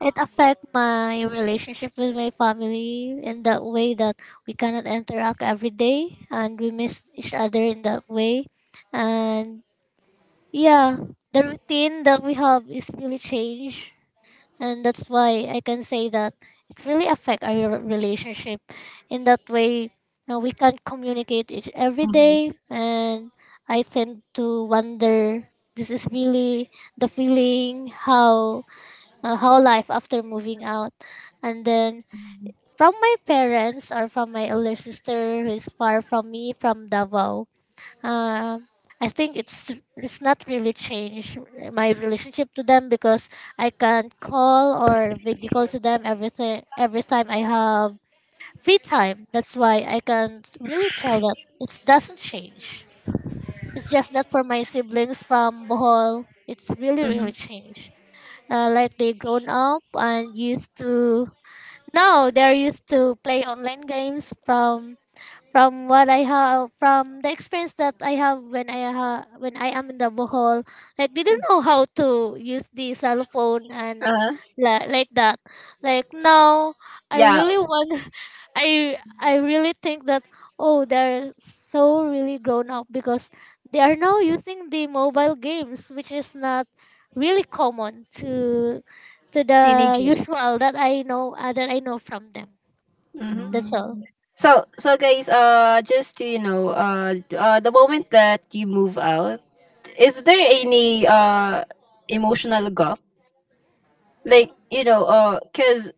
[SPEAKER 3] it affect my relationship with my family in that way that we cannot interact every day, and we miss each other in that way. And yeah, the routine that we have is really changed, and that's why I can say that it really affect our relationship. In that way, we can't communicate it every
[SPEAKER 1] Mm-hmm.
[SPEAKER 3] day, and I tend to wonder. This is really the feeling how life after moving out, and then from my parents or from my elder sister who is far from me from Davao, um, I think it's not really changed my relationship to them, because I can call or video call to them everything every time I have free time. That's why I can really tell that it doesn't change. It's just that for my siblings from Bohol, it's really
[SPEAKER 1] Mm-hmm.
[SPEAKER 3] really changed. Like they grown up and used to now they're used to play online games from what I have from the experience that I have when I am in the Bohol, like they didn't know how to use the cell phone, and
[SPEAKER 1] Uh-huh.
[SPEAKER 3] like that. Like now, I
[SPEAKER 1] Yeah.
[SPEAKER 3] really want, I really think that oh they're so really grown up, because they are now using the mobile games, which is not really common to the
[SPEAKER 2] Teenagers.
[SPEAKER 3] usual that I know from them.
[SPEAKER 1] Mm-hmm.
[SPEAKER 3] That's all.
[SPEAKER 2] Mm.
[SPEAKER 1] So, guys, just to the moment that you move out, is there any emotional gap? Like, cuz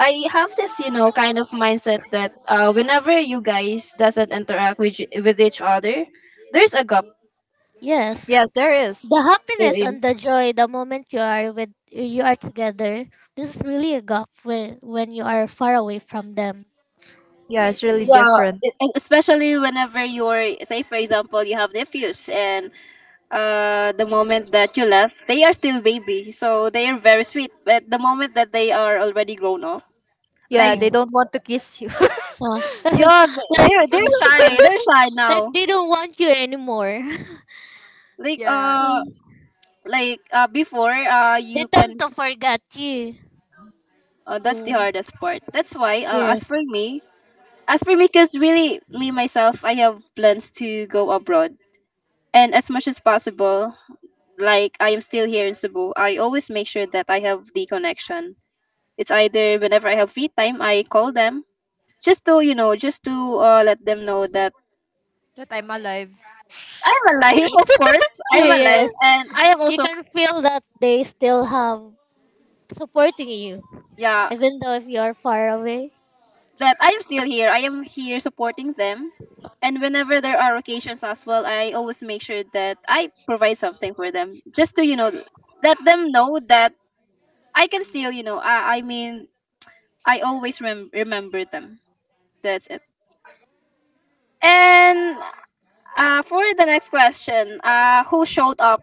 [SPEAKER 1] I have this, kind of mindset that whenever you guys doesn't interact with each other, there's a gap.
[SPEAKER 3] Yes.
[SPEAKER 2] Yes, there is.
[SPEAKER 3] The
[SPEAKER 1] There
[SPEAKER 3] happiness and
[SPEAKER 1] is.
[SPEAKER 3] the joy the moment you are together. This is really a gap when you are far away from them.
[SPEAKER 2] Yeah, it's really
[SPEAKER 1] Yeah,
[SPEAKER 2] different.
[SPEAKER 1] especially whenever you're, say, for example, you have nephews, and the moment that you left, they are still baby, so they are very sweet. But the moment that they are already grown up,
[SPEAKER 2] Yeah,
[SPEAKER 1] like
[SPEAKER 2] they
[SPEAKER 3] Yes.
[SPEAKER 2] don't want to kiss you.
[SPEAKER 3] Well,
[SPEAKER 1] yeah, th-
[SPEAKER 3] like
[SPEAKER 1] they're they're shy, they're shy
[SPEAKER 3] like
[SPEAKER 1] now.
[SPEAKER 3] they don't want you anymore.
[SPEAKER 1] Like
[SPEAKER 2] Yeah,
[SPEAKER 1] uh,
[SPEAKER 3] Mm,
[SPEAKER 1] like before,
[SPEAKER 3] they
[SPEAKER 1] you
[SPEAKER 3] tend
[SPEAKER 1] can.
[SPEAKER 3] to forget you.
[SPEAKER 1] That's the
[SPEAKER 3] Mm,
[SPEAKER 1] hardest part. That's why, as for
[SPEAKER 3] yes.
[SPEAKER 1] me, because really me myself, I have plans to go abroad, and as much as possible, like, I am still here in Cebu, I always make sure that I have the connection. It's either whenever I have free time, I call them just to let them know that
[SPEAKER 2] that I'm alive.
[SPEAKER 1] I'm alive. Of course, I'm alive,
[SPEAKER 3] Yes.
[SPEAKER 1] and I am
[SPEAKER 3] You
[SPEAKER 1] also
[SPEAKER 3] can feel that they still have supporting you
[SPEAKER 1] yeah
[SPEAKER 3] even though if you are far away.
[SPEAKER 1] that I am still here. I am here supporting them, and whenever there are occasions as well, I always make sure that I provide something for them just to let them know that I can still, I mean, I always remember them. That's it. And for the next question, who showed up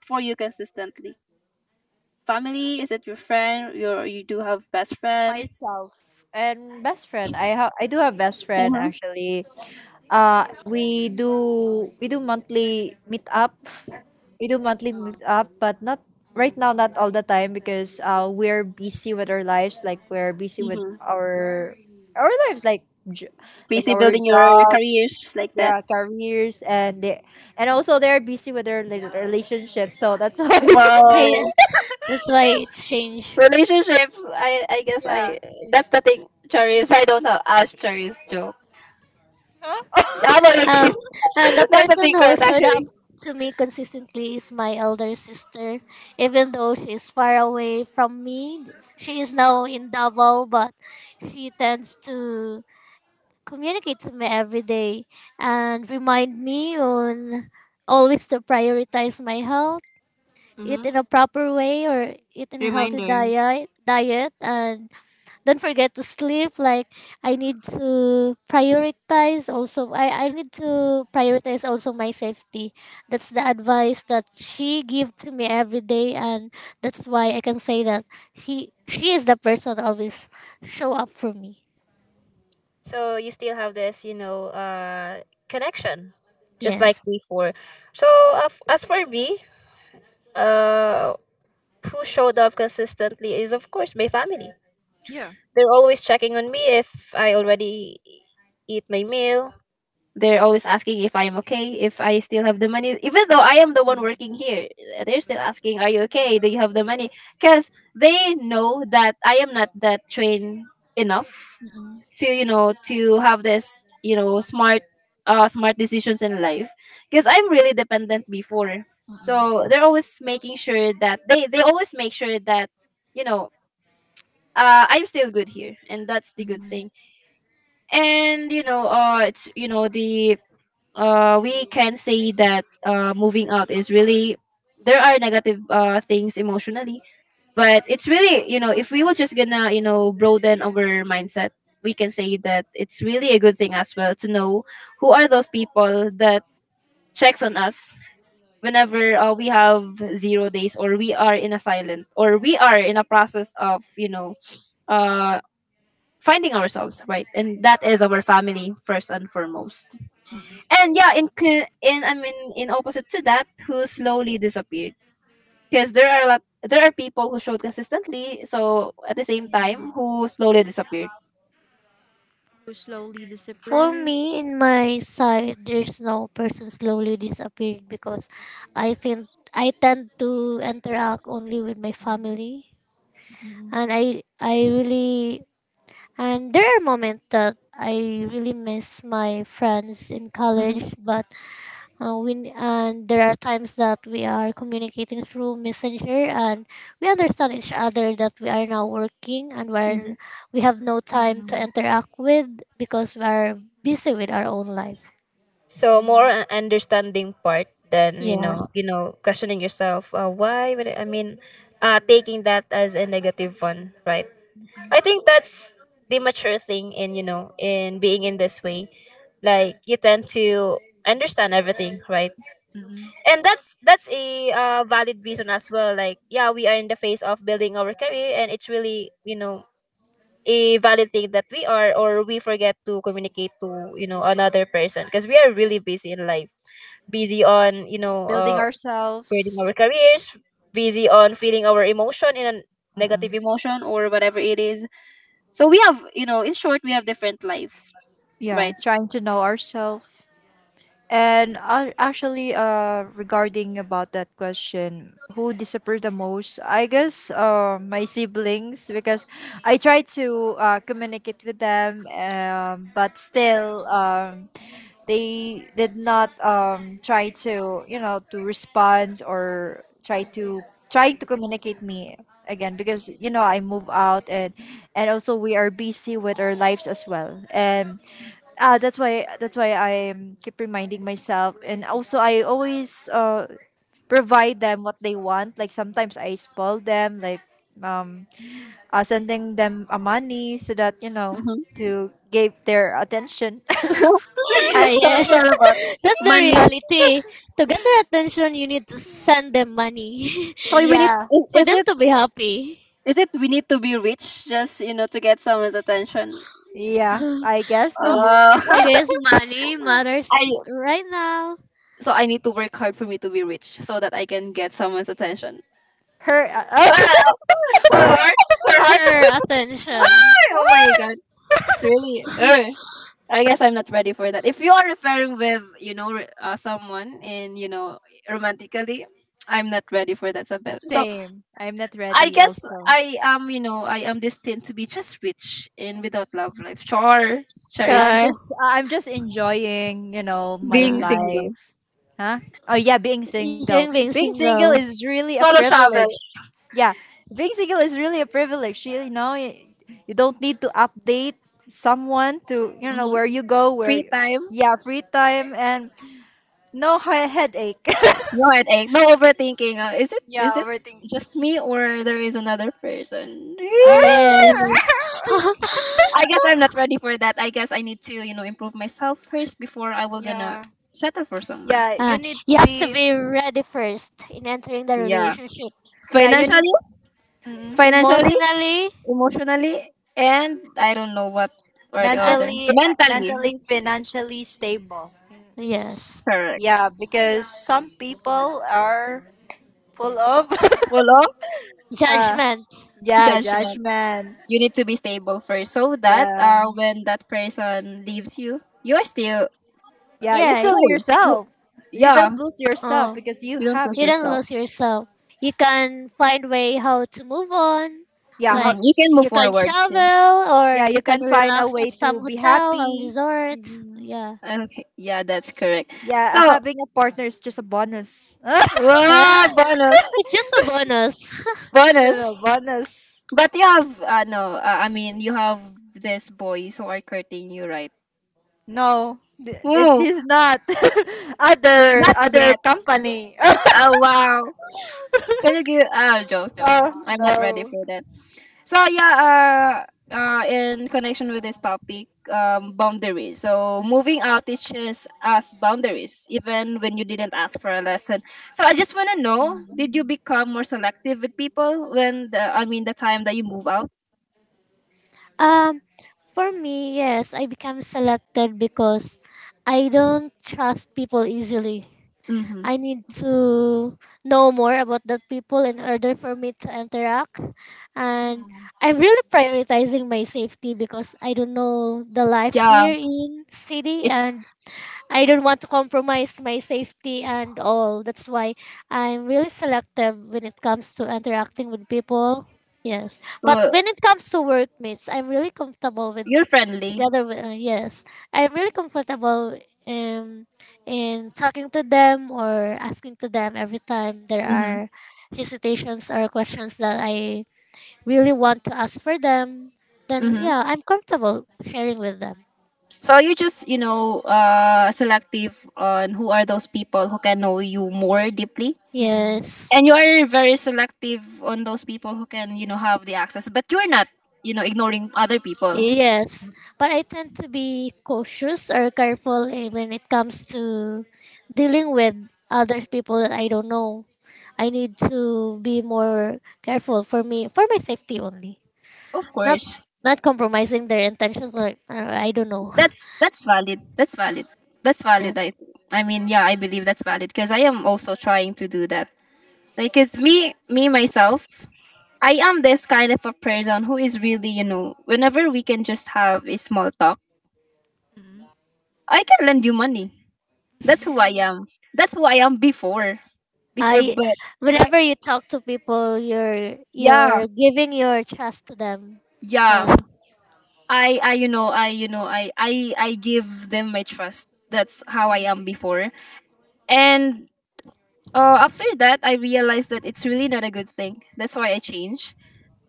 [SPEAKER 1] for you consistently? Family? Is it your friend? You do have best friend?
[SPEAKER 2] Myself and best friend. I do have best friend,
[SPEAKER 1] Mm-hmm.
[SPEAKER 2] actually. We do monthly meet up. We do monthly meet up, but not right now. Not all the time, because, we're busy with our lives. Like, we're busy with
[SPEAKER 1] Mm-hmm.
[SPEAKER 2] our lives, like, j- like
[SPEAKER 1] Busy
[SPEAKER 2] our
[SPEAKER 1] building your careers
[SPEAKER 2] jobs,
[SPEAKER 1] like that.
[SPEAKER 2] yeah, careers. And they and also they're busy with their relationships. So that's why.
[SPEAKER 3] Yeah,
[SPEAKER 1] Well,
[SPEAKER 3] that's why it's strange.
[SPEAKER 1] relationships. I guess
[SPEAKER 2] Yeah.
[SPEAKER 1] I that's the thing. Charis, I don't have ask Charis joke. How about
[SPEAKER 3] Uh,
[SPEAKER 1] you?
[SPEAKER 3] and the
[SPEAKER 1] That's a
[SPEAKER 3] person who
[SPEAKER 1] secret
[SPEAKER 3] showed up
[SPEAKER 1] actually.
[SPEAKER 3] to me consistently is my elder sister. Even though she is far away from me, she is now in Davao, but she tends to communicate to me every day and remind me on always to prioritize my health, eat
[SPEAKER 1] Mm-hmm.
[SPEAKER 3] in a proper way or eat in a healthy
[SPEAKER 1] Reminder.
[SPEAKER 3] diet, and don't forget to sleep. Like I need to prioritize also my safety. That's the advice that she give to me every day, and that's why I can say that he she is the person that always show up for me.
[SPEAKER 1] So you still have this, connection, just like
[SPEAKER 3] Yes.
[SPEAKER 1] before. So as for me, uh, who showed up consistently is of course my family. They're always checking on me if I already eat my meal. They're always asking if I am okay, if I still have the money. Even though I am the one working here, they're still asking, "Are you okay? Do you have the money?" Because they know that I am not that trained enough to to have this, smart decisions in life because I'm really dependent before. So they're always making sure that they always make sure that, you know I'm still good here, and that's the good thing. And it's, the, we can say that moving out is really, there are negative things emotionally, but it's really, if we were just gonna broaden our mindset, we can say that it's really a good thing as well, to know who are those people that checks on us whenever, we have zero days, or we are in a silent, or we are in a process of, uh finding ourselves, right? And that is our family, first and foremost. And yeah, in co- in I mean, in opposite to that, who slowly disappeared. Because there are people who showed consistently, so at the same time, who slowly disappeared.
[SPEAKER 2] Who slowly
[SPEAKER 3] For
[SPEAKER 2] disappear.
[SPEAKER 3] me, in my side there's no person slowly disappeared because I think I tend to interact only with my family.
[SPEAKER 2] Mm-mm.
[SPEAKER 3] And I really And there are moments that I really miss my friends in
[SPEAKER 1] Mhm,
[SPEAKER 3] college, but we and there are times that we are communicating through messenger, and we understand each other that we are now working, and
[SPEAKER 1] mhm.
[SPEAKER 3] we have no time to interact with because we are busy with our own life.
[SPEAKER 1] So more an understanding part than,
[SPEAKER 3] Yes.
[SPEAKER 1] questioning yourself, why would I mean, taking that as a negative one, right? I think that's the mature thing in, in being in this way, like, you tend to understand everything, right?
[SPEAKER 2] Mm-mm.
[SPEAKER 1] And that's a valid reason as well, like, yeah, we are in the phase of building our career, and it's really, a valid thing that we are, or we forget to communicate to, another person because we are really busy in life, busy on,
[SPEAKER 2] Building
[SPEAKER 1] building
[SPEAKER 2] ourselves.
[SPEAKER 1] our careers, busy on feeling our emotion in a negative
[SPEAKER 2] Mm-mm.
[SPEAKER 1] emotion or whatever it is. So we have, in short, we have different life,
[SPEAKER 2] Yeah,
[SPEAKER 1] right?
[SPEAKER 2] trying to know ourselves. And, actually, regarding about that question, who disappeared the most? I guess, my siblings, because I try to, communicate with them, but still, they did not, try to, to respond, or try to, trying to communicate me again, because, I move out, and also we are busy with our lives as well, and ah, that's why, I keep reminding myself. And also I always, provide them what they want. Like sometimes I spoil them, like, um, sending them a money, so that,
[SPEAKER 1] Hmm.
[SPEAKER 2] to give their attention.
[SPEAKER 3] Ah,
[SPEAKER 1] So it's
[SPEAKER 3] yes.
[SPEAKER 1] all about
[SPEAKER 3] That's the
[SPEAKER 1] money.
[SPEAKER 3] reality. To get their attention, you need to send them money
[SPEAKER 1] So we need,
[SPEAKER 2] Yeah,
[SPEAKER 3] for
[SPEAKER 1] is
[SPEAKER 3] them
[SPEAKER 1] it,
[SPEAKER 3] to be happy.
[SPEAKER 1] we need to be rich just, to get someone's attention?
[SPEAKER 2] yeah, I guess so.
[SPEAKER 3] I
[SPEAKER 1] Oh.
[SPEAKER 3] guess money matters
[SPEAKER 1] I.
[SPEAKER 3] right now.
[SPEAKER 1] So I need to work hard for me to be rich so that I can get someone's attention.
[SPEAKER 2] Her,
[SPEAKER 1] Ah, for hard, for hard.
[SPEAKER 3] Her attention.
[SPEAKER 1] Ah, oh my god, it's really. I guess I'm not ready for that. If you are referring with someone in romantically, I'm not ready for that, Sabel. So
[SPEAKER 2] same. I'm not
[SPEAKER 1] I
[SPEAKER 2] ready,
[SPEAKER 1] guess
[SPEAKER 2] also.
[SPEAKER 1] I am destined to be just rich and without love life. Char, char
[SPEAKER 2] Yeah,
[SPEAKER 1] is
[SPEAKER 3] Sure.
[SPEAKER 2] I'm just enjoying, you know, my
[SPEAKER 1] being
[SPEAKER 3] Uh,
[SPEAKER 1] single,
[SPEAKER 2] life. Huh? Oh yeah, being single.
[SPEAKER 3] Enjoying being
[SPEAKER 2] Being single
[SPEAKER 3] single.
[SPEAKER 2] is really a
[SPEAKER 1] solo travel,
[SPEAKER 2] privilege. Yeah. Being single is really a privilege. You know, you don't need to update someone to, you know,
[SPEAKER 1] hmm
[SPEAKER 2] where you go, where
[SPEAKER 1] free
[SPEAKER 2] you-
[SPEAKER 1] time.
[SPEAKER 2] yeah, free time, and no headache.
[SPEAKER 1] No headache, no overthinking. Uh, is it is
[SPEAKER 2] Yeah,
[SPEAKER 1] it
[SPEAKER 2] overthinking.
[SPEAKER 1] just me or there is another person?
[SPEAKER 3] Ah, yes.
[SPEAKER 1] Oh, I guess I'm not ready for that. I guess I need to improve myself first before I will gonna
[SPEAKER 2] Yeah.
[SPEAKER 1] settle for someone.
[SPEAKER 2] Yeah,
[SPEAKER 3] Ah,
[SPEAKER 2] you need to
[SPEAKER 3] you have to
[SPEAKER 2] be,
[SPEAKER 3] be ready first in entering the
[SPEAKER 1] Yeah,
[SPEAKER 3] relationship.
[SPEAKER 2] yeah, you need
[SPEAKER 1] financially,
[SPEAKER 2] to mm,
[SPEAKER 1] financially,
[SPEAKER 3] Emotionally.
[SPEAKER 1] emotionally, and I don't know what or the
[SPEAKER 3] And
[SPEAKER 1] other.
[SPEAKER 2] mentally,
[SPEAKER 1] Mentally,
[SPEAKER 2] financially stable. S-
[SPEAKER 3] yes.
[SPEAKER 1] correct.
[SPEAKER 2] yeah, because some people are full of...
[SPEAKER 1] Full of
[SPEAKER 2] uh,
[SPEAKER 3] Judgment.
[SPEAKER 2] yeah,
[SPEAKER 1] judgment.
[SPEAKER 2] judgment.
[SPEAKER 1] You need to be stable first so that
[SPEAKER 2] Yeah,
[SPEAKER 1] when that person leaves you, you are still
[SPEAKER 2] yeah you
[SPEAKER 3] Yeah.
[SPEAKER 2] still
[SPEAKER 1] whole. You
[SPEAKER 2] yourself, you
[SPEAKER 1] yeah.
[SPEAKER 2] don't lose yourself
[SPEAKER 3] Oh.
[SPEAKER 2] because you
[SPEAKER 1] You don't
[SPEAKER 2] have
[SPEAKER 1] lose
[SPEAKER 3] You don't
[SPEAKER 1] yourself.
[SPEAKER 2] yourself.
[SPEAKER 3] lose yourself. You can find way how to move on.
[SPEAKER 2] Yeah, how.
[SPEAKER 3] Like,
[SPEAKER 1] You can move
[SPEAKER 3] you can
[SPEAKER 1] forward still.
[SPEAKER 3] travel or
[SPEAKER 2] Yeah, you
[SPEAKER 3] you can
[SPEAKER 2] can find a
[SPEAKER 3] relax
[SPEAKER 2] way
[SPEAKER 3] at
[SPEAKER 2] to
[SPEAKER 3] some
[SPEAKER 2] be
[SPEAKER 3] hotel or
[SPEAKER 2] happy.
[SPEAKER 3] resort.
[SPEAKER 2] Mhm.
[SPEAKER 3] Yeah.
[SPEAKER 1] Okay, yeah, that's correct.
[SPEAKER 2] Yeah,
[SPEAKER 1] So,
[SPEAKER 2] having a partner is just a bonus.
[SPEAKER 1] wow,
[SPEAKER 3] Uh,
[SPEAKER 1] bonus,
[SPEAKER 3] it's just a bonus.
[SPEAKER 1] bonus.
[SPEAKER 2] Bonus.
[SPEAKER 1] But you have, no, I mean, you have this boys who are courting you, right?
[SPEAKER 2] No,
[SPEAKER 1] Oh,
[SPEAKER 2] he's not.
[SPEAKER 1] not
[SPEAKER 2] Other
[SPEAKER 1] yet.
[SPEAKER 2] company.
[SPEAKER 1] Oh, wow. Can you give, oh, joke, joke.
[SPEAKER 2] Oh
[SPEAKER 1] I'm not ready
[SPEAKER 2] no.
[SPEAKER 1] for that. So yeah, in connection with this topic, boundaries. So moving out teaches us boundaries, even when you didn't ask for a lesson. So I just wanna know, did you
[SPEAKER 2] Mm-mm.
[SPEAKER 1] become more selective with people when the, I mean, the time that you move out?
[SPEAKER 3] um for me, yes, I become selected because I don't trust people easily.
[SPEAKER 1] Mm-hmm.
[SPEAKER 3] I need to know more about the people in order for me to interact. And
[SPEAKER 2] Mm-mm.
[SPEAKER 3] I'm really prioritizing my safety because I don't know the life
[SPEAKER 1] Yeah,
[SPEAKER 3] here in city,
[SPEAKER 1] it's
[SPEAKER 3] and I don't want to compromise my safety and all. That's why I'm really selective when it comes to interacting with people. Yes. But
[SPEAKER 1] so
[SPEAKER 3] when it comes to workmates, I'm really comfortable with
[SPEAKER 1] you're friendly.
[SPEAKER 3] together with yes. I'm really comfortable um in talking to them or asking to them every time there
[SPEAKER 1] Mm-hmm.
[SPEAKER 3] are hesitations or questions that I really want to ask for them. Then
[SPEAKER 1] Mm-hmm.
[SPEAKER 3] yeah, I'm comfortable sharing with them.
[SPEAKER 1] So you're just, you know, selective on who are those people who can know you more deeply,
[SPEAKER 2] Mm-mm.
[SPEAKER 3] Yes.
[SPEAKER 1] and you are very selective on those people who can, you know, have the access, but you're not, you know, ignoring other people.
[SPEAKER 3] Yes, but I tend to be cautious or careful when it comes to dealing with other people that I don't know. I need to be more careful for me, for my safety only.
[SPEAKER 1] Of
[SPEAKER 3] Not
[SPEAKER 1] course.
[SPEAKER 3] not compromising their intentions, like I don't know.
[SPEAKER 1] That's valid, that's valid that's
[SPEAKER 3] Yeah.
[SPEAKER 1] valid i i mean, yeah, I believe that's valid because I am also trying to do that. Like, because me myself, I am this kind of a person who is really, you know, whenever we can just have a small talk, I can lend you money. That's who I
[SPEAKER 2] Mm.
[SPEAKER 1] am. That's who I am before. before
[SPEAKER 3] I
[SPEAKER 1] but
[SPEAKER 2] Right.
[SPEAKER 3] Whenever you talk to people, you're
[SPEAKER 1] Yeah,
[SPEAKER 3] you're giving your trust to them.
[SPEAKER 1] yeah.
[SPEAKER 3] Uh,
[SPEAKER 1] I you know I you know I give them my trust. That's how I am before. And after that, I realized that it's really not a good thing. That's why I changed.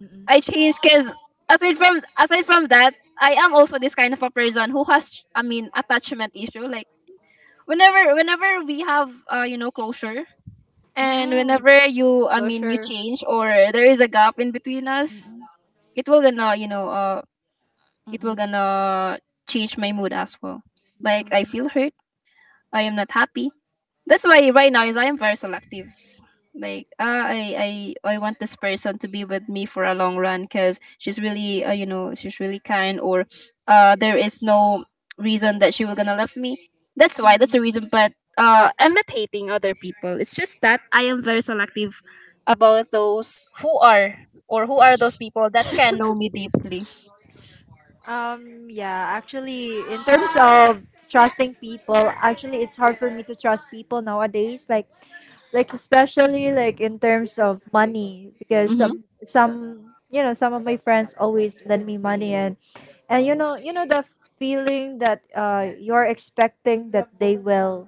[SPEAKER 2] Mm-mm.
[SPEAKER 1] I changed because aside from that, I am also this kind of a person who has, I mean, attachment issue. Like, whenever we have closure, and
[SPEAKER 2] Mm-mm.
[SPEAKER 1] whenever you, I mean, you
[SPEAKER 2] Closure.
[SPEAKER 1] change or there is a gap in between us,
[SPEAKER 2] Mm-mm.
[SPEAKER 1] it will gonna you know it will
[SPEAKER 2] Mm-mm.
[SPEAKER 1] gonna change my mood as well. Like, I
[SPEAKER 2] Mm.
[SPEAKER 1] feel hurt. I am not happy. That's why right now is I am very selective. Like, I want this person to be with me for a long run because she's really, you know, she's really kind, or uh, there is no reason that she will gonna love me. That's why, that's the
[SPEAKER 3] hmm.
[SPEAKER 1] reason. But uh, I'm not hating other people. It's just that I am very selective about those who are, or who are those people that can know me deeply.
[SPEAKER 2] Yeah. Actually, in terms of trusting people, actually, it's hard for me to trust people nowadays. Like, especially, like, in terms of money, because
[SPEAKER 1] Mm-hmm.
[SPEAKER 2] some, some of my friends always lend me money, and you know the feeling that, you're expecting that they will,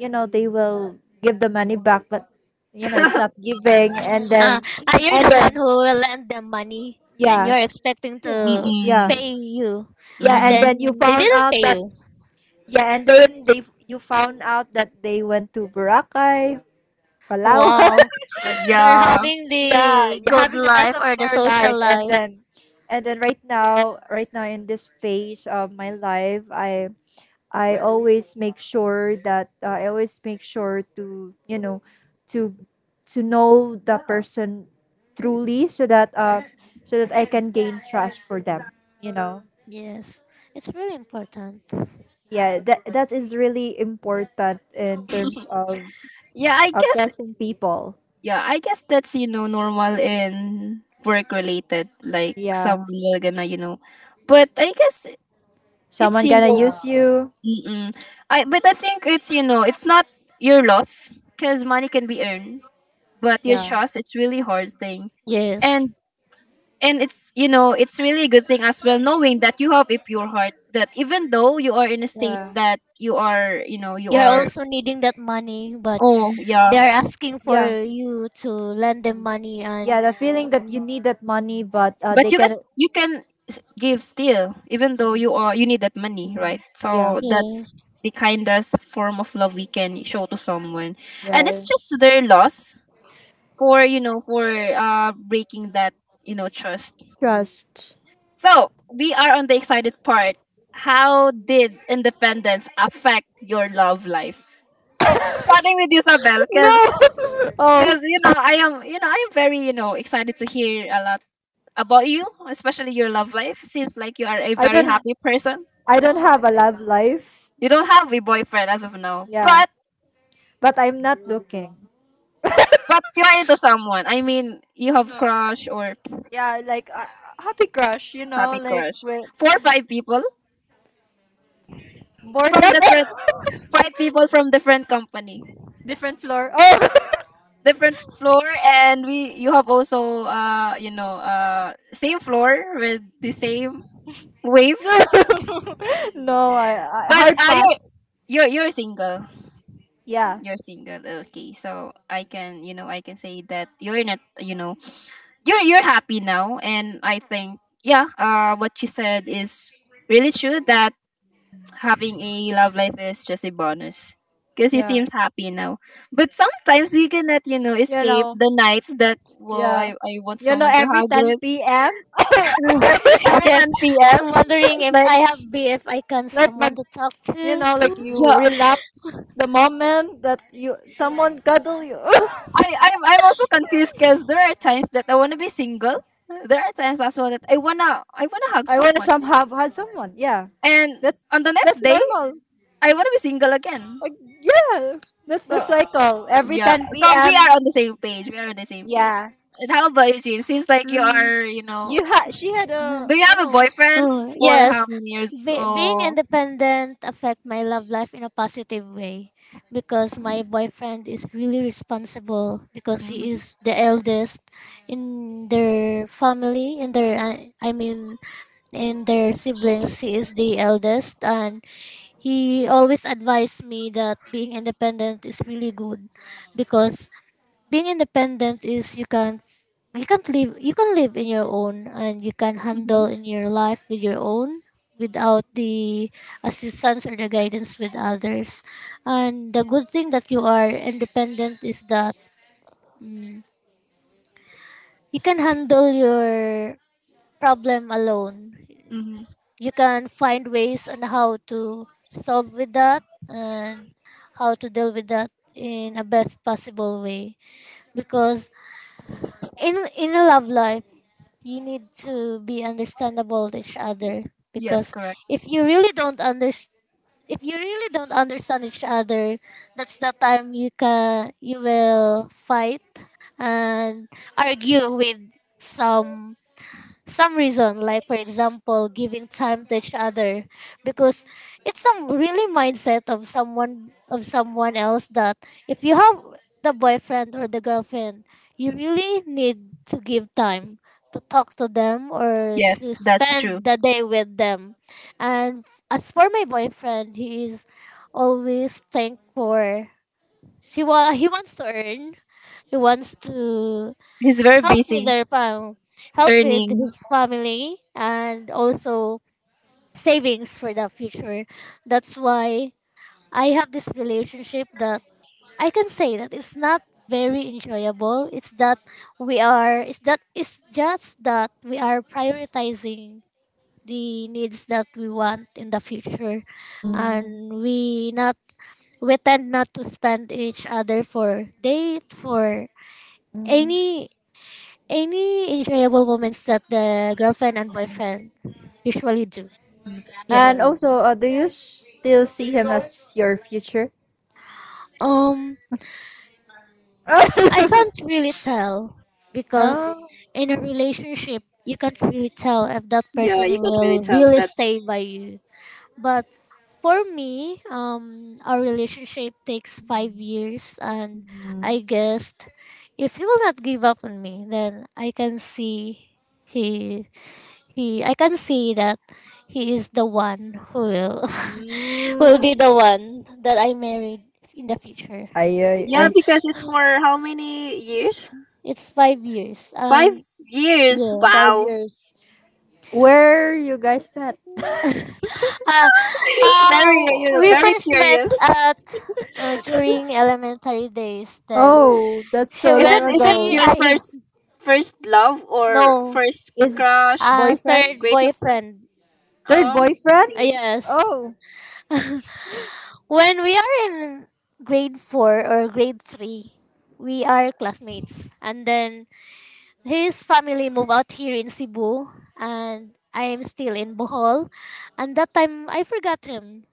[SPEAKER 2] they will give the money back, but, it's not giving, and
[SPEAKER 3] Uh,
[SPEAKER 2] then
[SPEAKER 3] you're
[SPEAKER 2] and
[SPEAKER 3] the one
[SPEAKER 2] then
[SPEAKER 3] who will lend them money. Then
[SPEAKER 2] yeah,
[SPEAKER 3] you're expecting to
[SPEAKER 2] yeah
[SPEAKER 1] Mm-mm.
[SPEAKER 3] pay you,
[SPEAKER 2] yeah.
[SPEAKER 3] and
[SPEAKER 2] And
[SPEAKER 1] Mm-mm.
[SPEAKER 2] then you
[SPEAKER 3] then they
[SPEAKER 2] found
[SPEAKER 3] didn't
[SPEAKER 2] out
[SPEAKER 3] pay
[SPEAKER 2] that,
[SPEAKER 3] you.
[SPEAKER 2] yeah, and then they you found out that they went to Boracay, Palawan.
[SPEAKER 3] Wow, they're
[SPEAKER 1] Yeah.
[SPEAKER 3] having
[SPEAKER 2] Yeah,
[SPEAKER 3] the
[SPEAKER 2] you're
[SPEAKER 3] good
[SPEAKER 2] having the best
[SPEAKER 3] life
[SPEAKER 2] of
[SPEAKER 3] or the
[SPEAKER 2] their
[SPEAKER 3] social
[SPEAKER 2] life, and
[SPEAKER 3] life.
[SPEAKER 2] then right now, in this phase of my life, I always make sure that, I always make sure to, to know the person truly, so that, so that I can gain trust for them, you know.
[SPEAKER 3] Yes, it's really important.
[SPEAKER 2] Yeah, that is really important, in terms of
[SPEAKER 1] Yeah, I guess,
[SPEAKER 2] obsessing people.
[SPEAKER 1] yeah, I guess that's, you know, normal in work related. Like,
[SPEAKER 2] Yeah,
[SPEAKER 1] someone will gonna, you know. But I guess it's,
[SPEAKER 2] someone
[SPEAKER 1] you
[SPEAKER 2] gonna
[SPEAKER 1] know,
[SPEAKER 2] use you.
[SPEAKER 1] mm-mm. I, but I think it's, you know, it's not your loss because money can be earned. But your
[SPEAKER 2] Yeah,
[SPEAKER 1] trust, it's really hard thing.
[SPEAKER 3] Yes,
[SPEAKER 1] And and it's, you know, it's really a good thing as well, knowing that you have a pure heart, that even though you are in a state
[SPEAKER 2] yeah.
[SPEAKER 1] that you are, you know, you
[SPEAKER 3] you're
[SPEAKER 1] are.
[SPEAKER 3] also needing that money, but
[SPEAKER 1] Oh, yeah.
[SPEAKER 3] they're asking
[SPEAKER 2] Yeah,
[SPEAKER 3] for you to lend them money. And
[SPEAKER 2] yeah, the feeling that you need that money, but,
[SPEAKER 1] But
[SPEAKER 2] they can...
[SPEAKER 1] you can s- give still, even though you are you need that money, right?
[SPEAKER 2] yeah,
[SPEAKER 1] So that's
[SPEAKER 3] yes.
[SPEAKER 1] the kindest form of love we can show to someone, and it's
[SPEAKER 2] yeah.
[SPEAKER 1] just their loss for, you know, for uh, breaking that, you know, trust.
[SPEAKER 2] Trust.
[SPEAKER 1] So we are on the excited part. How did independence affect your love life? Starting with you, Sabel, because
[SPEAKER 2] No. Oh,
[SPEAKER 1] because you know I am, you know, I am very, you know, excited to hear a lot about you, especially your love life. Seems like you are a
[SPEAKER 2] I
[SPEAKER 1] very
[SPEAKER 2] don't
[SPEAKER 1] happy person.
[SPEAKER 2] I don't have a love life.
[SPEAKER 1] You don't have a boyfriend as of now,
[SPEAKER 2] Yeah.
[SPEAKER 1] but
[SPEAKER 2] But I'm not looking.
[SPEAKER 1] but you are into someone. I mean, you have
[SPEAKER 2] No.
[SPEAKER 1] crush, or
[SPEAKER 2] Yeah, like, happy crush, you know,
[SPEAKER 1] happy
[SPEAKER 2] like,
[SPEAKER 1] crush.
[SPEAKER 2] well,
[SPEAKER 1] Four or five people
[SPEAKER 2] bored
[SPEAKER 1] from
[SPEAKER 2] than...
[SPEAKER 1] different five people from different company,
[SPEAKER 2] different floor. Oh.
[SPEAKER 1] different floor, and we you have also, uh, you know, uh, same floor with the same wave,
[SPEAKER 2] No. No, I
[SPEAKER 1] but
[SPEAKER 2] hard
[SPEAKER 1] uh, you
[SPEAKER 2] pass.
[SPEAKER 1] you you're you're single.
[SPEAKER 2] Yeah.
[SPEAKER 1] You're single. Okay. So I can, you know, I can say that you're not, you know, you're happy now, and I think yeah, uh, what you said is really true, that having a love life is just a bonus because you
[SPEAKER 2] Yeah.
[SPEAKER 1] seems happy now. But sometimes we cannot, you know,
[SPEAKER 2] You
[SPEAKER 1] escape
[SPEAKER 2] know.
[SPEAKER 1] the nights that whoa,
[SPEAKER 2] Yeah.
[SPEAKER 1] I want
[SPEAKER 2] You know,
[SPEAKER 1] someone to
[SPEAKER 2] every
[SPEAKER 1] hug with.
[SPEAKER 2] 10 p.m.
[SPEAKER 1] I'm at
[SPEAKER 3] Yes.
[SPEAKER 1] 10 p.m.
[SPEAKER 3] I'm wondering if
[SPEAKER 1] Like,
[SPEAKER 3] I have BF, I can
[SPEAKER 2] like
[SPEAKER 3] someone
[SPEAKER 2] mag
[SPEAKER 3] to talk
[SPEAKER 2] you
[SPEAKER 3] to.
[SPEAKER 2] know, like, you
[SPEAKER 1] yeah,
[SPEAKER 2] relapse the moment that you, someone cuddle you.
[SPEAKER 1] I'm also confused because there are times that I wanna be single. There are times as well that I wanna hug
[SPEAKER 2] I want to
[SPEAKER 1] someone.
[SPEAKER 2] somehow have someone. Yeah.
[SPEAKER 1] And on
[SPEAKER 2] That's
[SPEAKER 1] the next
[SPEAKER 2] that's
[SPEAKER 1] day,
[SPEAKER 2] normal.
[SPEAKER 1] I want to be single again.
[SPEAKER 2] Like, yeah, that's the
[SPEAKER 1] So
[SPEAKER 2] cycle. Every
[SPEAKER 1] yeah,
[SPEAKER 2] 10
[SPEAKER 1] so we are
[SPEAKER 2] p.m.
[SPEAKER 1] on the same page. We are on the same page.
[SPEAKER 2] Yeah,
[SPEAKER 1] And how about you, Jean? Seems like you are, you know,
[SPEAKER 2] you had she had
[SPEAKER 3] Mm.
[SPEAKER 2] a...
[SPEAKER 1] do you
[SPEAKER 2] oh
[SPEAKER 1] have a
[SPEAKER 2] no.
[SPEAKER 1] boyfriend
[SPEAKER 3] Oh,
[SPEAKER 1] for how
[SPEAKER 3] yes.
[SPEAKER 1] many years?
[SPEAKER 3] Being
[SPEAKER 1] Oh,
[SPEAKER 3] independent affect my love life in a positive way because my boyfriend is really responsible because he
[SPEAKER 1] mm-hmm,
[SPEAKER 3] is the eldest in their family, in their I mean, in their siblings, he is the eldest. And he always advised me that being independent is really good because being independent is you can't live, you can live in your own and you can
[SPEAKER 1] mm-hmm,
[SPEAKER 3] handle in your life with your own without the assistance or the guidance with others. And the good thing that you are independent is that mm, you can handle your problem alone.
[SPEAKER 1] mm-hmm.
[SPEAKER 3] You can find ways on how to solve with that and how to deal with that in a best possible way. Because in a love life, you need to be understandable with each other.
[SPEAKER 1] Yes,
[SPEAKER 3] Because
[SPEAKER 1] correct.
[SPEAKER 3] if you really don't understand if you really don't understand each other, that's the time you will fight and argue with some some reason, like for example giving time to each other. Because it's some really mindset of someone else that if you have the boyfriend or the girlfriend, you really need to give time to talk to them or to
[SPEAKER 1] Yes, that's true.
[SPEAKER 3] spend the day with them. And as for my boyfriend, he is always thankful. She wa- he wants to earn He wants to
[SPEAKER 1] He's very
[SPEAKER 3] help with
[SPEAKER 1] busy
[SPEAKER 3] help with
[SPEAKER 1] earning.
[SPEAKER 3] his family, and also savings for the future. That's why I have this relationship that I can say that it's not very enjoyable. It's just that we are prioritizing the needs that we want in the future, and we tend not to spend each other for date, for any any enjoyable moments that the girlfriend and boyfriend usually do.
[SPEAKER 2] And
[SPEAKER 3] Yes.
[SPEAKER 2] also, do you still see him as your future?
[SPEAKER 3] Um, I can't really tell because
[SPEAKER 2] Oh.
[SPEAKER 3] in a relationship, you can't really tell if that
[SPEAKER 1] Yeah,
[SPEAKER 3] person
[SPEAKER 1] you can't really
[SPEAKER 3] will
[SPEAKER 1] tell.
[SPEAKER 3] really
[SPEAKER 1] That's
[SPEAKER 3] stay by you. But for me, our relationship takes 5 years, and I guessed if he will not give up on me, then I can see he he I can see that he is the one who will will be
[SPEAKER 2] Mm.
[SPEAKER 3] the one that I married in the future.
[SPEAKER 1] yeah,
[SPEAKER 2] I.
[SPEAKER 1] because it's for how many years?
[SPEAKER 3] It's 5 years,
[SPEAKER 1] Five
[SPEAKER 3] and
[SPEAKER 1] years.
[SPEAKER 3] yeah.
[SPEAKER 2] five
[SPEAKER 1] Wow,
[SPEAKER 2] years. Where you guys met?
[SPEAKER 3] Uh,
[SPEAKER 1] very
[SPEAKER 3] uh,
[SPEAKER 1] you know,
[SPEAKER 3] we
[SPEAKER 1] very
[SPEAKER 3] first met
[SPEAKER 1] curious.
[SPEAKER 3] at during elementary days. Then
[SPEAKER 2] Oh, that's
[SPEAKER 3] she
[SPEAKER 2] so
[SPEAKER 1] Is
[SPEAKER 2] long
[SPEAKER 1] it
[SPEAKER 3] went
[SPEAKER 1] is it
[SPEAKER 3] here.
[SPEAKER 2] ago.
[SPEAKER 1] your
[SPEAKER 3] I
[SPEAKER 1] first first love or
[SPEAKER 3] no.
[SPEAKER 1] first
[SPEAKER 2] Is
[SPEAKER 1] crush?
[SPEAKER 2] Boyfriend?
[SPEAKER 3] Third
[SPEAKER 1] Greatest love?
[SPEAKER 3] boyfriend.
[SPEAKER 2] Third
[SPEAKER 1] Oh,
[SPEAKER 2] boyfriend?
[SPEAKER 1] okay.
[SPEAKER 3] Yes.
[SPEAKER 2] Oh,
[SPEAKER 3] When we are in grade four or grade three, we are classmates, and then his family moved out here in Cebu and I am still in Bohol. And that time I forgot him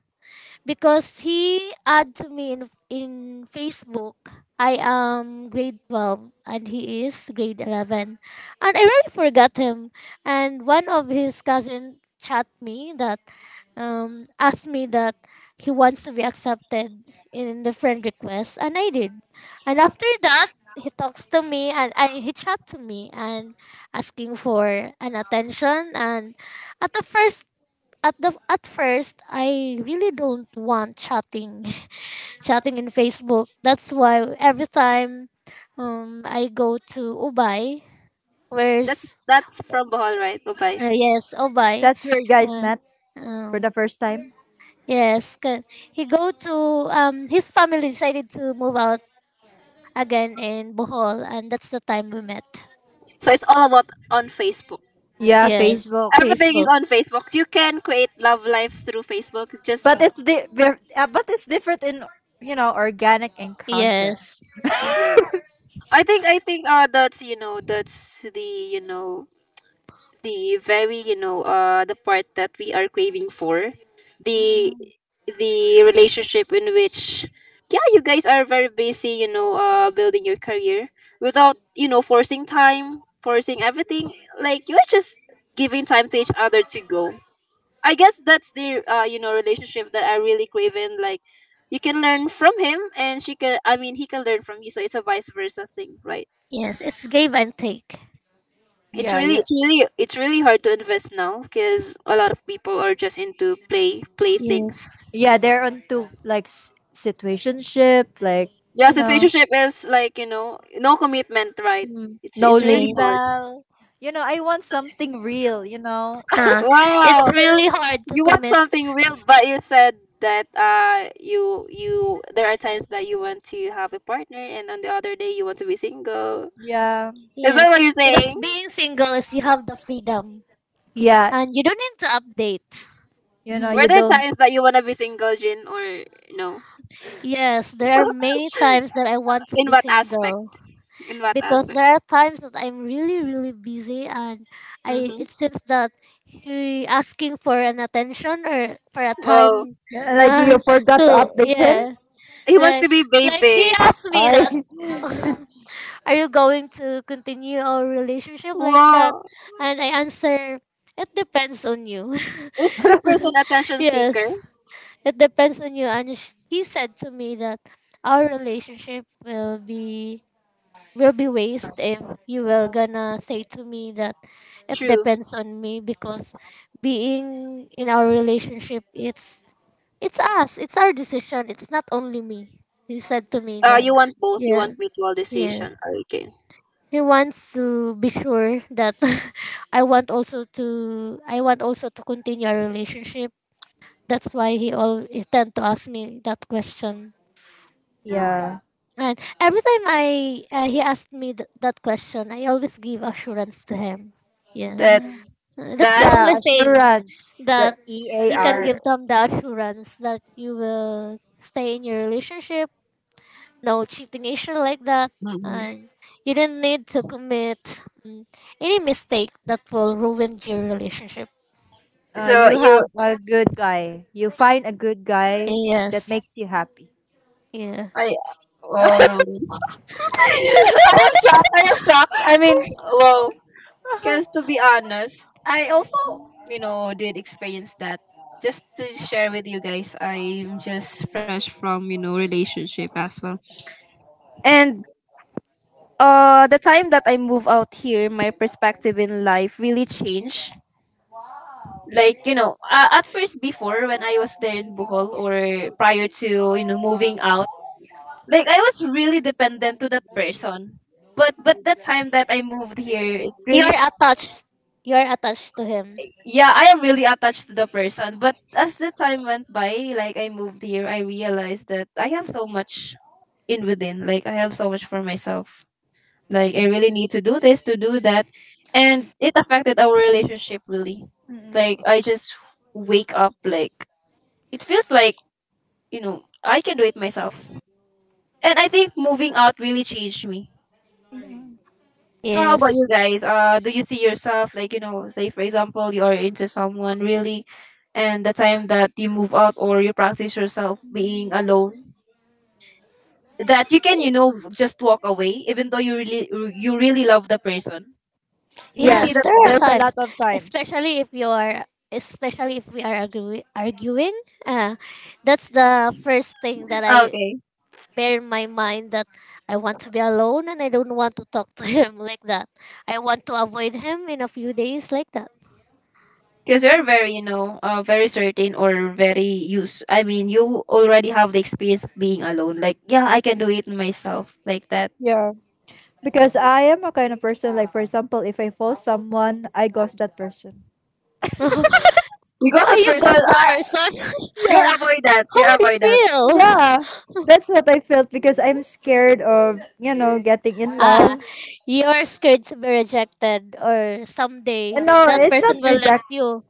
[SPEAKER 3] because he add to me in, Facebook. I am grade 12 and he is grade 11. And I really forgot him. And one of his cousin chat me that asked me that he wants to be accepted in the friend request, and I did. And after that he talks to me and he chat to me and asking for an attention. And at the first at the at first, I really don't want chatting chatting in Facebook. That's why every time I go to Ubay, where's
[SPEAKER 1] That's from Bohol, right? Goodbye.
[SPEAKER 3] yes, Ubay,
[SPEAKER 2] that's where you guys
[SPEAKER 3] uh,
[SPEAKER 2] met for
[SPEAKER 3] um
[SPEAKER 2] the first time.
[SPEAKER 3] yes, ca- he go to his family decided to move out again in Bohol, and that's the time we met.
[SPEAKER 1] So it's all about on Facebook.
[SPEAKER 2] Yeah,
[SPEAKER 3] Yes,
[SPEAKER 2] Facebook.
[SPEAKER 1] Everything is
[SPEAKER 3] Facebook.
[SPEAKER 1] on Facebook. You can create love life through Facebook. Just
[SPEAKER 2] But it's different in, organic encounter.
[SPEAKER 3] Yes. Ye-
[SPEAKER 1] yeah. I think uh, that's, you know, that's the, you know, the very, you know, uh, the part that we are craving for, the
[SPEAKER 2] Mm-mm.
[SPEAKER 1] the relationship in which yeah, you guys are very busy, you know, uh, building your career without, you know, forcing time, forcing everything, like you're just giving time to each other to grow. I guess that's the, uh, you know, relationship that I really crave in, like you can learn from him and she can, I mean, he can learn from you, so it's a vice versa thing, right?
[SPEAKER 3] yes, it's give and take. Mm.
[SPEAKER 1] it's
[SPEAKER 2] Yeah,
[SPEAKER 1] really
[SPEAKER 2] yeah,
[SPEAKER 1] it's really it's really hard to invest now because a lot of people are just into play play things.
[SPEAKER 3] Yes,
[SPEAKER 2] yeah. They're onto like, situationship, like,
[SPEAKER 1] Yeah,
[SPEAKER 2] you know,
[SPEAKER 1] situationship is like, you know, no commitment, right? it's
[SPEAKER 2] no
[SPEAKER 1] it's really
[SPEAKER 3] yes.
[SPEAKER 1] hard.
[SPEAKER 2] label. You know, I want something real. You know.
[SPEAKER 3] Uh, it's
[SPEAKER 1] Wow,
[SPEAKER 3] really hard to
[SPEAKER 1] you want
[SPEAKER 3] commit.
[SPEAKER 1] something real but you said that uh, you there are times that you want to have a partner and on the other day you want to be single,
[SPEAKER 2] Yeah,
[SPEAKER 1] is that
[SPEAKER 3] Yes,
[SPEAKER 1] what you're
[SPEAKER 3] because
[SPEAKER 1] saying?
[SPEAKER 3] being single is you have the freedom,
[SPEAKER 2] yeah.
[SPEAKER 3] and you don't need to update.
[SPEAKER 2] You know,
[SPEAKER 3] Mhm.
[SPEAKER 1] Were
[SPEAKER 2] you
[SPEAKER 1] there
[SPEAKER 2] don't
[SPEAKER 1] times that you want to be single, Jin, or no?
[SPEAKER 3] Yes, there are many times that I want to
[SPEAKER 1] In
[SPEAKER 3] be
[SPEAKER 1] what aspect,
[SPEAKER 3] single
[SPEAKER 1] in what
[SPEAKER 3] because
[SPEAKER 1] aspect?
[SPEAKER 3] there are times that I'm really really busy, and I
[SPEAKER 1] Mm-hmm.
[SPEAKER 3] it seems that he asking for an attention or for a
[SPEAKER 1] Wow.
[SPEAKER 3] time.
[SPEAKER 2] yeah, like
[SPEAKER 3] Uh,
[SPEAKER 2] you forgot
[SPEAKER 3] to
[SPEAKER 2] to update him.
[SPEAKER 3] Yeah,
[SPEAKER 1] He wants
[SPEAKER 3] like
[SPEAKER 1] to be
[SPEAKER 3] like he
[SPEAKER 1] babied.
[SPEAKER 3] asked me that,
[SPEAKER 2] I.
[SPEAKER 3] "Are you going to continue our relationship like that?"
[SPEAKER 1] Whoa.
[SPEAKER 3] And I answer, "It depends on you."
[SPEAKER 1] Is the person attention seeker?
[SPEAKER 3] Yes, it depends on you. And he said to me that our relationship will be waste if you will gonna say to me that it
[SPEAKER 1] True.
[SPEAKER 3] depends on me, because being in our relationship, it's us, it's our decision, it's not only me, he said to me that.
[SPEAKER 1] You want both. You
[SPEAKER 3] Yeah,
[SPEAKER 1] want mutual
[SPEAKER 3] yes,
[SPEAKER 1] decision. Okay.
[SPEAKER 3] he wants to be sure that I want also to I want also to continue our relationship. That's why he always tend to ask me that question.
[SPEAKER 2] yeah
[SPEAKER 3] And every time I he asked me that question, I always give assurance to him. Yeah.
[SPEAKER 1] That
[SPEAKER 3] That's the
[SPEAKER 1] that.
[SPEAKER 3] only
[SPEAKER 2] yeah
[SPEAKER 3] thing,
[SPEAKER 2] assurance,
[SPEAKER 3] that
[SPEAKER 2] the E A
[SPEAKER 3] you can
[SPEAKER 2] R.
[SPEAKER 3] give them the assurance that you will stay in your relationship, no cheating issue like that,
[SPEAKER 1] Mm-mm.
[SPEAKER 3] and you don't need to commit mm, any mistake that will ruin your relationship.
[SPEAKER 1] So
[SPEAKER 2] You
[SPEAKER 1] you,
[SPEAKER 2] have a good guy. You find a good guy that
[SPEAKER 3] Yes.
[SPEAKER 2] makes you happy.
[SPEAKER 3] Yeah,
[SPEAKER 1] I. Oh,
[SPEAKER 2] Mm-mm.
[SPEAKER 1] I am shocked. I am shocked. I mean, wow. Because to be honest, I also, you know, did experience that. Just to share with you guys, I'm just fresh from, you know, relationship as well, and uh, the time that I moved out here, my perspective in life really changed. Like, you know, at first before when I was there in Bohol or prior to, you know, moving out, like I was really dependent to that person. But the time that I moved here, it really
[SPEAKER 3] you're
[SPEAKER 1] s-
[SPEAKER 3] attached you're attached to him.
[SPEAKER 1] yeah, I am really attached to the person. But as the time went by, like I moved here, I realized that I have so much in within. Like, I have so much for myself. Like, I really need to do this, to do that, and it affected our relationship really. Like, I just wake up, like it feels like, you know, I can do it myself, and I think moving out really changed me.
[SPEAKER 2] Mm-mm.
[SPEAKER 1] So how about you
[SPEAKER 3] Yes.
[SPEAKER 1] guys, uh, do you see yourself, like, you know, say for example you are into someone really, and the time that you move out, or you practice yourself being alone, that you can, you know, just walk away even though you really, you really love the person, do you see
[SPEAKER 3] Yes,
[SPEAKER 2] Yes,
[SPEAKER 1] that
[SPEAKER 3] there are
[SPEAKER 2] there's a
[SPEAKER 1] emotion?
[SPEAKER 3] times,
[SPEAKER 2] lot of times.
[SPEAKER 3] especially if you are especially if we are arguing, uh, that's the first thing that I
[SPEAKER 1] Okay.
[SPEAKER 3] bear in my mind, that I want to be alone and I don't want to talk to him like that. I want to avoid him in a few days, like that.
[SPEAKER 1] Because you're very, you know, very certain or very used. I mean, you already have the experience of being alone. Like, yeah, I can do it myself, like that.
[SPEAKER 2] Yeah, because I am a kind of person, like, for example, if I follow someone, I ghost that person.
[SPEAKER 3] Are
[SPEAKER 1] Because that
[SPEAKER 3] you
[SPEAKER 1] person
[SPEAKER 3] ghost the
[SPEAKER 1] are,
[SPEAKER 3] person?
[SPEAKER 2] Yeah,
[SPEAKER 3] How
[SPEAKER 1] you're
[SPEAKER 3] would
[SPEAKER 1] avoidant,
[SPEAKER 3] you feel?
[SPEAKER 2] yeah. That's what I felt, because I'm scared of, you know, getting in
[SPEAKER 3] Ah,
[SPEAKER 2] love.
[SPEAKER 3] you're scared to be rejected, or someday
[SPEAKER 2] And no,
[SPEAKER 3] that
[SPEAKER 2] it's
[SPEAKER 3] person
[SPEAKER 2] not
[SPEAKER 3] will
[SPEAKER 2] reject.
[SPEAKER 3] left you.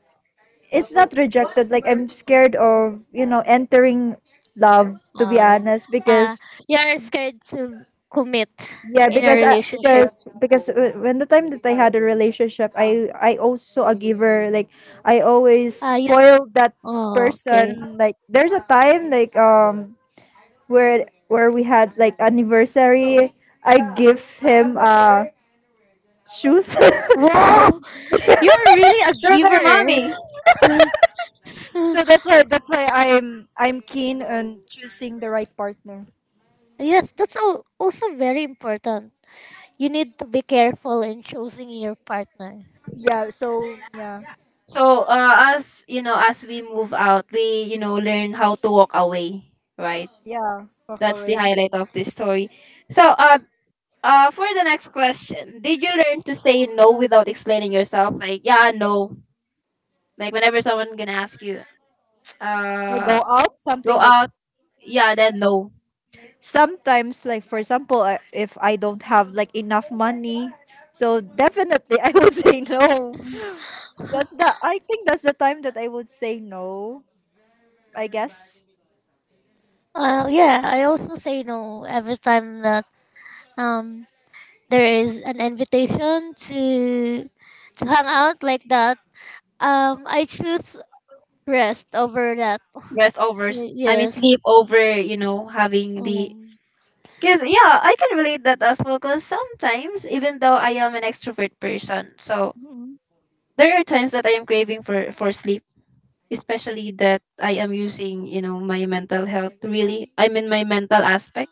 [SPEAKER 2] It's not rejected. Like I'm scared of, you know, entering love. To be
[SPEAKER 3] Oh, yeah.
[SPEAKER 2] honest,
[SPEAKER 3] Ah,
[SPEAKER 2] because
[SPEAKER 3] you're scared to commit
[SPEAKER 2] yeah
[SPEAKER 3] in a
[SPEAKER 2] because I,
[SPEAKER 3] relationship.
[SPEAKER 2] because w- when the time that I had a relationship, I also a giver, like I always
[SPEAKER 3] Ah, you.
[SPEAKER 2] spoiled that
[SPEAKER 3] Oh, okay.
[SPEAKER 2] person. Like there's a time like where we had like anniversary, I give him shoes.
[SPEAKER 3] Wow, you're really a
[SPEAKER 1] sugar
[SPEAKER 3] giver.
[SPEAKER 1] mommy.
[SPEAKER 2] So that's why I'm keen on choosing the right partner.
[SPEAKER 3] Yes, that's also very important. You need to be careful in choosing your partner.
[SPEAKER 2] Yeah, so yeah,
[SPEAKER 1] So, as you know, as we move out, we, you know, learn how to walk away, right?
[SPEAKER 2] yeah, walk
[SPEAKER 1] That's the
[SPEAKER 2] away.
[SPEAKER 1] highlight of this story. So, for the next question, did you learn to say no without explaining yourself? Like, yeah, no. Like whenever someone gonna ask you,
[SPEAKER 2] I go
[SPEAKER 1] uh
[SPEAKER 2] out
[SPEAKER 1] go
[SPEAKER 2] something like,
[SPEAKER 1] out yeah then no
[SPEAKER 2] sometimes, like, for example, if I don't have like enough money, so definitely I would say no. that's the I think that's the time that I would say no, I guess.
[SPEAKER 3] Yeah, I also say no every time that um there is an invitation to hang out like that. I choose rest over that.
[SPEAKER 1] rest overs I mean
[SPEAKER 3] Yes.
[SPEAKER 1] sleep over having the
[SPEAKER 3] um,
[SPEAKER 1] because yeah I can relate that as well because sometimes even though I am an extrovert person, so
[SPEAKER 2] Mm.
[SPEAKER 1] there are times that I am craving for sleep, especially that I am using my mental health, really I mean my mental aspect.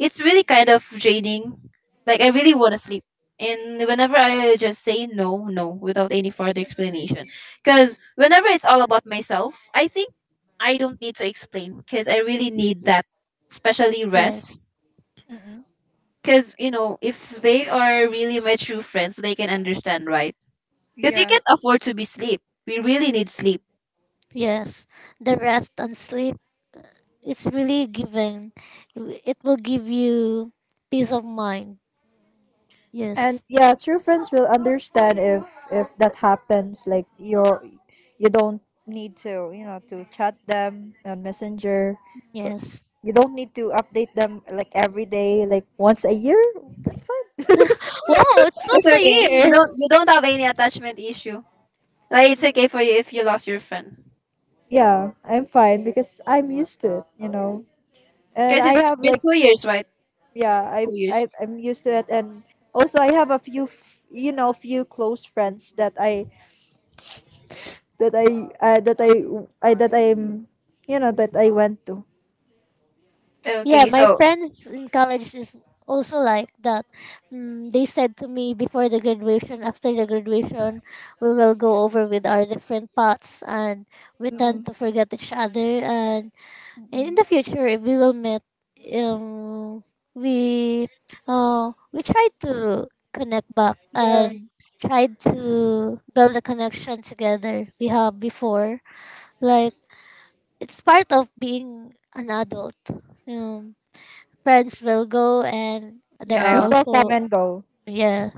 [SPEAKER 1] It's really kind of draining. Like I really want to sleep. And whenever I just say no no without any further explanation, because whenever it's all about myself, I think I don't need to explain because I really need that, especially rest.
[SPEAKER 3] yes,
[SPEAKER 2] Mm.
[SPEAKER 1] Because, if they are really my true friends, they can understand, right? Because you
[SPEAKER 2] Yeah,
[SPEAKER 1] can't afford to be sleep. We really need sleep.
[SPEAKER 3] yes. The rest and sleep, it's really giving. It will give you peace of mind.
[SPEAKER 2] and
[SPEAKER 3] Yes,
[SPEAKER 2] yeah, true friends will understand if that happens, like you're, you don't need to, you know, to chat them on messenger.
[SPEAKER 3] yes.
[SPEAKER 2] You don't need to update them like every day, like once a year, that's fine.
[SPEAKER 3] Wow, it's
[SPEAKER 1] It's
[SPEAKER 3] once a
[SPEAKER 1] okay. You
[SPEAKER 3] year.
[SPEAKER 1] don't you don't have any attachment issue. Like it's okay for you if you lost your friend.
[SPEAKER 2] Yeah, I'm fine because I'm used to it, you know, and
[SPEAKER 1] Because
[SPEAKER 2] I
[SPEAKER 1] it's
[SPEAKER 2] have
[SPEAKER 1] been
[SPEAKER 2] like,
[SPEAKER 1] 2 years, right?
[SPEAKER 2] yeah, i,
[SPEAKER 1] 2 years.
[SPEAKER 2] I i'm used to it, and also I have a few you know, few close friends that I that I'm you know, that I went to.
[SPEAKER 3] Yeah,
[SPEAKER 1] Okay,
[SPEAKER 3] my
[SPEAKER 1] so
[SPEAKER 3] friends in college is also like that. Mm, they said to me before the graduation, after the graduation, we will go over with our different paths and we tend
[SPEAKER 2] Mm-mm.
[SPEAKER 3] to forget each other. And in the future, if we will meet, um, we we try to connect back
[SPEAKER 2] Yeah,
[SPEAKER 3] and try to build a connection together we have before. Like, it's part of being an adult. Um, friends will go, and there are
[SPEAKER 1] yeah.
[SPEAKER 2] people come
[SPEAKER 3] also.
[SPEAKER 2] and go.
[SPEAKER 3] Yeah.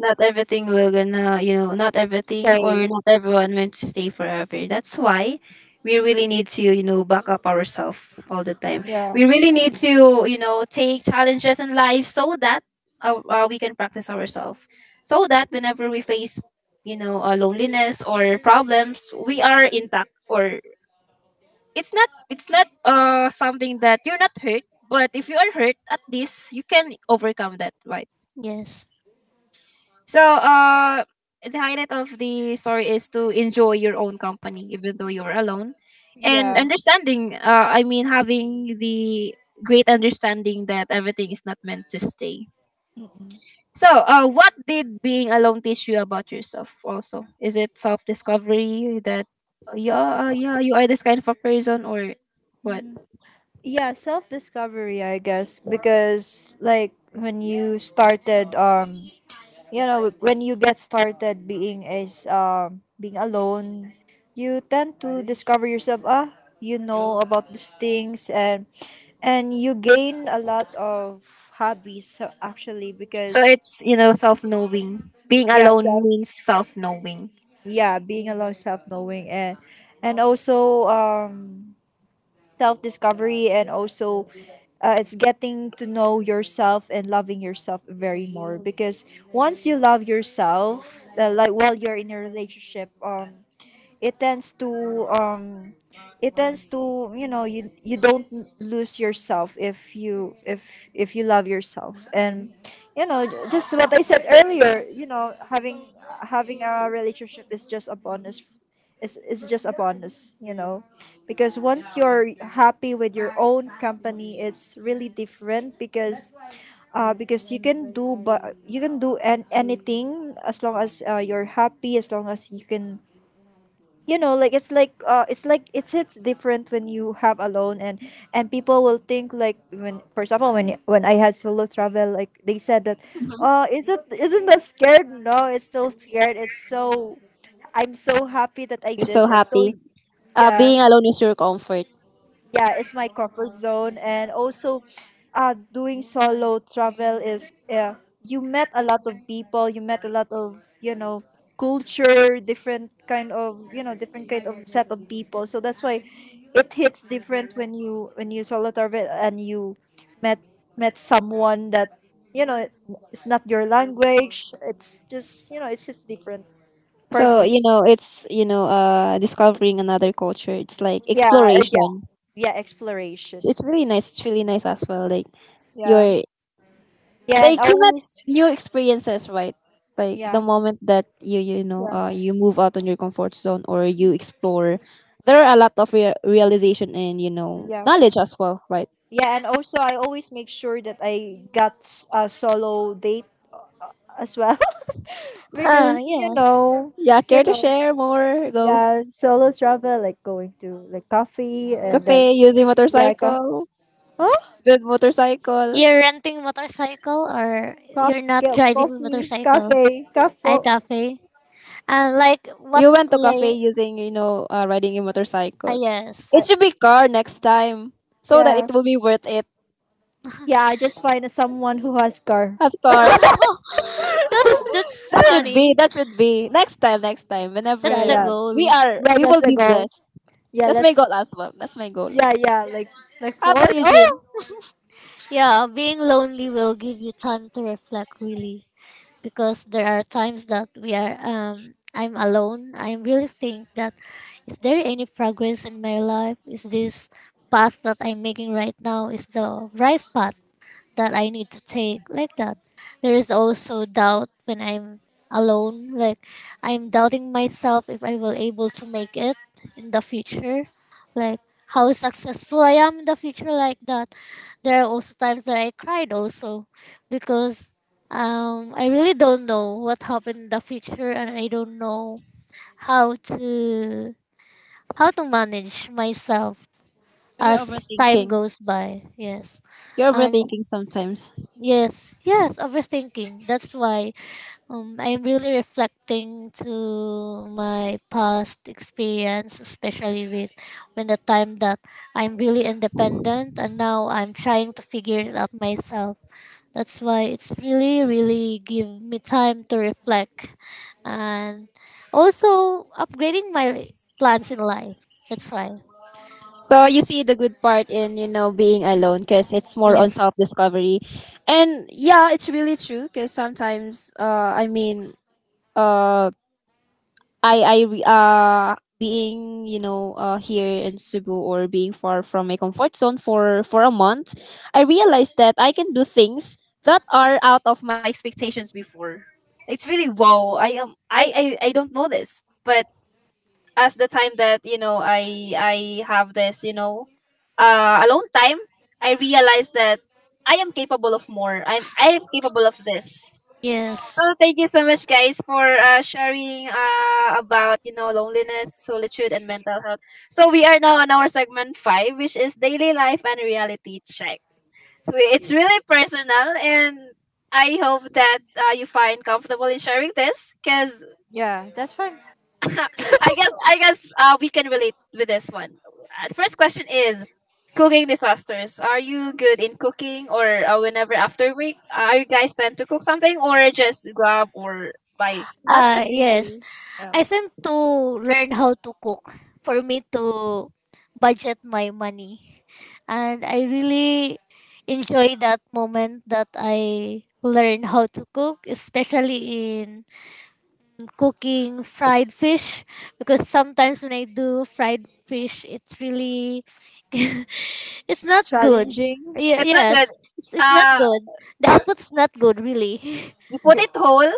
[SPEAKER 1] Not everything will gonna not everything
[SPEAKER 2] Stay.
[SPEAKER 1] or not everyone meant to stay forever, that's why we really need to back up ourselves all the time.
[SPEAKER 2] Yeah,
[SPEAKER 1] We really need to take challenges in life, so that we can practice ourselves, so that whenever we face loneliness or problems, we are intact, or it's not something that you're not hurt. But if you are hurt, at least you can overcome that, right?
[SPEAKER 3] Yes.
[SPEAKER 1] So, the highlight of the story is to enjoy your own company, even though you're alone, and
[SPEAKER 2] yeah.
[SPEAKER 1] understanding. I mean, having the great understanding that everything is not meant to stay.
[SPEAKER 2] Mm-mm.
[SPEAKER 1] So, what did being alone teach you about yourself? Also, is it self discovery that yeah, you are this kind of a person, or what?
[SPEAKER 2] Mm. Yeah, self discovery, I guess, because like when you started, when you get started being is being alone, you tend to discover yourself. Ah, you know, about these things, and you gain a lot of hobbies, actually,
[SPEAKER 1] So
[SPEAKER 2] because
[SPEAKER 1] it's self knowing. Being
[SPEAKER 2] yeah,
[SPEAKER 1] alone
[SPEAKER 2] self,
[SPEAKER 1] means self knowing.
[SPEAKER 2] yeah, being alone, self knowing. And also, self discovery, and also, it's getting to know yourself and loving yourself very more, because once you love yourself, like while you're in a relationship, it tends to um it tends to, you know, you don't lose yourself if you, if you love yourself. And you know, just what I said earlier, you know, having, having a relationship is just a bonus, is just a bonus, you know, because once you're happy with your own company, it's really different. Because because you can do, but you can do anything, as long as you're happy, as long as you can, you know, like it's like uh, it's like it's hits different when you have alone. And people will think, like when, for example, when I had solo travel, like they said that,
[SPEAKER 1] Mhm.
[SPEAKER 2] oh, is it, isn't that scared? No, it's so scared, it's so, I'm so happy that I
[SPEAKER 1] You're
[SPEAKER 2] did
[SPEAKER 1] so
[SPEAKER 2] it. So
[SPEAKER 1] happy.
[SPEAKER 2] yeah,
[SPEAKER 1] Being alone is your comfort.
[SPEAKER 2] yeah, it's my comfort zone, and also uh, doing solo travel is, yeah, you met a lot of people, you met a lot of, you know, culture, different kind of, you know, different kind of set of people, so that's why it hits different when you, when you solo travel and you met, met someone that, you know, it's not your language, it's just, you know, it's different for
[SPEAKER 1] So
[SPEAKER 2] me.
[SPEAKER 1] it's discovering another culture. It's like
[SPEAKER 2] Yeah, yeah,
[SPEAKER 1] exploration.
[SPEAKER 2] yeah,
[SPEAKER 1] So
[SPEAKER 2] exploration.
[SPEAKER 1] it's really nice. It's really nice as well. Like
[SPEAKER 2] Yeah,
[SPEAKER 1] your
[SPEAKER 2] yeah, and
[SPEAKER 1] like you met
[SPEAKER 2] always,
[SPEAKER 1] new experiences, right? Like the
[SPEAKER 2] yeah.
[SPEAKER 1] moment that you know
[SPEAKER 2] Yeah,
[SPEAKER 1] you move out on your comfort zone or you explore, there are a lot of realization and
[SPEAKER 2] yeah,
[SPEAKER 1] knowledge as well, right?
[SPEAKER 2] yeah. And also, I always make sure that I got a solo date as well,
[SPEAKER 3] Ah,
[SPEAKER 2] because
[SPEAKER 3] yes.
[SPEAKER 1] Yeah,
[SPEAKER 2] you
[SPEAKER 1] care to
[SPEAKER 2] know,
[SPEAKER 1] share more? Go
[SPEAKER 2] yeah, solo travel, like going to like coffee, and
[SPEAKER 1] cafe
[SPEAKER 2] then
[SPEAKER 1] using
[SPEAKER 2] yeah,
[SPEAKER 1] motorcycle.
[SPEAKER 2] huh?
[SPEAKER 1] With motorcycle.
[SPEAKER 3] You're renting motorcycle, or
[SPEAKER 2] Coffee,
[SPEAKER 3] you're not
[SPEAKER 2] get
[SPEAKER 3] driving
[SPEAKER 2] coffee,
[SPEAKER 3] motorcycle?
[SPEAKER 2] cafe,
[SPEAKER 3] I
[SPEAKER 2] cafe.
[SPEAKER 3] cafe. And like what
[SPEAKER 1] You went to cafe
[SPEAKER 3] lay?
[SPEAKER 1] using riding a
[SPEAKER 3] Ah,
[SPEAKER 1] motorcycle. It
[SPEAKER 2] I,
[SPEAKER 3] yes.
[SPEAKER 1] should be car next time so that
[SPEAKER 2] yeah,
[SPEAKER 1] it will be worth it.
[SPEAKER 2] yeah. I just find someone who has car.
[SPEAKER 1] As car.
[SPEAKER 3] That's
[SPEAKER 1] That should be.
[SPEAKER 3] funny.
[SPEAKER 1] That should be. Next time, next time.
[SPEAKER 2] Yeah,
[SPEAKER 3] That's the
[SPEAKER 1] Whenever
[SPEAKER 2] yeah,
[SPEAKER 3] goal.
[SPEAKER 2] yeah.
[SPEAKER 1] we
[SPEAKER 2] That's
[SPEAKER 1] will
[SPEAKER 2] the
[SPEAKER 1] be
[SPEAKER 2] goal.
[SPEAKER 1] blessed.
[SPEAKER 2] Yeah,
[SPEAKER 1] That's my
[SPEAKER 2] let's.
[SPEAKER 1] goal as well. That's my goal.
[SPEAKER 2] Yeah, yeah. Like
[SPEAKER 1] How about
[SPEAKER 2] Ford.
[SPEAKER 1] you,
[SPEAKER 2] Oh,
[SPEAKER 1] Jean?
[SPEAKER 3] Yeah, being lonely will give you time to reflect, really, because there are times that we are I'm alone. I really think that, is there any progress in my life? Is this path that I'm making right now is the right path that I need to take, like that? There is also doubt when I'm alone. Like, I'm doubting myself if I will able to make it in the future. Like, how successful I am in the future, like that. There are also times that I cried also, because I really don't know what happened in the future, and I don't know how to how to manage myself
[SPEAKER 1] So you're
[SPEAKER 3] as time
[SPEAKER 1] overthinking.
[SPEAKER 3] goes by. Yes.
[SPEAKER 1] You're
[SPEAKER 3] And...
[SPEAKER 1] overthinking sometimes.
[SPEAKER 3] Yes, yes, overthinking. That's why I'm really reflecting to my past experience, especially with when the time that I'm really independent, and now I'm trying to figure it out myself. That's why it's really, really give me time to reflect, and also upgrading my plans in life. That's why.
[SPEAKER 1] So you see the good part in, being alone because it's more on
[SPEAKER 3] Yes.
[SPEAKER 1] self-discovery. And yeah, it's really true because sometimes, I mean, uh, I I re- uh being here in Cebu or being far from my comfort zone for a month, I realized that I can do things that are out of my expectations before. It's really wow. I am I don't know this, but as the time that I have this alone time, I realized that I am capable of this. So
[SPEAKER 3] Yes.
[SPEAKER 1] thank you so much, guys, for sharing about loneliness, solitude, and mental health. So we are now on our segment five, which is daily life and reality check. So it's really personal, and I hope that you find comfortable in sharing this, because
[SPEAKER 2] yeah. That's fine.
[SPEAKER 1] I guess we can relate with this one. The first question is cooking disasters. Are you good in cooking or whenever after work? Are you guys tend to cook something or just grab or buy?
[SPEAKER 2] Not
[SPEAKER 3] Yes.
[SPEAKER 2] really.
[SPEAKER 3] I
[SPEAKER 2] Yeah.
[SPEAKER 3] think to learn how to cook for me to budget my money. And I really enjoy that moment that I learn how to cook, especially in cooking fried fish, because sometimes when I do fried fish it's really it's not good.
[SPEAKER 2] Challenging?
[SPEAKER 3] Yeah,
[SPEAKER 1] It's not
[SPEAKER 3] yes.
[SPEAKER 1] good.
[SPEAKER 3] It's not
[SPEAKER 1] Uh
[SPEAKER 3] good. The
[SPEAKER 1] you
[SPEAKER 3] output's not good, really.
[SPEAKER 1] put
[SPEAKER 2] G-,
[SPEAKER 1] it whole,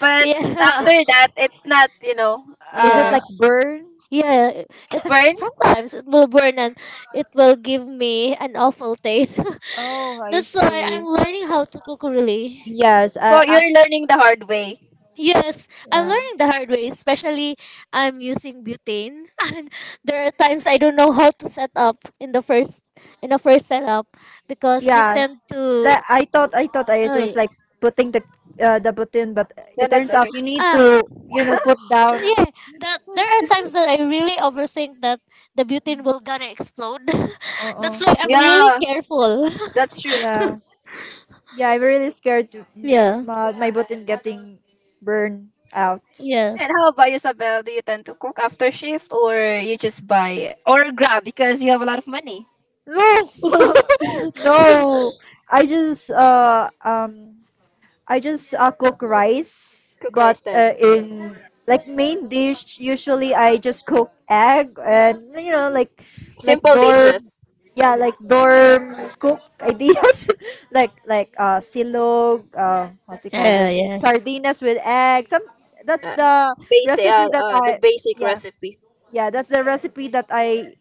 [SPEAKER 1] but
[SPEAKER 3] Yeah.
[SPEAKER 1] after
[SPEAKER 2] i-,
[SPEAKER 1] that it's not, you know,
[SPEAKER 2] is it
[SPEAKER 1] uh
[SPEAKER 2] like
[SPEAKER 3] Yes.
[SPEAKER 2] burn?
[SPEAKER 3] Yeah, it
[SPEAKER 1] burn.
[SPEAKER 3] sometimes it will burn, and it will give me an awful taste.
[SPEAKER 2] Oh, I
[SPEAKER 3] That's why
[SPEAKER 2] see.
[SPEAKER 3] I'm learning how to cook, really.
[SPEAKER 2] Yes,
[SPEAKER 1] So
[SPEAKER 2] I,
[SPEAKER 3] Mm.
[SPEAKER 1] you're learning the hard way.
[SPEAKER 3] Yes, I'm
[SPEAKER 2] yeah.
[SPEAKER 3] learning the hard way, especially I'm using butane and there are times I don't know how to set up in the first setup because we
[SPEAKER 2] Yeah.
[SPEAKER 3] tend to...
[SPEAKER 2] That I thought I,
[SPEAKER 3] Oh,
[SPEAKER 2] it was like putting the button, but it
[SPEAKER 1] Then that's
[SPEAKER 2] turns out
[SPEAKER 1] okay.
[SPEAKER 2] you need
[SPEAKER 3] ah,
[SPEAKER 2] to, you know, put down.
[SPEAKER 3] yeah, that there are times that I really overthink that the butane will gonna explode. That's
[SPEAKER 2] Uh-uh.
[SPEAKER 3] why I'm really
[SPEAKER 1] Yeah,
[SPEAKER 3] careful.
[SPEAKER 1] that's true.
[SPEAKER 2] Yeah. Yeah, I'm really scared to m-,
[SPEAKER 3] Yeah.
[SPEAKER 2] my button getting burned out.
[SPEAKER 1] And
[SPEAKER 3] Yes.
[SPEAKER 1] how about you, Sabel? Do you tend to cook after shift or you just buy or grab because you have a lot of money?
[SPEAKER 2] No. No. I just uh um I just cook rice,
[SPEAKER 1] Cook
[SPEAKER 2] but
[SPEAKER 1] rice then.
[SPEAKER 2] in like main dish, usually I just cook egg and you know, like
[SPEAKER 1] Simple
[SPEAKER 2] dorm,
[SPEAKER 1] dishes.
[SPEAKER 2] yeah, like dorm cook ideas, like uh, silog, uh, what do you call this? Like
[SPEAKER 3] Yes.
[SPEAKER 2] sardinas with egg. Some, that's
[SPEAKER 1] Uh,
[SPEAKER 2] the recipe that
[SPEAKER 1] the
[SPEAKER 2] I,
[SPEAKER 1] basic
[SPEAKER 2] yeah,
[SPEAKER 1] recipe.
[SPEAKER 2] yeah, that's the recipe that I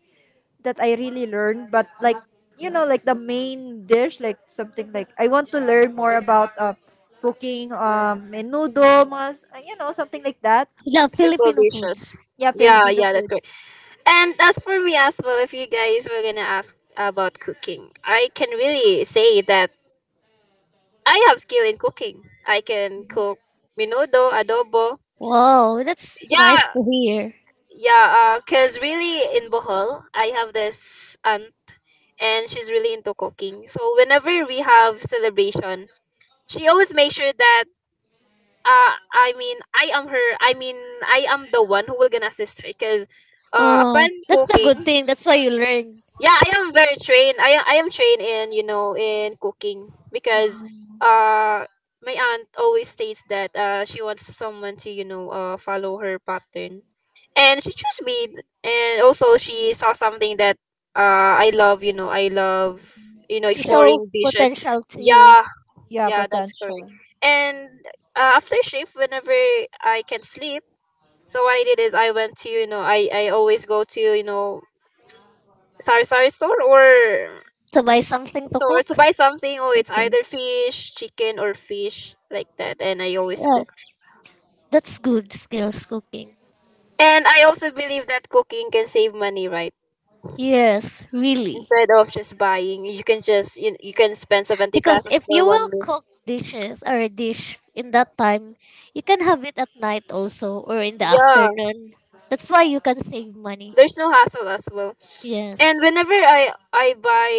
[SPEAKER 2] that I really learned. But like, you know, like the main dish, like something like I want to learn more about cooking, menudo, mas, you know, something like that.
[SPEAKER 3] Yeah,
[SPEAKER 1] Simple
[SPEAKER 3] Filipino
[SPEAKER 1] dishes.
[SPEAKER 3] foods.
[SPEAKER 2] Yeah,
[SPEAKER 1] Yeah,
[SPEAKER 3] Mm.
[SPEAKER 2] Filipino
[SPEAKER 1] yeah, that's great.
[SPEAKER 2] foods.
[SPEAKER 1] And as for me as well, if you guys were gonna ask about cooking, I can really say that I have skill in cooking. I can cook minudo, adobo.
[SPEAKER 3] Wow, that's nice
[SPEAKER 1] Yeah,
[SPEAKER 3] to hear.
[SPEAKER 1] yeah. Cause really in Bohol, I have this aunt, and she's really into cooking. So whenever we have celebration, she always makes sure that I mean I am her I mean I am the one who will gonna assist her because
[SPEAKER 3] Oh,
[SPEAKER 1] upon
[SPEAKER 3] that's a good
[SPEAKER 1] cooking
[SPEAKER 3] thing. That's why you learn.
[SPEAKER 1] yeah, I am very trained. I am trained in in cooking because uh my aunt always states that she wants someone to follow her pattern, and she chose me. And also she saw something that I love. I love
[SPEAKER 3] She
[SPEAKER 2] That,
[SPEAKER 3] show
[SPEAKER 1] exploring dishes.
[SPEAKER 3] potential to you.
[SPEAKER 1] Yeah,
[SPEAKER 2] yeah,
[SPEAKER 1] yeah, that's correct.
[SPEAKER 2] potential.
[SPEAKER 1] And after shift, whenever I can sleep, so what I did is I always go to sari sari store or
[SPEAKER 3] To buy something to
[SPEAKER 1] store
[SPEAKER 3] cook.
[SPEAKER 1] to buy something. Oh, it's
[SPEAKER 3] Okay.
[SPEAKER 1] either fish, chicken, or fish like that. And I always
[SPEAKER 3] Yeah,
[SPEAKER 1] cook.
[SPEAKER 3] that's good skills cooking.
[SPEAKER 1] And I also believe that cooking can save money, right?
[SPEAKER 3] Yes, really.
[SPEAKER 1] Instead of just buying, you can spend 70
[SPEAKER 3] Because
[SPEAKER 1] pesos
[SPEAKER 3] if
[SPEAKER 1] for
[SPEAKER 3] you will
[SPEAKER 1] one meal.
[SPEAKER 3] cook dishes or a dish in that time, you can have it at night also or in the
[SPEAKER 1] Yeah,
[SPEAKER 3] afternoon. That's why you can save money.
[SPEAKER 1] there's no hassle as well. And
[SPEAKER 3] Yes.
[SPEAKER 1] whenever I buy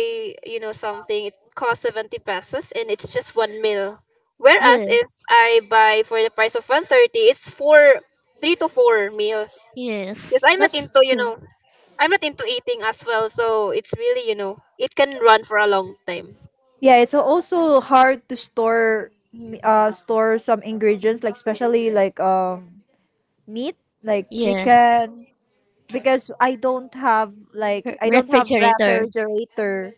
[SPEAKER 1] something, it costs 70 pesos, and it's just one meal. Whereas if
[SPEAKER 3] Yes.
[SPEAKER 1] I buy for the price of 130, it's four, three to four meals. Yes,
[SPEAKER 3] Yes,
[SPEAKER 1] I'm not into
[SPEAKER 3] that's true.
[SPEAKER 1] I'm not into eating as well, so it's really, you know, it can run for a long time.
[SPEAKER 2] Yeah, it's also hard to store m-, uh, store some ingredients, like especially like um, meat, like
[SPEAKER 3] Yes,
[SPEAKER 2] chicken, because I don't have like, I don't have
[SPEAKER 3] refrigerator.
[SPEAKER 2] refrigerator.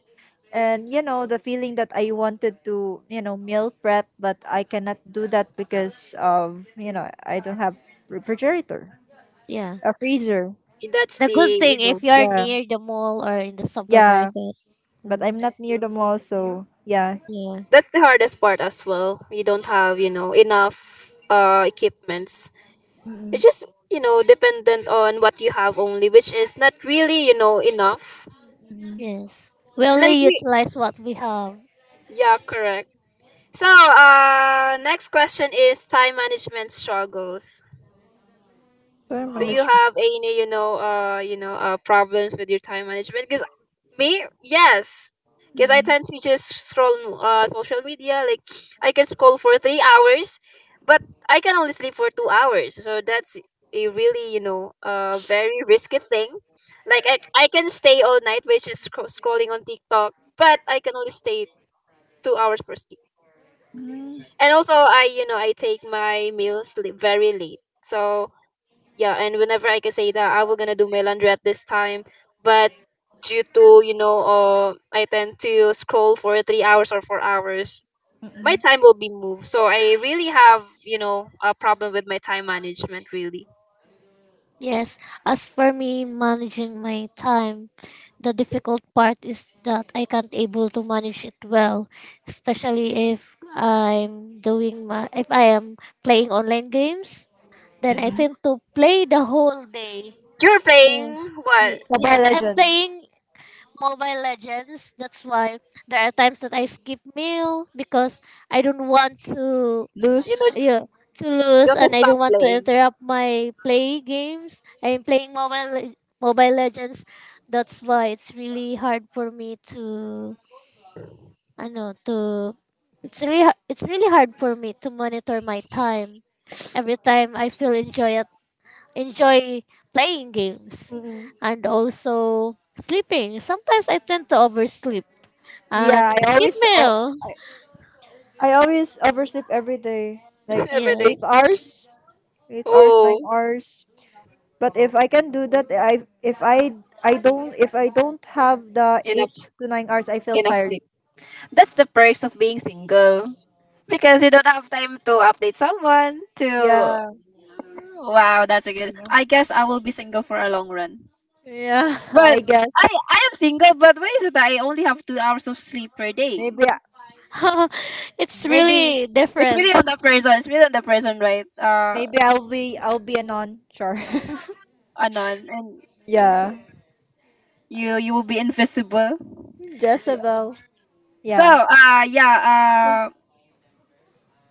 [SPEAKER 2] And you know, the feeling that I wanted to, you know, meal prep, but I cannot do that because of, you know, I don't have refrigerator,
[SPEAKER 3] Yeah.
[SPEAKER 2] a freezer.
[SPEAKER 1] That's
[SPEAKER 3] The good
[SPEAKER 1] the, you
[SPEAKER 3] thing
[SPEAKER 1] know,
[SPEAKER 3] if you're
[SPEAKER 2] Yeah,
[SPEAKER 3] near the mall or in the
[SPEAKER 2] yeah.
[SPEAKER 3] supermarket.
[SPEAKER 2] But
[SPEAKER 3] Mm.
[SPEAKER 2] I'm not near the mall, so yeah.
[SPEAKER 3] Yeah.
[SPEAKER 1] that's the hardest part as well. You don't have, you know, enough equipments. It's
[SPEAKER 2] Mm-mm.
[SPEAKER 1] just, you know, dependent on what you have only, which is not really, you know, enough.
[SPEAKER 2] Mm-mm.
[SPEAKER 3] Yes. We
[SPEAKER 1] Like
[SPEAKER 3] only
[SPEAKER 1] we
[SPEAKER 3] utilize what we have.
[SPEAKER 1] Yeah, correct. So, next question is time management struggles. Do
[SPEAKER 2] Time
[SPEAKER 1] you have any problems with your time management? Because me yes, because I
[SPEAKER 2] management.
[SPEAKER 1] tend to just scroll on social media. Like I can scroll for 3 hours, but I can only sleep for 2 hours, so that's a really very risky thing. Like I can stay all night by just scrolling on tiktok, but I can only stay 2 hours for sleep.
[SPEAKER 2] Mm-mm.
[SPEAKER 1] And also I I take my meals very late, so yeah. And whenever I can say that I will gonna do my laundry at this time, but due to I tend to scroll for 3 hours or 4 hours, my
[SPEAKER 2] Mm-mm.
[SPEAKER 1] time will be moved, so I really have a problem with my time management, really.
[SPEAKER 3] Yes. As for me, managing my time, the difficult part is that I can't able to manage it well, especially if I'm doing my, if I am playing online games, then I
[SPEAKER 2] Mm-mm.
[SPEAKER 3] tend to play the whole day.
[SPEAKER 1] You're
[SPEAKER 3] Uh,
[SPEAKER 1] playing what?
[SPEAKER 2] Mobile
[SPEAKER 3] yes, I'm
[SPEAKER 2] Legend.
[SPEAKER 3] playing Mobile Legends. That's why there are times that I skip meal, because I don't want to...
[SPEAKER 1] You
[SPEAKER 2] Loose.
[SPEAKER 3] yeah, to lose,
[SPEAKER 1] want to
[SPEAKER 3] and I
[SPEAKER 1] stop
[SPEAKER 3] don't want to
[SPEAKER 1] playing.
[SPEAKER 3] interrupt my play games. I'm playing Mobile Legends. That's why it's really hard for me to... I know... to... it's really hard for me to monitor my time. Every time I feel enjoy enjoy playing games,
[SPEAKER 2] Mm-mm.
[SPEAKER 3] and also sleeping. Sometimes I tend to oversleep
[SPEAKER 2] Yeah,
[SPEAKER 3] and skip meal.
[SPEAKER 2] I always oversleep every day. Like
[SPEAKER 1] Every day.
[SPEAKER 2] 8
[SPEAKER 3] Yes.
[SPEAKER 2] hours. 8 hours, 9
[SPEAKER 1] Oh,
[SPEAKER 2] hours. But if I can do that, I if I I don't if I don't have the eight
[SPEAKER 1] enough
[SPEAKER 2] to nine hours, I feel
[SPEAKER 1] enough
[SPEAKER 2] tired.
[SPEAKER 1] sleep. That's the perks of being single. Because you don't have time to update someone to
[SPEAKER 2] Yeah,
[SPEAKER 1] wow, that's a good.
[SPEAKER 2] yeah,
[SPEAKER 1] I guess I will be single for a long run.
[SPEAKER 2] yeah.
[SPEAKER 1] But
[SPEAKER 2] I guess
[SPEAKER 1] I am single, but why is it that I only have 2 hours of sleep per day?
[SPEAKER 2] maybe
[SPEAKER 3] It's
[SPEAKER 2] maybe
[SPEAKER 3] really
[SPEAKER 1] It's really
[SPEAKER 3] different.
[SPEAKER 1] on the person. It's really on the person, right?
[SPEAKER 2] maybe I'll be, I'll be a non sure.
[SPEAKER 1] Anon, and
[SPEAKER 2] Yeah,
[SPEAKER 1] you will be invisible.
[SPEAKER 2] Jezebel.
[SPEAKER 1] So
[SPEAKER 2] Yeah,
[SPEAKER 1] uh yeah uh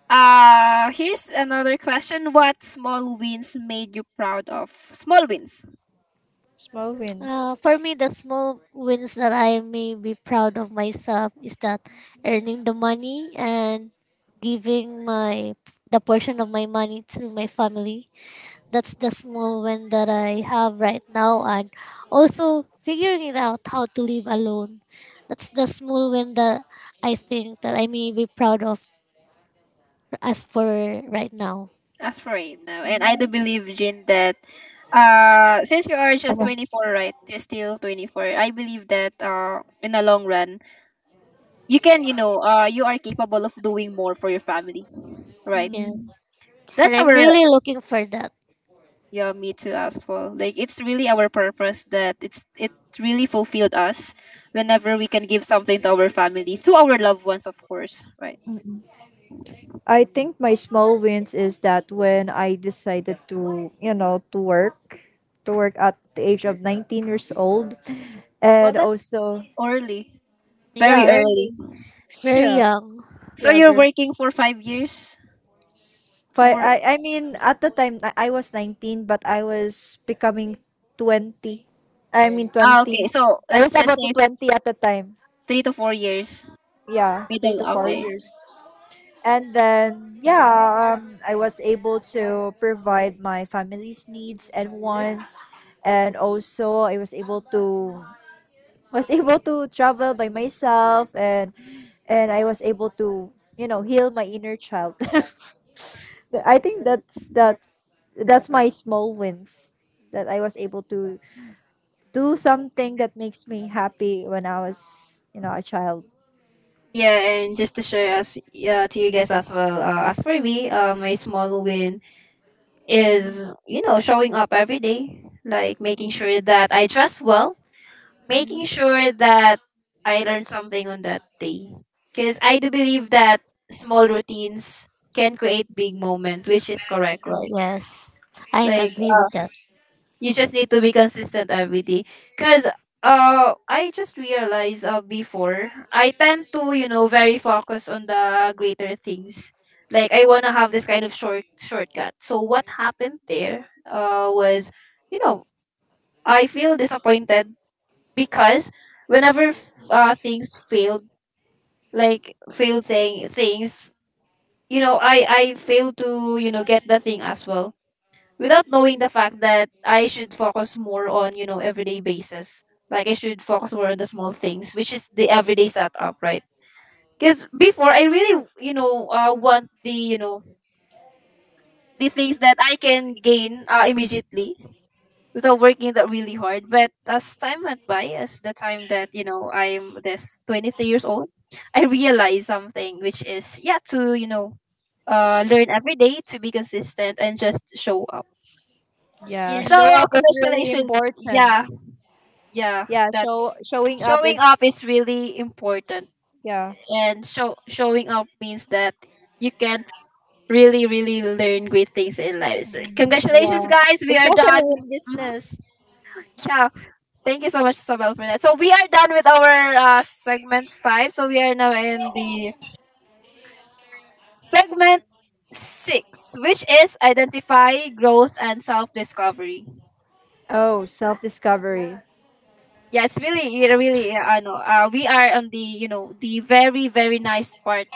[SPEAKER 1] uh here's another question. What small wins made you proud of? Small wins.
[SPEAKER 2] small wins.
[SPEAKER 3] For me, the small wins that I may be proud of myself is that earning the money and giving my the portion of my money to my family. That's the small win that I have right now, and also figuring it out how to live alone. That's the small win that I think that I may be proud of as for right now.
[SPEAKER 1] As for right now, and I do believe, Jin, that since you are
[SPEAKER 2] Okay.
[SPEAKER 1] just 24, right? You're still 24. I believe that in the long run, you can, you are capable of doing more for your family, right?
[SPEAKER 2] Mm,
[SPEAKER 3] Yes, and
[SPEAKER 1] That's
[SPEAKER 3] I'm
[SPEAKER 1] our
[SPEAKER 3] really looking for that.
[SPEAKER 1] yeah, me too as well. Like it's really our purpose that it's it really fulfilled us whenever we can give something to our family, to our loved ones, of course, right?
[SPEAKER 2] mm-mm. I think my small wins is that when I decided to, you know, to work at the age of 19 years old,
[SPEAKER 1] Well,
[SPEAKER 2] and also,
[SPEAKER 1] that's early,
[SPEAKER 2] yeah,
[SPEAKER 1] very
[SPEAKER 3] Yes,
[SPEAKER 1] early.
[SPEAKER 2] early.
[SPEAKER 3] very
[SPEAKER 2] Yeah,
[SPEAKER 3] young.
[SPEAKER 1] So
[SPEAKER 2] yeah,
[SPEAKER 1] you're
[SPEAKER 2] very.
[SPEAKER 1] working for 5 years,
[SPEAKER 2] But
[SPEAKER 1] for
[SPEAKER 2] I mean, at the time I was 19, but I was becoming 20. I mean
[SPEAKER 1] ah, okay.
[SPEAKER 2] 20.
[SPEAKER 1] So
[SPEAKER 2] I
[SPEAKER 1] let's
[SPEAKER 2] was
[SPEAKER 1] just
[SPEAKER 2] about to
[SPEAKER 1] say
[SPEAKER 2] 20 at the time.
[SPEAKER 1] 3 to 4 years.
[SPEAKER 2] Yeah, three
[SPEAKER 1] Middle.
[SPEAKER 2] to four
[SPEAKER 1] Okay.
[SPEAKER 2] years. And then yeah, I was able to provide my family's needs and wants, and also I was able to travel by myself, and I was able to, you know, heal my inner child. Th-, I think that's that, that's my small wins, that I was able to do something that makes me happy when I was, you know, a child.
[SPEAKER 1] Yeah, and just to share us to you guys as well. As for me, my small win is showing up every day, like making sure that I dress well,
[SPEAKER 2] Mhm.
[SPEAKER 1] making sure that I learn something on that day. Because I do believe that small routines can create big moment, which is correct, right?
[SPEAKER 3] Yes, I am
[SPEAKER 1] Like
[SPEAKER 3] agree with that.
[SPEAKER 1] you just need to be consistent every day because I just realized before I tend to, you know, very focused on the greater things. Like I want to have this kind of shortcut, so what happened there was, you know, I feel disappointed because whenever things failed, like failed things, you know, I failed to, you know, get the thing as well without knowing the fact that I should focus more on, you know, everyday basis. Like I should focus more on the small things, which is the everyday setup, right? Because before I really, you know, want the, you know, the things that I can gain immediately without working that really hard. But as time went by, as the time that, you know, I'm this 23 years old, I realized something, which is, yeah, to, you know, learn every day to be consistent and just show up.
[SPEAKER 2] Yeah,
[SPEAKER 1] So
[SPEAKER 2] show
[SPEAKER 3] Yes.
[SPEAKER 2] up is really
[SPEAKER 1] congratulations.
[SPEAKER 2] important.
[SPEAKER 1] Yeah, yeah,
[SPEAKER 2] Yeah, show,
[SPEAKER 1] that's
[SPEAKER 2] showing up
[SPEAKER 1] showing
[SPEAKER 2] is,
[SPEAKER 1] up is really important.
[SPEAKER 2] yeah.
[SPEAKER 1] And showing up means that you can really really learn great things in life. So
[SPEAKER 2] Mhm. Yeah.
[SPEAKER 1] congratulations, guys, we are
[SPEAKER 2] Especially
[SPEAKER 1] done.
[SPEAKER 2] in
[SPEAKER 1] Mhm.
[SPEAKER 2] business.
[SPEAKER 1] Yeah, thank you so much, Sabel, for that. So we are done with our segment five, so we are now in the segment six, which is identify growth and self-discovery.
[SPEAKER 2] Oh, self-discovery.
[SPEAKER 1] Yeah, it's really, it really I know we are on the, you know, the very very nice part.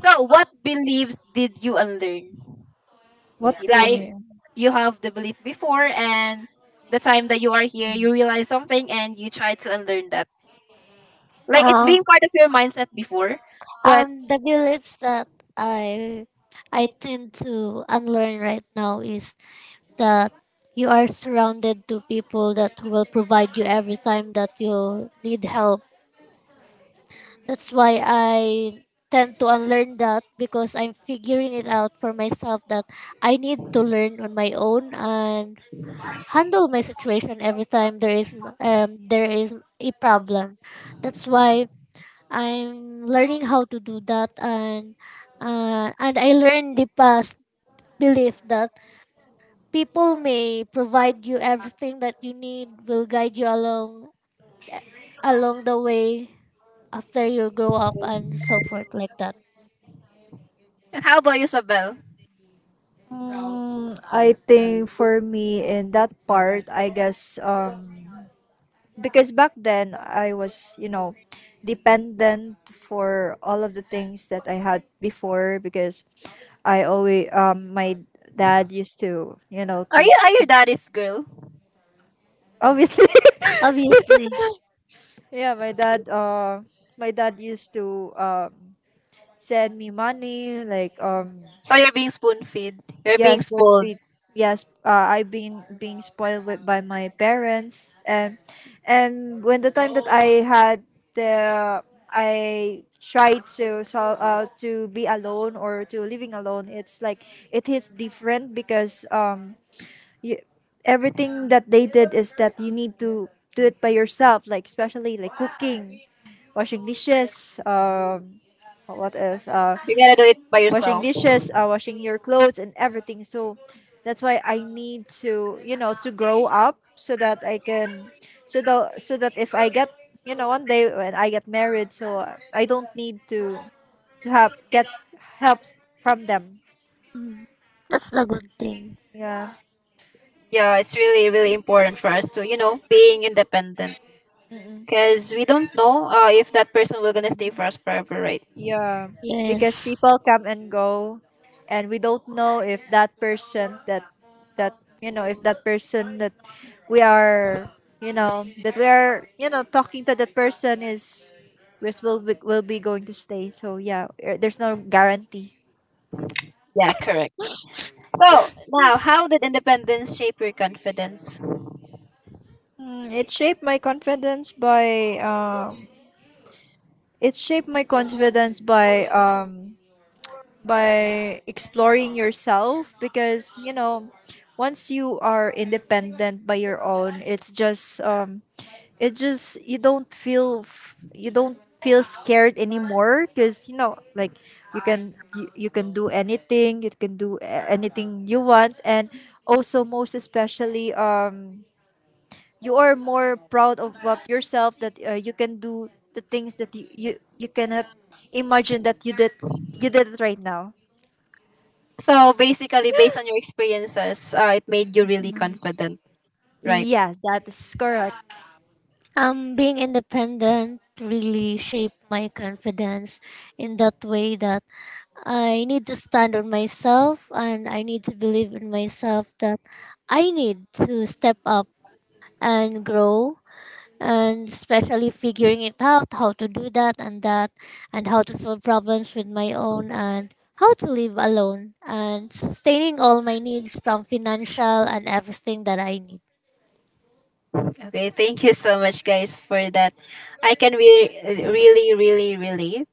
[SPEAKER 1] So, what beliefs did you unlearn?
[SPEAKER 2] What do you
[SPEAKER 1] Like,
[SPEAKER 2] mean?
[SPEAKER 1] you have the belief before, and the time that you are here, you realize something and you try to unlearn that. Like, it's
[SPEAKER 3] Uh,
[SPEAKER 1] being part of your mindset before. But
[SPEAKER 3] the beliefs that I I tend to unlearn right now is that you are surrounded to people that will provide you every time that you need help. That's why I tend to unlearn that, because I'm figuring it out for myself that I need to learn on my own and handle my situation every time there is a problem. That's why I'm learning how to do that, and I learned the past belief that people may provide you everything that you need will guide you along the way after you grow up, and so forth, like that.
[SPEAKER 1] how about you, Sabel?
[SPEAKER 2] Mm, I think for me in that part, I guess um, because back then I was, you know, dependent for all of the things that I had before, because I always um, my dad used to, you know,
[SPEAKER 1] Are you, are your daddy's girl?
[SPEAKER 2] obviously.
[SPEAKER 3] Obviously.
[SPEAKER 2] Yeah, my dad used to um, send me money like um.
[SPEAKER 1] So you're being spoon fed. You're
[SPEAKER 2] Yes,
[SPEAKER 1] being
[SPEAKER 2] spoon
[SPEAKER 1] spoiled.
[SPEAKER 2] feed. Yes, I've been being spoiled with, by my parents. And when the time that I had the, I tried to, so to be alone or to living alone, it's like it hits different, because um, you, everything that they did is that you need to do it by yourself. Like especially like cooking, washing dishes, um, what else?
[SPEAKER 1] You gotta do it by
[SPEAKER 2] Washing
[SPEAKER 1] yourself.
[SPEAKER 2] dishes, washing your clothes, and everything. So that's why I need to, you know, to grow up, so that I can, so that, so that if I get, you know, one day when I get married, so I don't need to have get help from them.
[SPEAKER 3] Mm, that's the good thing.
[SPEAKER 2] Yeah.
[SPEAKER 1] Yeah, it's really really important for us to, you know, being independent because we don't know if that person will gonna stay for us forever, right?
[SPEAKER 2] Yeah, because
[SPEAKER 3] Yes.
[SPEAKER 2] people come and go, and we don't know if that person that, that, you know, if that person that we are, you know, that we are, you know, talking to, that person is, will, will be going to stay. So yeah, there's no guarantee.
[SPEAKER 1] Yeah, correct. So now, how did independence shape your confidence?
[SPEAKER 2] Mm, it shaped my confidence by. It shaped my confidence by um, by exploring yourself, because you know, once you are independent by your own, it's just um, it just, you don't feel f-, you don't feel scared anymore, because you know, like, you can you, you can do anything, you can do anything you want. And also, most especially um, you are more proud of what yourself, that you can do the things that you cannot imagine that you did it right now.
[SPEAKER 1] So basically, based on your experiences, it made you really confident, right?
[SPEAKER 2] Yes, that is correct.
[SPEAKER 3] Being independent really shaped my confidence, in that way that I need to stand on myself, and I need to believe in myself that I need to step up and grow, and especially figuring it out how to do that, and that, and how to solve problems with my own, and how to live alone, and sustaining all my needs from financial and everything that I need.
[SPEAKER 1] Okay, thank you so much, guys, for that. I can really, really, really relate.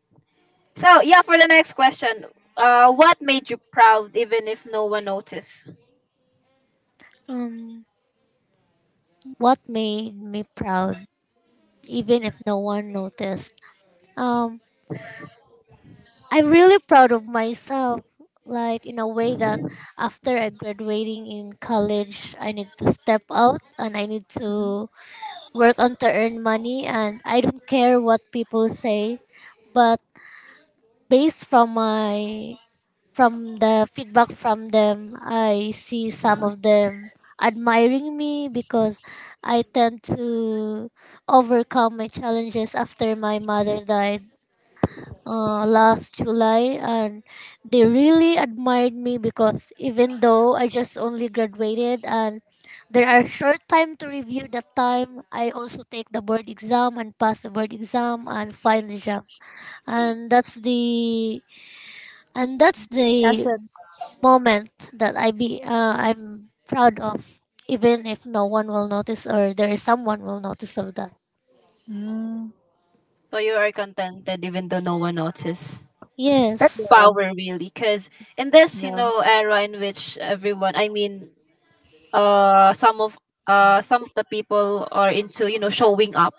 [SPEAKER 1] So yeah, for the next question, what made you proud even if no one noticed?
[SPEAKER 3] Um, what made me proud, even if no one noticed? Um, I'm really proud of myself, like in a way that after I graduating in college, I need to step out and I need
[SPEAKER 2] Mhm.
[SPEAKER 3] to work on to earn money, and I don't care what people say. But based from my, from the feedback from them, I see some of them admiring me, because I tend to overcome my challenges after my mother died last July. And they really admired me, because even though I just only graduated and there are short time to review that time, I also take the board exam and pass the board exam and find the job, and that's the and that's the
[SPEAKER 2] Essence.
[SPEAKER 3] moment that I'm proud of. Even if no one will notice, or there is someone will notice of that.
[SPEAKER 2] Mm,
[SPEAKER 1] So you are contented even though no one noticed. That's
[SPEAKER 3] Yes.
[SPEAKER 1] power, really, because in this, you
[SPEAKER 2] yeah.
[SPEAKER 1] know, era in which everyone, I mean, uh some of some of the people are into, you know, showing up.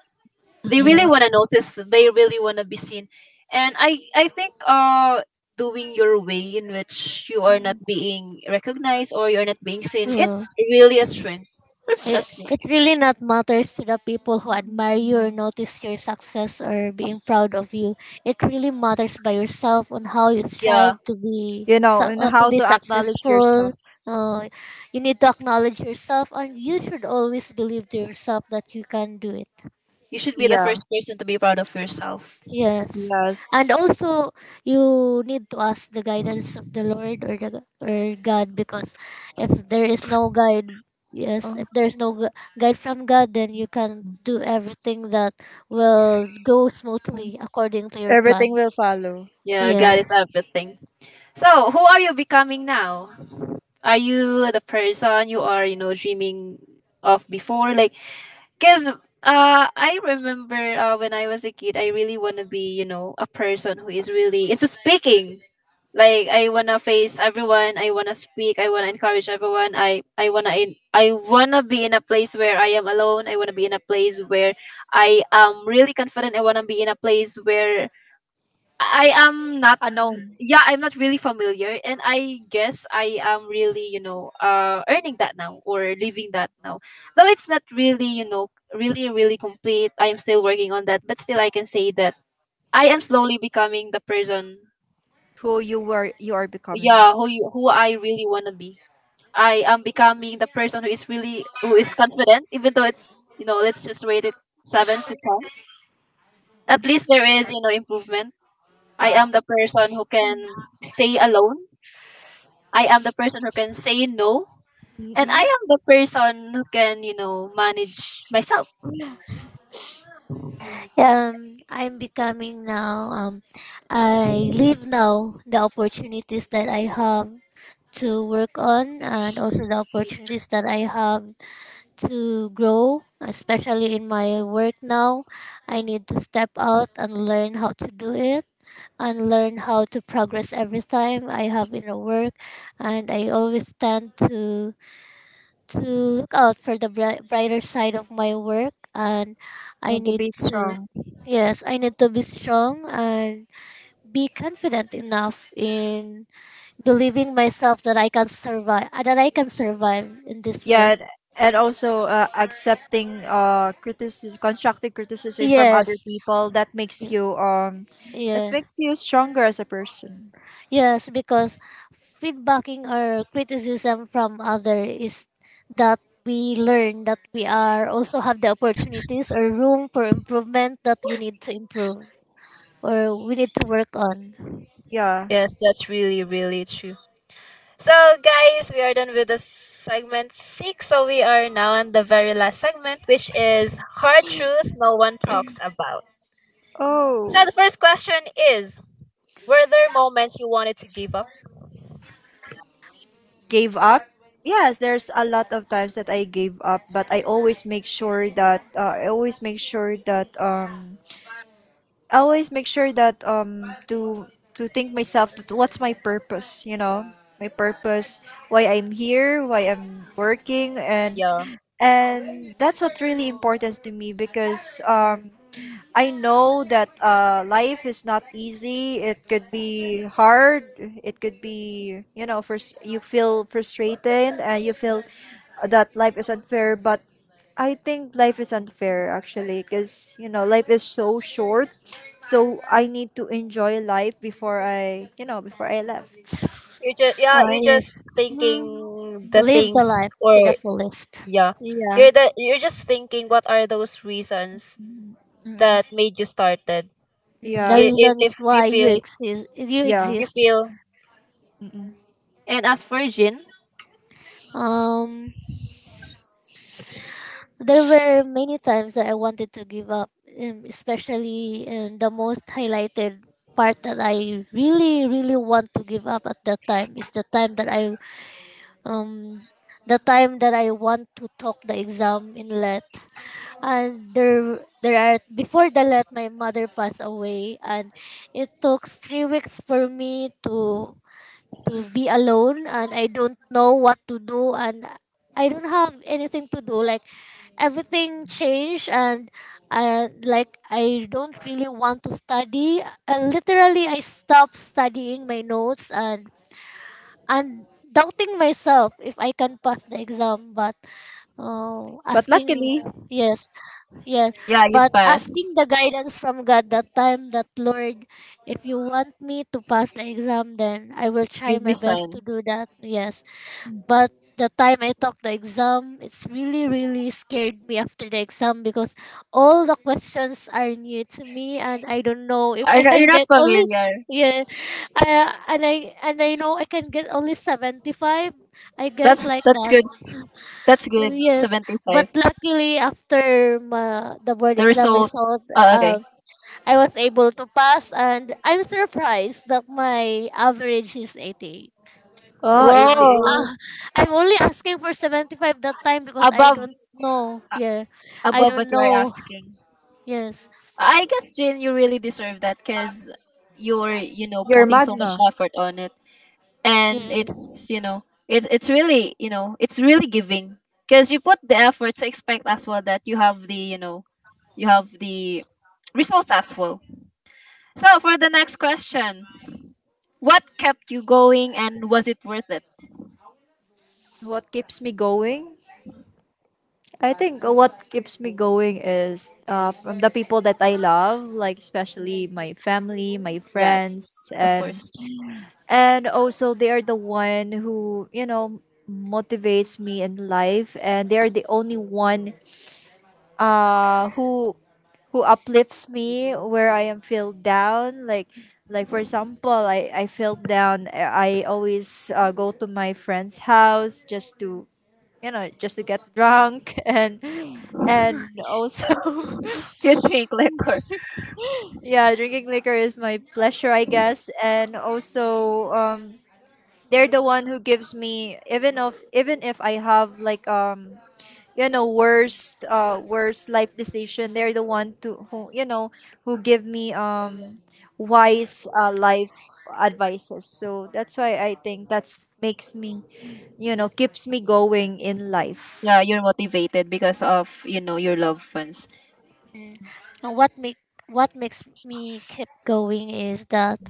[SPEAKER 1] They
[SPEAKER 2] Mm-mm.
[SPEAKER 1] really want to
[SPEAKER 3] Yes.
[SPEAKER 1] notice, they really want to be seen, and I think doing your way in which you are not being recognized or you're not being seen,
[SPEAKER 3] Yeah.
[SPEAKER 1] it's really a strength.
[SPEAKER 3] It,
[SPEAKER 1] That's it.
[SPEAKER 3] it really not matters to the people who admire you or notice your success or being
[SPEAKER 1] Yes.
[SPEAKER 3] proud of you. It really matters by yourself on how you
[SPEAKER 1] Yeah,
[SPEAKER 3] strive to
[SPEAKER 2] You know, and
[SPEAKER 3] to
[SPEAKER 2] how
[SPEAKER 3] be
[SPEAKER 2] to acknowledge
[SPEAKER 3] successful.
[SPEAKER 2] yourself.
[SPEAKER 3] You need to acknowledge yourself, and you should always believe to yourself that you can do it.
[SPEAKER 1] you should be the
[SPEAKER 2] Yeah,
[SPEAKER 1] first person to be proud of yourself.
[SPEAKER 3] Yes. And
[SPEAKER 2] yes.
[SPEAKER 3] also you need to ask the guidance of the Lord, or, the, or God, because if there is no guide, yes,
[SPEAKER 2] Oh.
[SPEAKER 3] if there's no guide from God, then you can do everything that will go smoothly according to your
[SPEAKER 2] Everything will
[SPEAKER 3] plans.
[SPEAKER 2] follow.
[SPEAKER 1] Yeah, God is
[SPEAKER 3] Yes.
[SPEAKER 1] everything. So who are you becoming now? Are you the person you are, you know, dreaming of before? Like, because I remember when I was a kid, I really want to be, you know, a person who is really into speaking. Like I wanna face everyone. I wanna speak. I wanna encourage everyone. I wanna be in a place where I am alone. I wanna be in a place where I am really confident. I wanna be in a place where I am not,
[SPEAKER 2] Unknown,
[SPEAKER 1] yeah, I'm not really familiar, and I guess I am really, you know, earning that now or living that now. Though it's not really, you know, really really complete. I am still working on that, but still I can say that I am slowly becoming the person,
[SPEAKER 2] who you were, you are becoming,
[SPEAKER 1] yeah, who I really want to be. I am becoming the person who is really, who is confident even though it's, you know, let's just rate it 7 to 10. At least there is, you know, improvement. I am the person who can stay alone. I am the person who can say no, and I
[SPEAKER 2] mm-mm,
[SPEAKER 1] am the person who can, you know, manage myself.
[SPEAKER 3] I'm becoming now. I leave now the opportunities that I have to work on, and also the
[SPEAKER 1] Mhm.
[SPEAKER 3] opportunities that I have to grow, especially in my work now. I need to step out and learn how to do it, and learn how to progress every time I have in a work, and I always tend to look out for the brighter side of my work, and I
[SPEAKER 2] and to
[SPEAKER 3] need
[SPEAKER 2] be
[SPEAKER 3] to...
[SPEAKER 2] strong.
[SPEAKER 3] Yes, I need to be strong and be confident enough in believing myself that I can survive, that I can survive in this
[SPEAKER 2] Yeah,
[SPEAKER 3] work.
[SPEAKER 2] and also accepting uh, criticism, constructive criticism from other
[SPEAKER 3] Yes.
[SPEAKER 2] people that
[SPEAKER 3] Yeah.
[SPEAKER 2] makes you stronger as a person.
[SPEAKER 3] Yes, because feedbacking or criticism from other is that we learn that we are also have the opportunities or room for improvement that we need to improve or we need to work on.
[SPEAKER 2] Yeah.
[SPEAKER 1] Yes, that's really, really true. So, guys, we are done with the segment six. So, we are now on the very last segment, which is hard truth no one talks about. So,
[SPEAKER 2] Oh.
[SPEAKER 1] the first question is, were there moments you wanted to give up?
[SPEAKER 2] Gave up. Yes, there's a lot of times that I gave up. But I always make sure that I always make sure that um, to think myself that what's my purpose, you know? My purpose, why I'm here, why I'm working. and
[SPEAKER 1] Yeah.
[SPEAKER 2] and that's what really important to me, because um, I know that life is not easy. It could be hard. It could be, you know, first you feel frustrated and you feel that life is unfair. But I think life is unfair actually, because you know, life is so short. So I need to enjoy life before I, you know, before I left.
[SPEAKER 1] You just, yeah,
[SPEAKER 3] Oh,
[SPEAKER 1] you just
[SPEAKER 3] yes,
[SPEAKER 2] Mm,
[SPEAKER 1] thinking the
[SPEAKER 3] live
[SPEAKER 1] things,
[SPEAKER 3] the life to the
[SPEAKER 1] or
[SPEAKER 3] fullest.
[SPEAKER 1] yeah,
[SPEAKER 2] yeah.
[SPEAKER 1] you're the, you're just thinking what are those reasons
[SPEAKER 2] Mm-mm.
[SPEAKER 1] that made you started?
[SPEAKER 3] Mm. The
[SPEAKER 2] Yeah,
[SPEAKER 3] reasons
[SPEAKER 1] If you
[SPEAKER 3] why you
[SPEAKER 1] feel,
[SPEAKER 3] exist, you
[SPEAKER 2] yeah.
[SPEAKER 1] if you
[SPEAKER 3] exist.
[SPEAKER 1] feel,
[SPEAKER 2] Mm-mm.
[SPEAKER 1] and as for Jin,
[SPEAKER 3] Um, There were many times that I wanted to give up, especially in the most highlighted part that I really, really want to give up at that time is the time that um, the time that I want to talk the exam in let. And there are before the let, my mother passed away, and it took 3 weeks for me to be alone, and I don't know what to do, and I don't have anything to do, like everything changed, and I, like, I don't really want to study, and literally I stopped studying my notes, and doubting myself if I can pass the exam, but
[SPEAKER 2] But
[SPEAKER 3] asking...
[SPEAKER 2] luckily,
[SPEAKER 3] Yes. Yeah,
[SPEAKER 1] yeah, you
[SPEAKER 3] but
[SPEAKER 1] pass.
[SPEAKER 3] asking the guidance from God that time that, Lord, if you want me to pass the exam, then I will try
[SPEAKER 1] You
[SPEAKER 3] my
[SPEAKER 1] miss
[SPEAKER 3] best to
[SPEAKER 1] sign.
[SPEAKER 3] do that. Yes, but the time I took the exam, it's really really scared me after the exam, because all the questions are new to me, and I don't know if
[SPEAKER 1] Are
[SPEAKER 3] I
[SPEAKER 1] not, you're
[SPEAKER 3] can
[SPEAKER 1] not
[SPEAKER 3] get only
[SPEAKER 1] familiar.
[SPEAKER 3] yeah, I know I can get only 75, I guess, like
[SPEAKER 1] That's
[SPEAKER 3] that.
[SPEAKER 1] good. That's good.
[SPEAKER 3] Yes,
[SPEAKER 1] Seventy
[SPEAKER 3] but
[SPEAKER 1] five.
[SPEAKER 3] luckily after the board
[SPEAKER 1] The
[SPEAKER 3] exam
[SPEAKER 1] result.
[SPEAKER 3] result,
[SPEAKER 1] Oh, okay.
[SPEAKER 3] um, I was able to pass, and I'm surprised that my average is 80.
[SPEAKER 2] oh,
[SPEAKER 3] Uh,
[SPEAKER 1] Whoa,
[SPEAKER 3] uh,
[SPEAKER 2] 88.
[SPEAKER 3] I'm only asking for 75 that time because I
[SPEAKER 1] above
[SPEAKER 3] don't know.
[SPEAKER 1] a-
[SPEAKER 3] Yeah. I
[SPEAKER 1] above what
[SPEAKER 3] don't
[SPEAKER 1] you are
[SPEAKER 3] know.
[SPEAKER 1] asking.
[SPEAKER 3] Yes.
[SPEAKER 1] I guess Jin, you really deserve that because you're, you know,
[SPEAKER 2] You're
[SPEAKER 1] putting
[SPEAKER 2] mad
[SPEAKER 1] so much
[SPEAKER 2] na.
[SPEAKER 1] effort on it. And
[SPEAKER 3] Yes.
[SPEAKER 1] it's, you know, it's really, you know, it's really giving because you put the effort to expect as well that you have the, you know, you have the results as well. So for the next question, what kept you going, and was it worth it?
[SPEAKER 2] What keeps me going? I think what keeps me going is from the people that I love, like especially my family, my
[SPEAKER 1] Yes,
[SPEAKER 2] friends,
[SPEAKER 1] of course.
[SPEAKER 2] and also they are the one who, you know, motivates me in life. And they are the only one uh, who who uplifts me where I am feel down. Like for example, I feel down. I always go to my friend's house just to, you know, just to get drunk and also
[SPEAKER 1] You drink liquor.
[SPEAKER 2] yeah, drinking liquor is my pleasure, I guess. And also um, they're the one who gives me, even if, even if I have like um, you know, worst uh, worst life decision, they're the one to, who you know, who give me um, wise life advices. So that's why I think that's makes me, you know, keeps me going in life.
[SPEAKER 1] Yeah, you're motivated because of, you know, your loved ones.
[SPEAKER 3] Mm. And what makes me keep going is that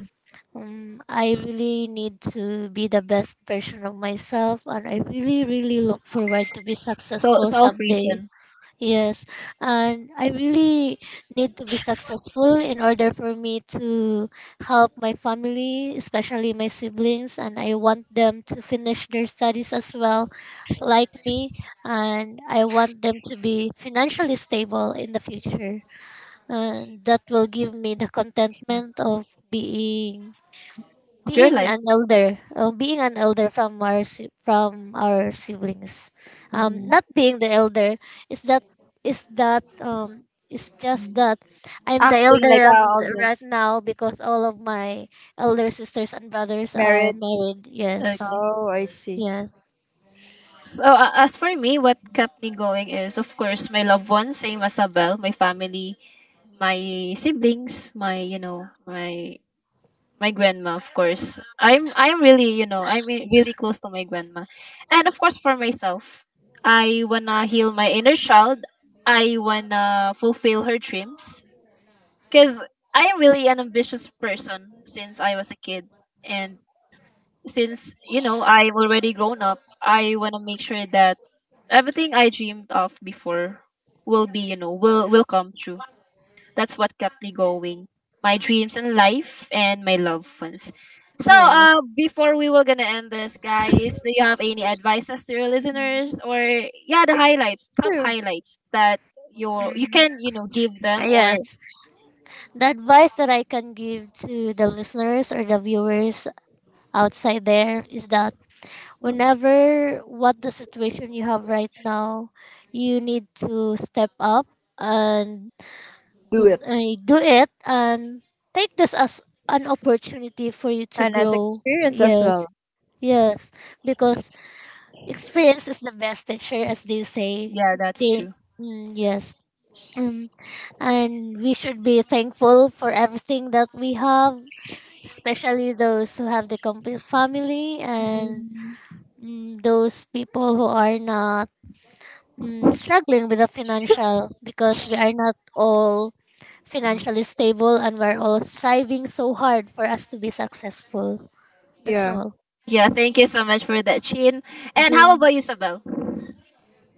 [SPEAKER 3] I really need to be the best version of myself, and I really really look forward to be
[SPEAKER 1] So
[SPEAKER 3] successful
[SPEAKER 1] self
[SPEAKER 3] someday.
[SPEAKER 1] reason
[SPEAKER 3] Yes, and I really need to be successful in order for me to help my family, especially my siblings, and I want them to finish their studies as well, like me, and I want them to be financially stable in the future. And that will give me the contentment of being
[SPEAKER 1] of your
[SPEAKER 3] being an
[SPEAKER 1] life.
[SPEAKER 3] elder, oh, being an elder from from our siblings.
[SPEAKER 2] Mm.
[SPEAKER 3] Not being the elder is that is that um is just that I'm the
[SPEAKER 2] Acting like
[SPEAKER 3] elder of
[SPEAKER 2] all
[SPEAKER 3] the- right
[SPEAKER 2] this,
[SPEAKER 3] now, because all of my elder sisters and brothers are
[SPEAKER 2] married.
[SPEAKER 3] married. Yes.
[SPEAKER 1] Okay.
[SPEAKER 2] Oh, I see.
[SPEAKER 3] Yeah.
[SPEAKER 1] So as for me, what kept me going is, of course, my loved ones, same as Abel, my family, my siblings, my, you know, my grandma, of course. I'm really, you know, I'm really close to my grandma. And of course for myself, I wanna heal my inner child. I wanna fulfill her dreams, cuz I'm really an ambitious person since I was a kid, and since, you know, I've already grown up, I wanna make sure that everything I dreamed of before will be, you know, will come true. That's what kept me going. My dreams and life and my loved ones. So,
[SPEAKER 3] Yes.
[SPEAKER 1] before we were gonna end this, guys, do you have any advices to your listeners, or yeah, the highlights,
[SPEAKER 2] It's
[SPEAKER 1] top
[SPEAKER 2] true.
[SPEAKER 1] highlights that your, you
[SPEAKER 3] Mhm.
[SPEAKER 1] can, you know, give them, or
[SPEAKER 3] Yes. The advice that I can give to the listeners or the viewers outside there is that, whenever what the situation you have right now, you need to step up and
[SPEAKER 2] Do it.
[SPEAKER 3] do it, and take this as an opportunity for you to
[SPEAKER 2] And as
[SPEAKER 3] grow.
[SPEAKER 2] experience as
[SPEAKER 3] Yes.
[SPEAKER 2] well.
[SPEAKER 3] Yes. Because experience is the best teacher, as they say.
[SPEAKER 1] yeah, that's
[SPEAKER 3] They...
[SPEAKER 1] true.
[SPEAKER 3] mm, yes. um, and we should be thankful for everything that we have, especially those who have the complete family, and
[SPEAKER 2] Mm,
[SPEAKER 3] those people who are not, struggling with the financial, because we are not all
[SPEAKER 1] Mhm.
[SPEAKER 3] financially stable, and we're all striving so hard for us to be successful. That's
[SPEAKER 2] yeah.
[SPEAKER 3] all.
[SPEAKER 1] Yeah, thank you so much for that, Chin. And how
[SPEAKER 2] Jun,
[SPEAKER 1] about you, Sabel?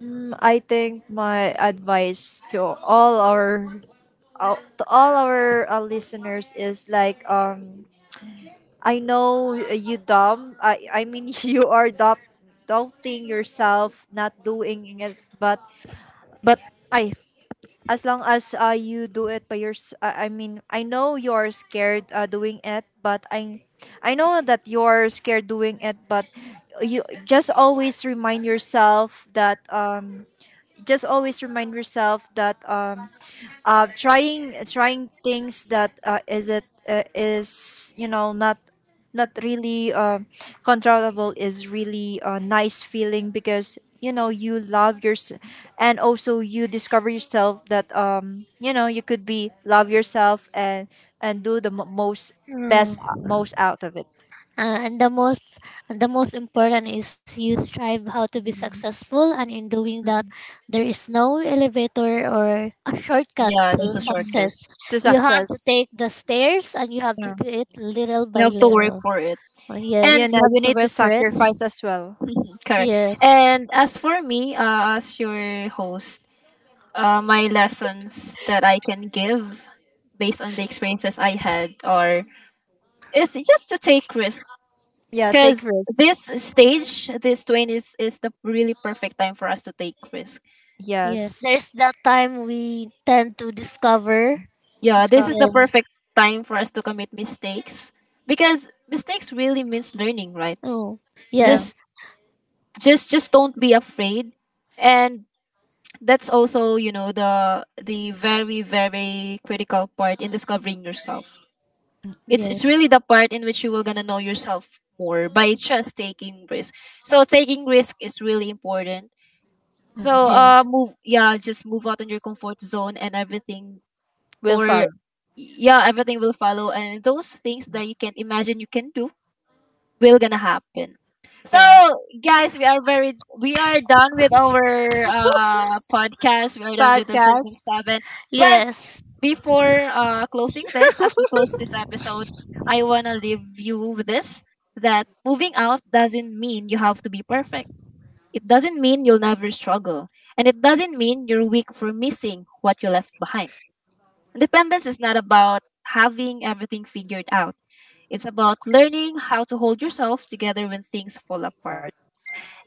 [SPEAKER 2] mm, I think my advice to all our, to all our listeners is like um, I know you dumb. I mean you are dumb, doubting yourself, not doing it, but I, as long as you do it by your, I mean, I know you're scared doing it, but I know that you're scared doing it. But you just always remind yourself that um, just always remind yourself that um, trying things that is, you know, not, not really controllable, is really a nice feeling, because you know you love yourself. And also you discover yourself that um, you know, you could be love yourself, and do the most best,
[SPEAKER 3] Mm.
[SPEAKER 2] most out of it.
[SPEAKER 3] Uh, and the most and the most important is you strive how to be
[SPEAKER 2] Mhm.
[SPEAKER 3] successful, and in doing that, there is no elevator or a shortcut
[SPEAKER 1] Yeah,
[SPEAKER 3] to
[SPEAKER 1] there's a shortcut.
[SPEAKER 3] success.
[SPEAKER 2] To
[SPEAKER 3] You have
[SPEAKER 2] success,
[SPEAKER 3] to take the stairs, and you have
[SPEAKER 2] yeah.
[SPEAKER 3] to do it little
[SPEAKER 1] You
[SPEAKER 3] by
[SPEAKER 1] have to work
[SPEAKER 3] little.
[SPEAKER 1] for it.
[SPEAKER 2] You
[SPEAKER 1] And
[SPEAKER 3] Yes, you
[SPEAKER 2] know,
[SPEAKER 3] have
[SPEAKER 2] you
[SPEAKER 3] to
[SPEAKER 2] need to
[SPEAKER 3] work for it.
[SPEAKER 2] sacrifice as well.
[SPEAKER 1] correct.
[SPEAKER 3] Yes.
[SPEAKER 1] And as for me, as your host, uh, my lessons that I can give based on the experiences I had are, is just to take risk,
[SPEAKER 2] Yeah, take
[SPEAKER 1] because this
[SPEAKER 2] risk.
[SPEAKER 1] stage, this twenties, is the really perfect time for us to take risk.
[SPEAKER 3] Yes. There's
[SPEAKER 2] Yes,
[SPEAKER 3] that time we tend to discover.
[SPEAKER 1] Yeah, this
[SPEAKER 2] discover,
[SPEAKER 1] is the
[SPEAKER 3] Yes.
[SPEAKER 1] perfect time for us to commit mistakes, because mistakes really means learning, right?
[SPEAKER 3] Oh.
[SPEAKER 2] yeah,
[SPEAKER 3] Yes.
[SPEAKER 1] Just, just don't be afraid, and that's also, you know, the very very critical part in discovering yourself. It's
[SPEAKER 3] Yes.
[SPEAKER 1] really the part in which you will gonna know yourself more by just taking risk. So taking risk is really important. So
[SPEAKER 3] Yes.
[SPEAKER 1] move, yeah, just move out on your comfort zone, and everything,
[SPEAKER 2] will
[SPEAKER 1] or
[SPEAKER 2] follow.
[SPEAKER 1] yeah, everything will follow, and those things that you can't imagine you can do will gonna happen. So
[SPEAKER 2] Yeah.
[SPEAKER 1] guys, we are very, we are done with our uh podcast. We are done with the segment
[SPEAKER 2] Podcast.
[SPEAKER 1] seven. But
[SPEAKER 3] Yes.
[SPEAKER 1] before closing this, as we close this episode, I want to leave you with this, that moving out doesn't mean you have to be perfect. It doesn't mean you'll never struggle. And it doesn't mean you're weak for missing what you left behind. Independence is not about having everything figured out, it's about learning how to hold yourself together when things fall apart.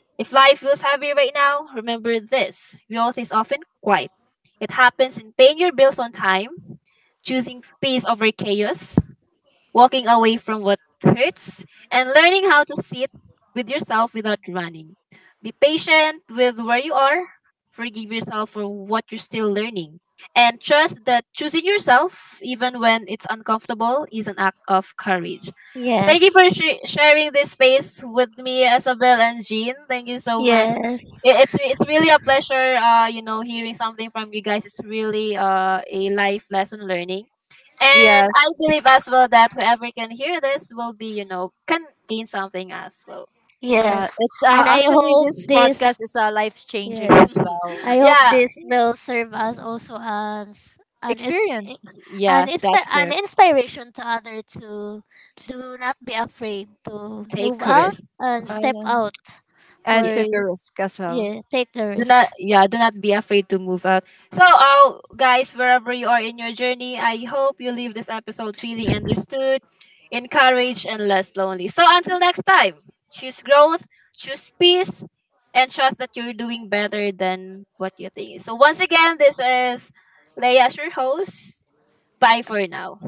[SPEAKER 1] If life feels heavy right now, remember this: growth is often quiet. It happens in paying your bills on time, choosing peace over chaos, walking away from what hurts, and learning how to sit with yourself without running. Be patient with where you are, forgive yourself for what you're still learning, and trust that choosing yourself, even when it's uncomfortable, is an act of courage. Thank you
[SPEAKER 3] Yes.
[SPEAKER 1] for sharing this space with me, Isabel and Jean. Thank you so much.
[SPEAKER 3] Yes.
[SPEAKER 1] It's it's really a pleasure, you know, hearing something from you guys. It's really a life lesson learning, and I
[SPEAKER 2] Yes.
[SPEAKER 1] believe as well that whoever can hear this will be, you know, can gain something as well.
[SPEAKER 2] Yeah.
[SPEAKER 3] Yes.
[SPEAKER 2] It's
[SPEAKER 3] And I
[SPEAKER 2] actually
[SPEAKER 3] hope
[SPEAKER 2] this podcast
[SPEAKER 3] this...
[SPEAKER 2] is a life
[SPEAKER 3] yeah.
[SPEAKER 2] changing as well,
[SPEAKER 3] I hope
[SPEAKER 1] Yeah,
[SPEAKER 3] this will serve us also as an is
[SPEAKER 2] experience.
[SPEAKER 3] an
[SPEAKER 1] yeah, that's
[SPEAKER 3] an
[SPEAKER 1] correct.
[SPEAKER 3] inspiration to other, to do not be afraid to move
[SPEAKER 1] Take
[SPEAKER 3] out
[SPEAKER 1] risk.
[SPEAKER 3] and
[SPEAKER 1] Mhm.
[SPEAKER 3] step
[SPEAKER 2] Um,
[SPEAKER 3] out
[SPEAKER 2] and
[SPEAKER 3] for...
[SPEAKER 2] took a risk as well.
[SPEAKER 3] yeah, take the
[SPEAKER 1] Do not,
[SPEAKER 3] risk.
[SPEAKER 1] yeah, do not be afraid to move out. So guys, wherever you are in your journey, I hope you leave this episode feeling understood, encouraged, and less lonely. So until next time, choose growth, choose peace, and trust that you're doing better than what you think. So once again, this is Leah as your host. Bye for now.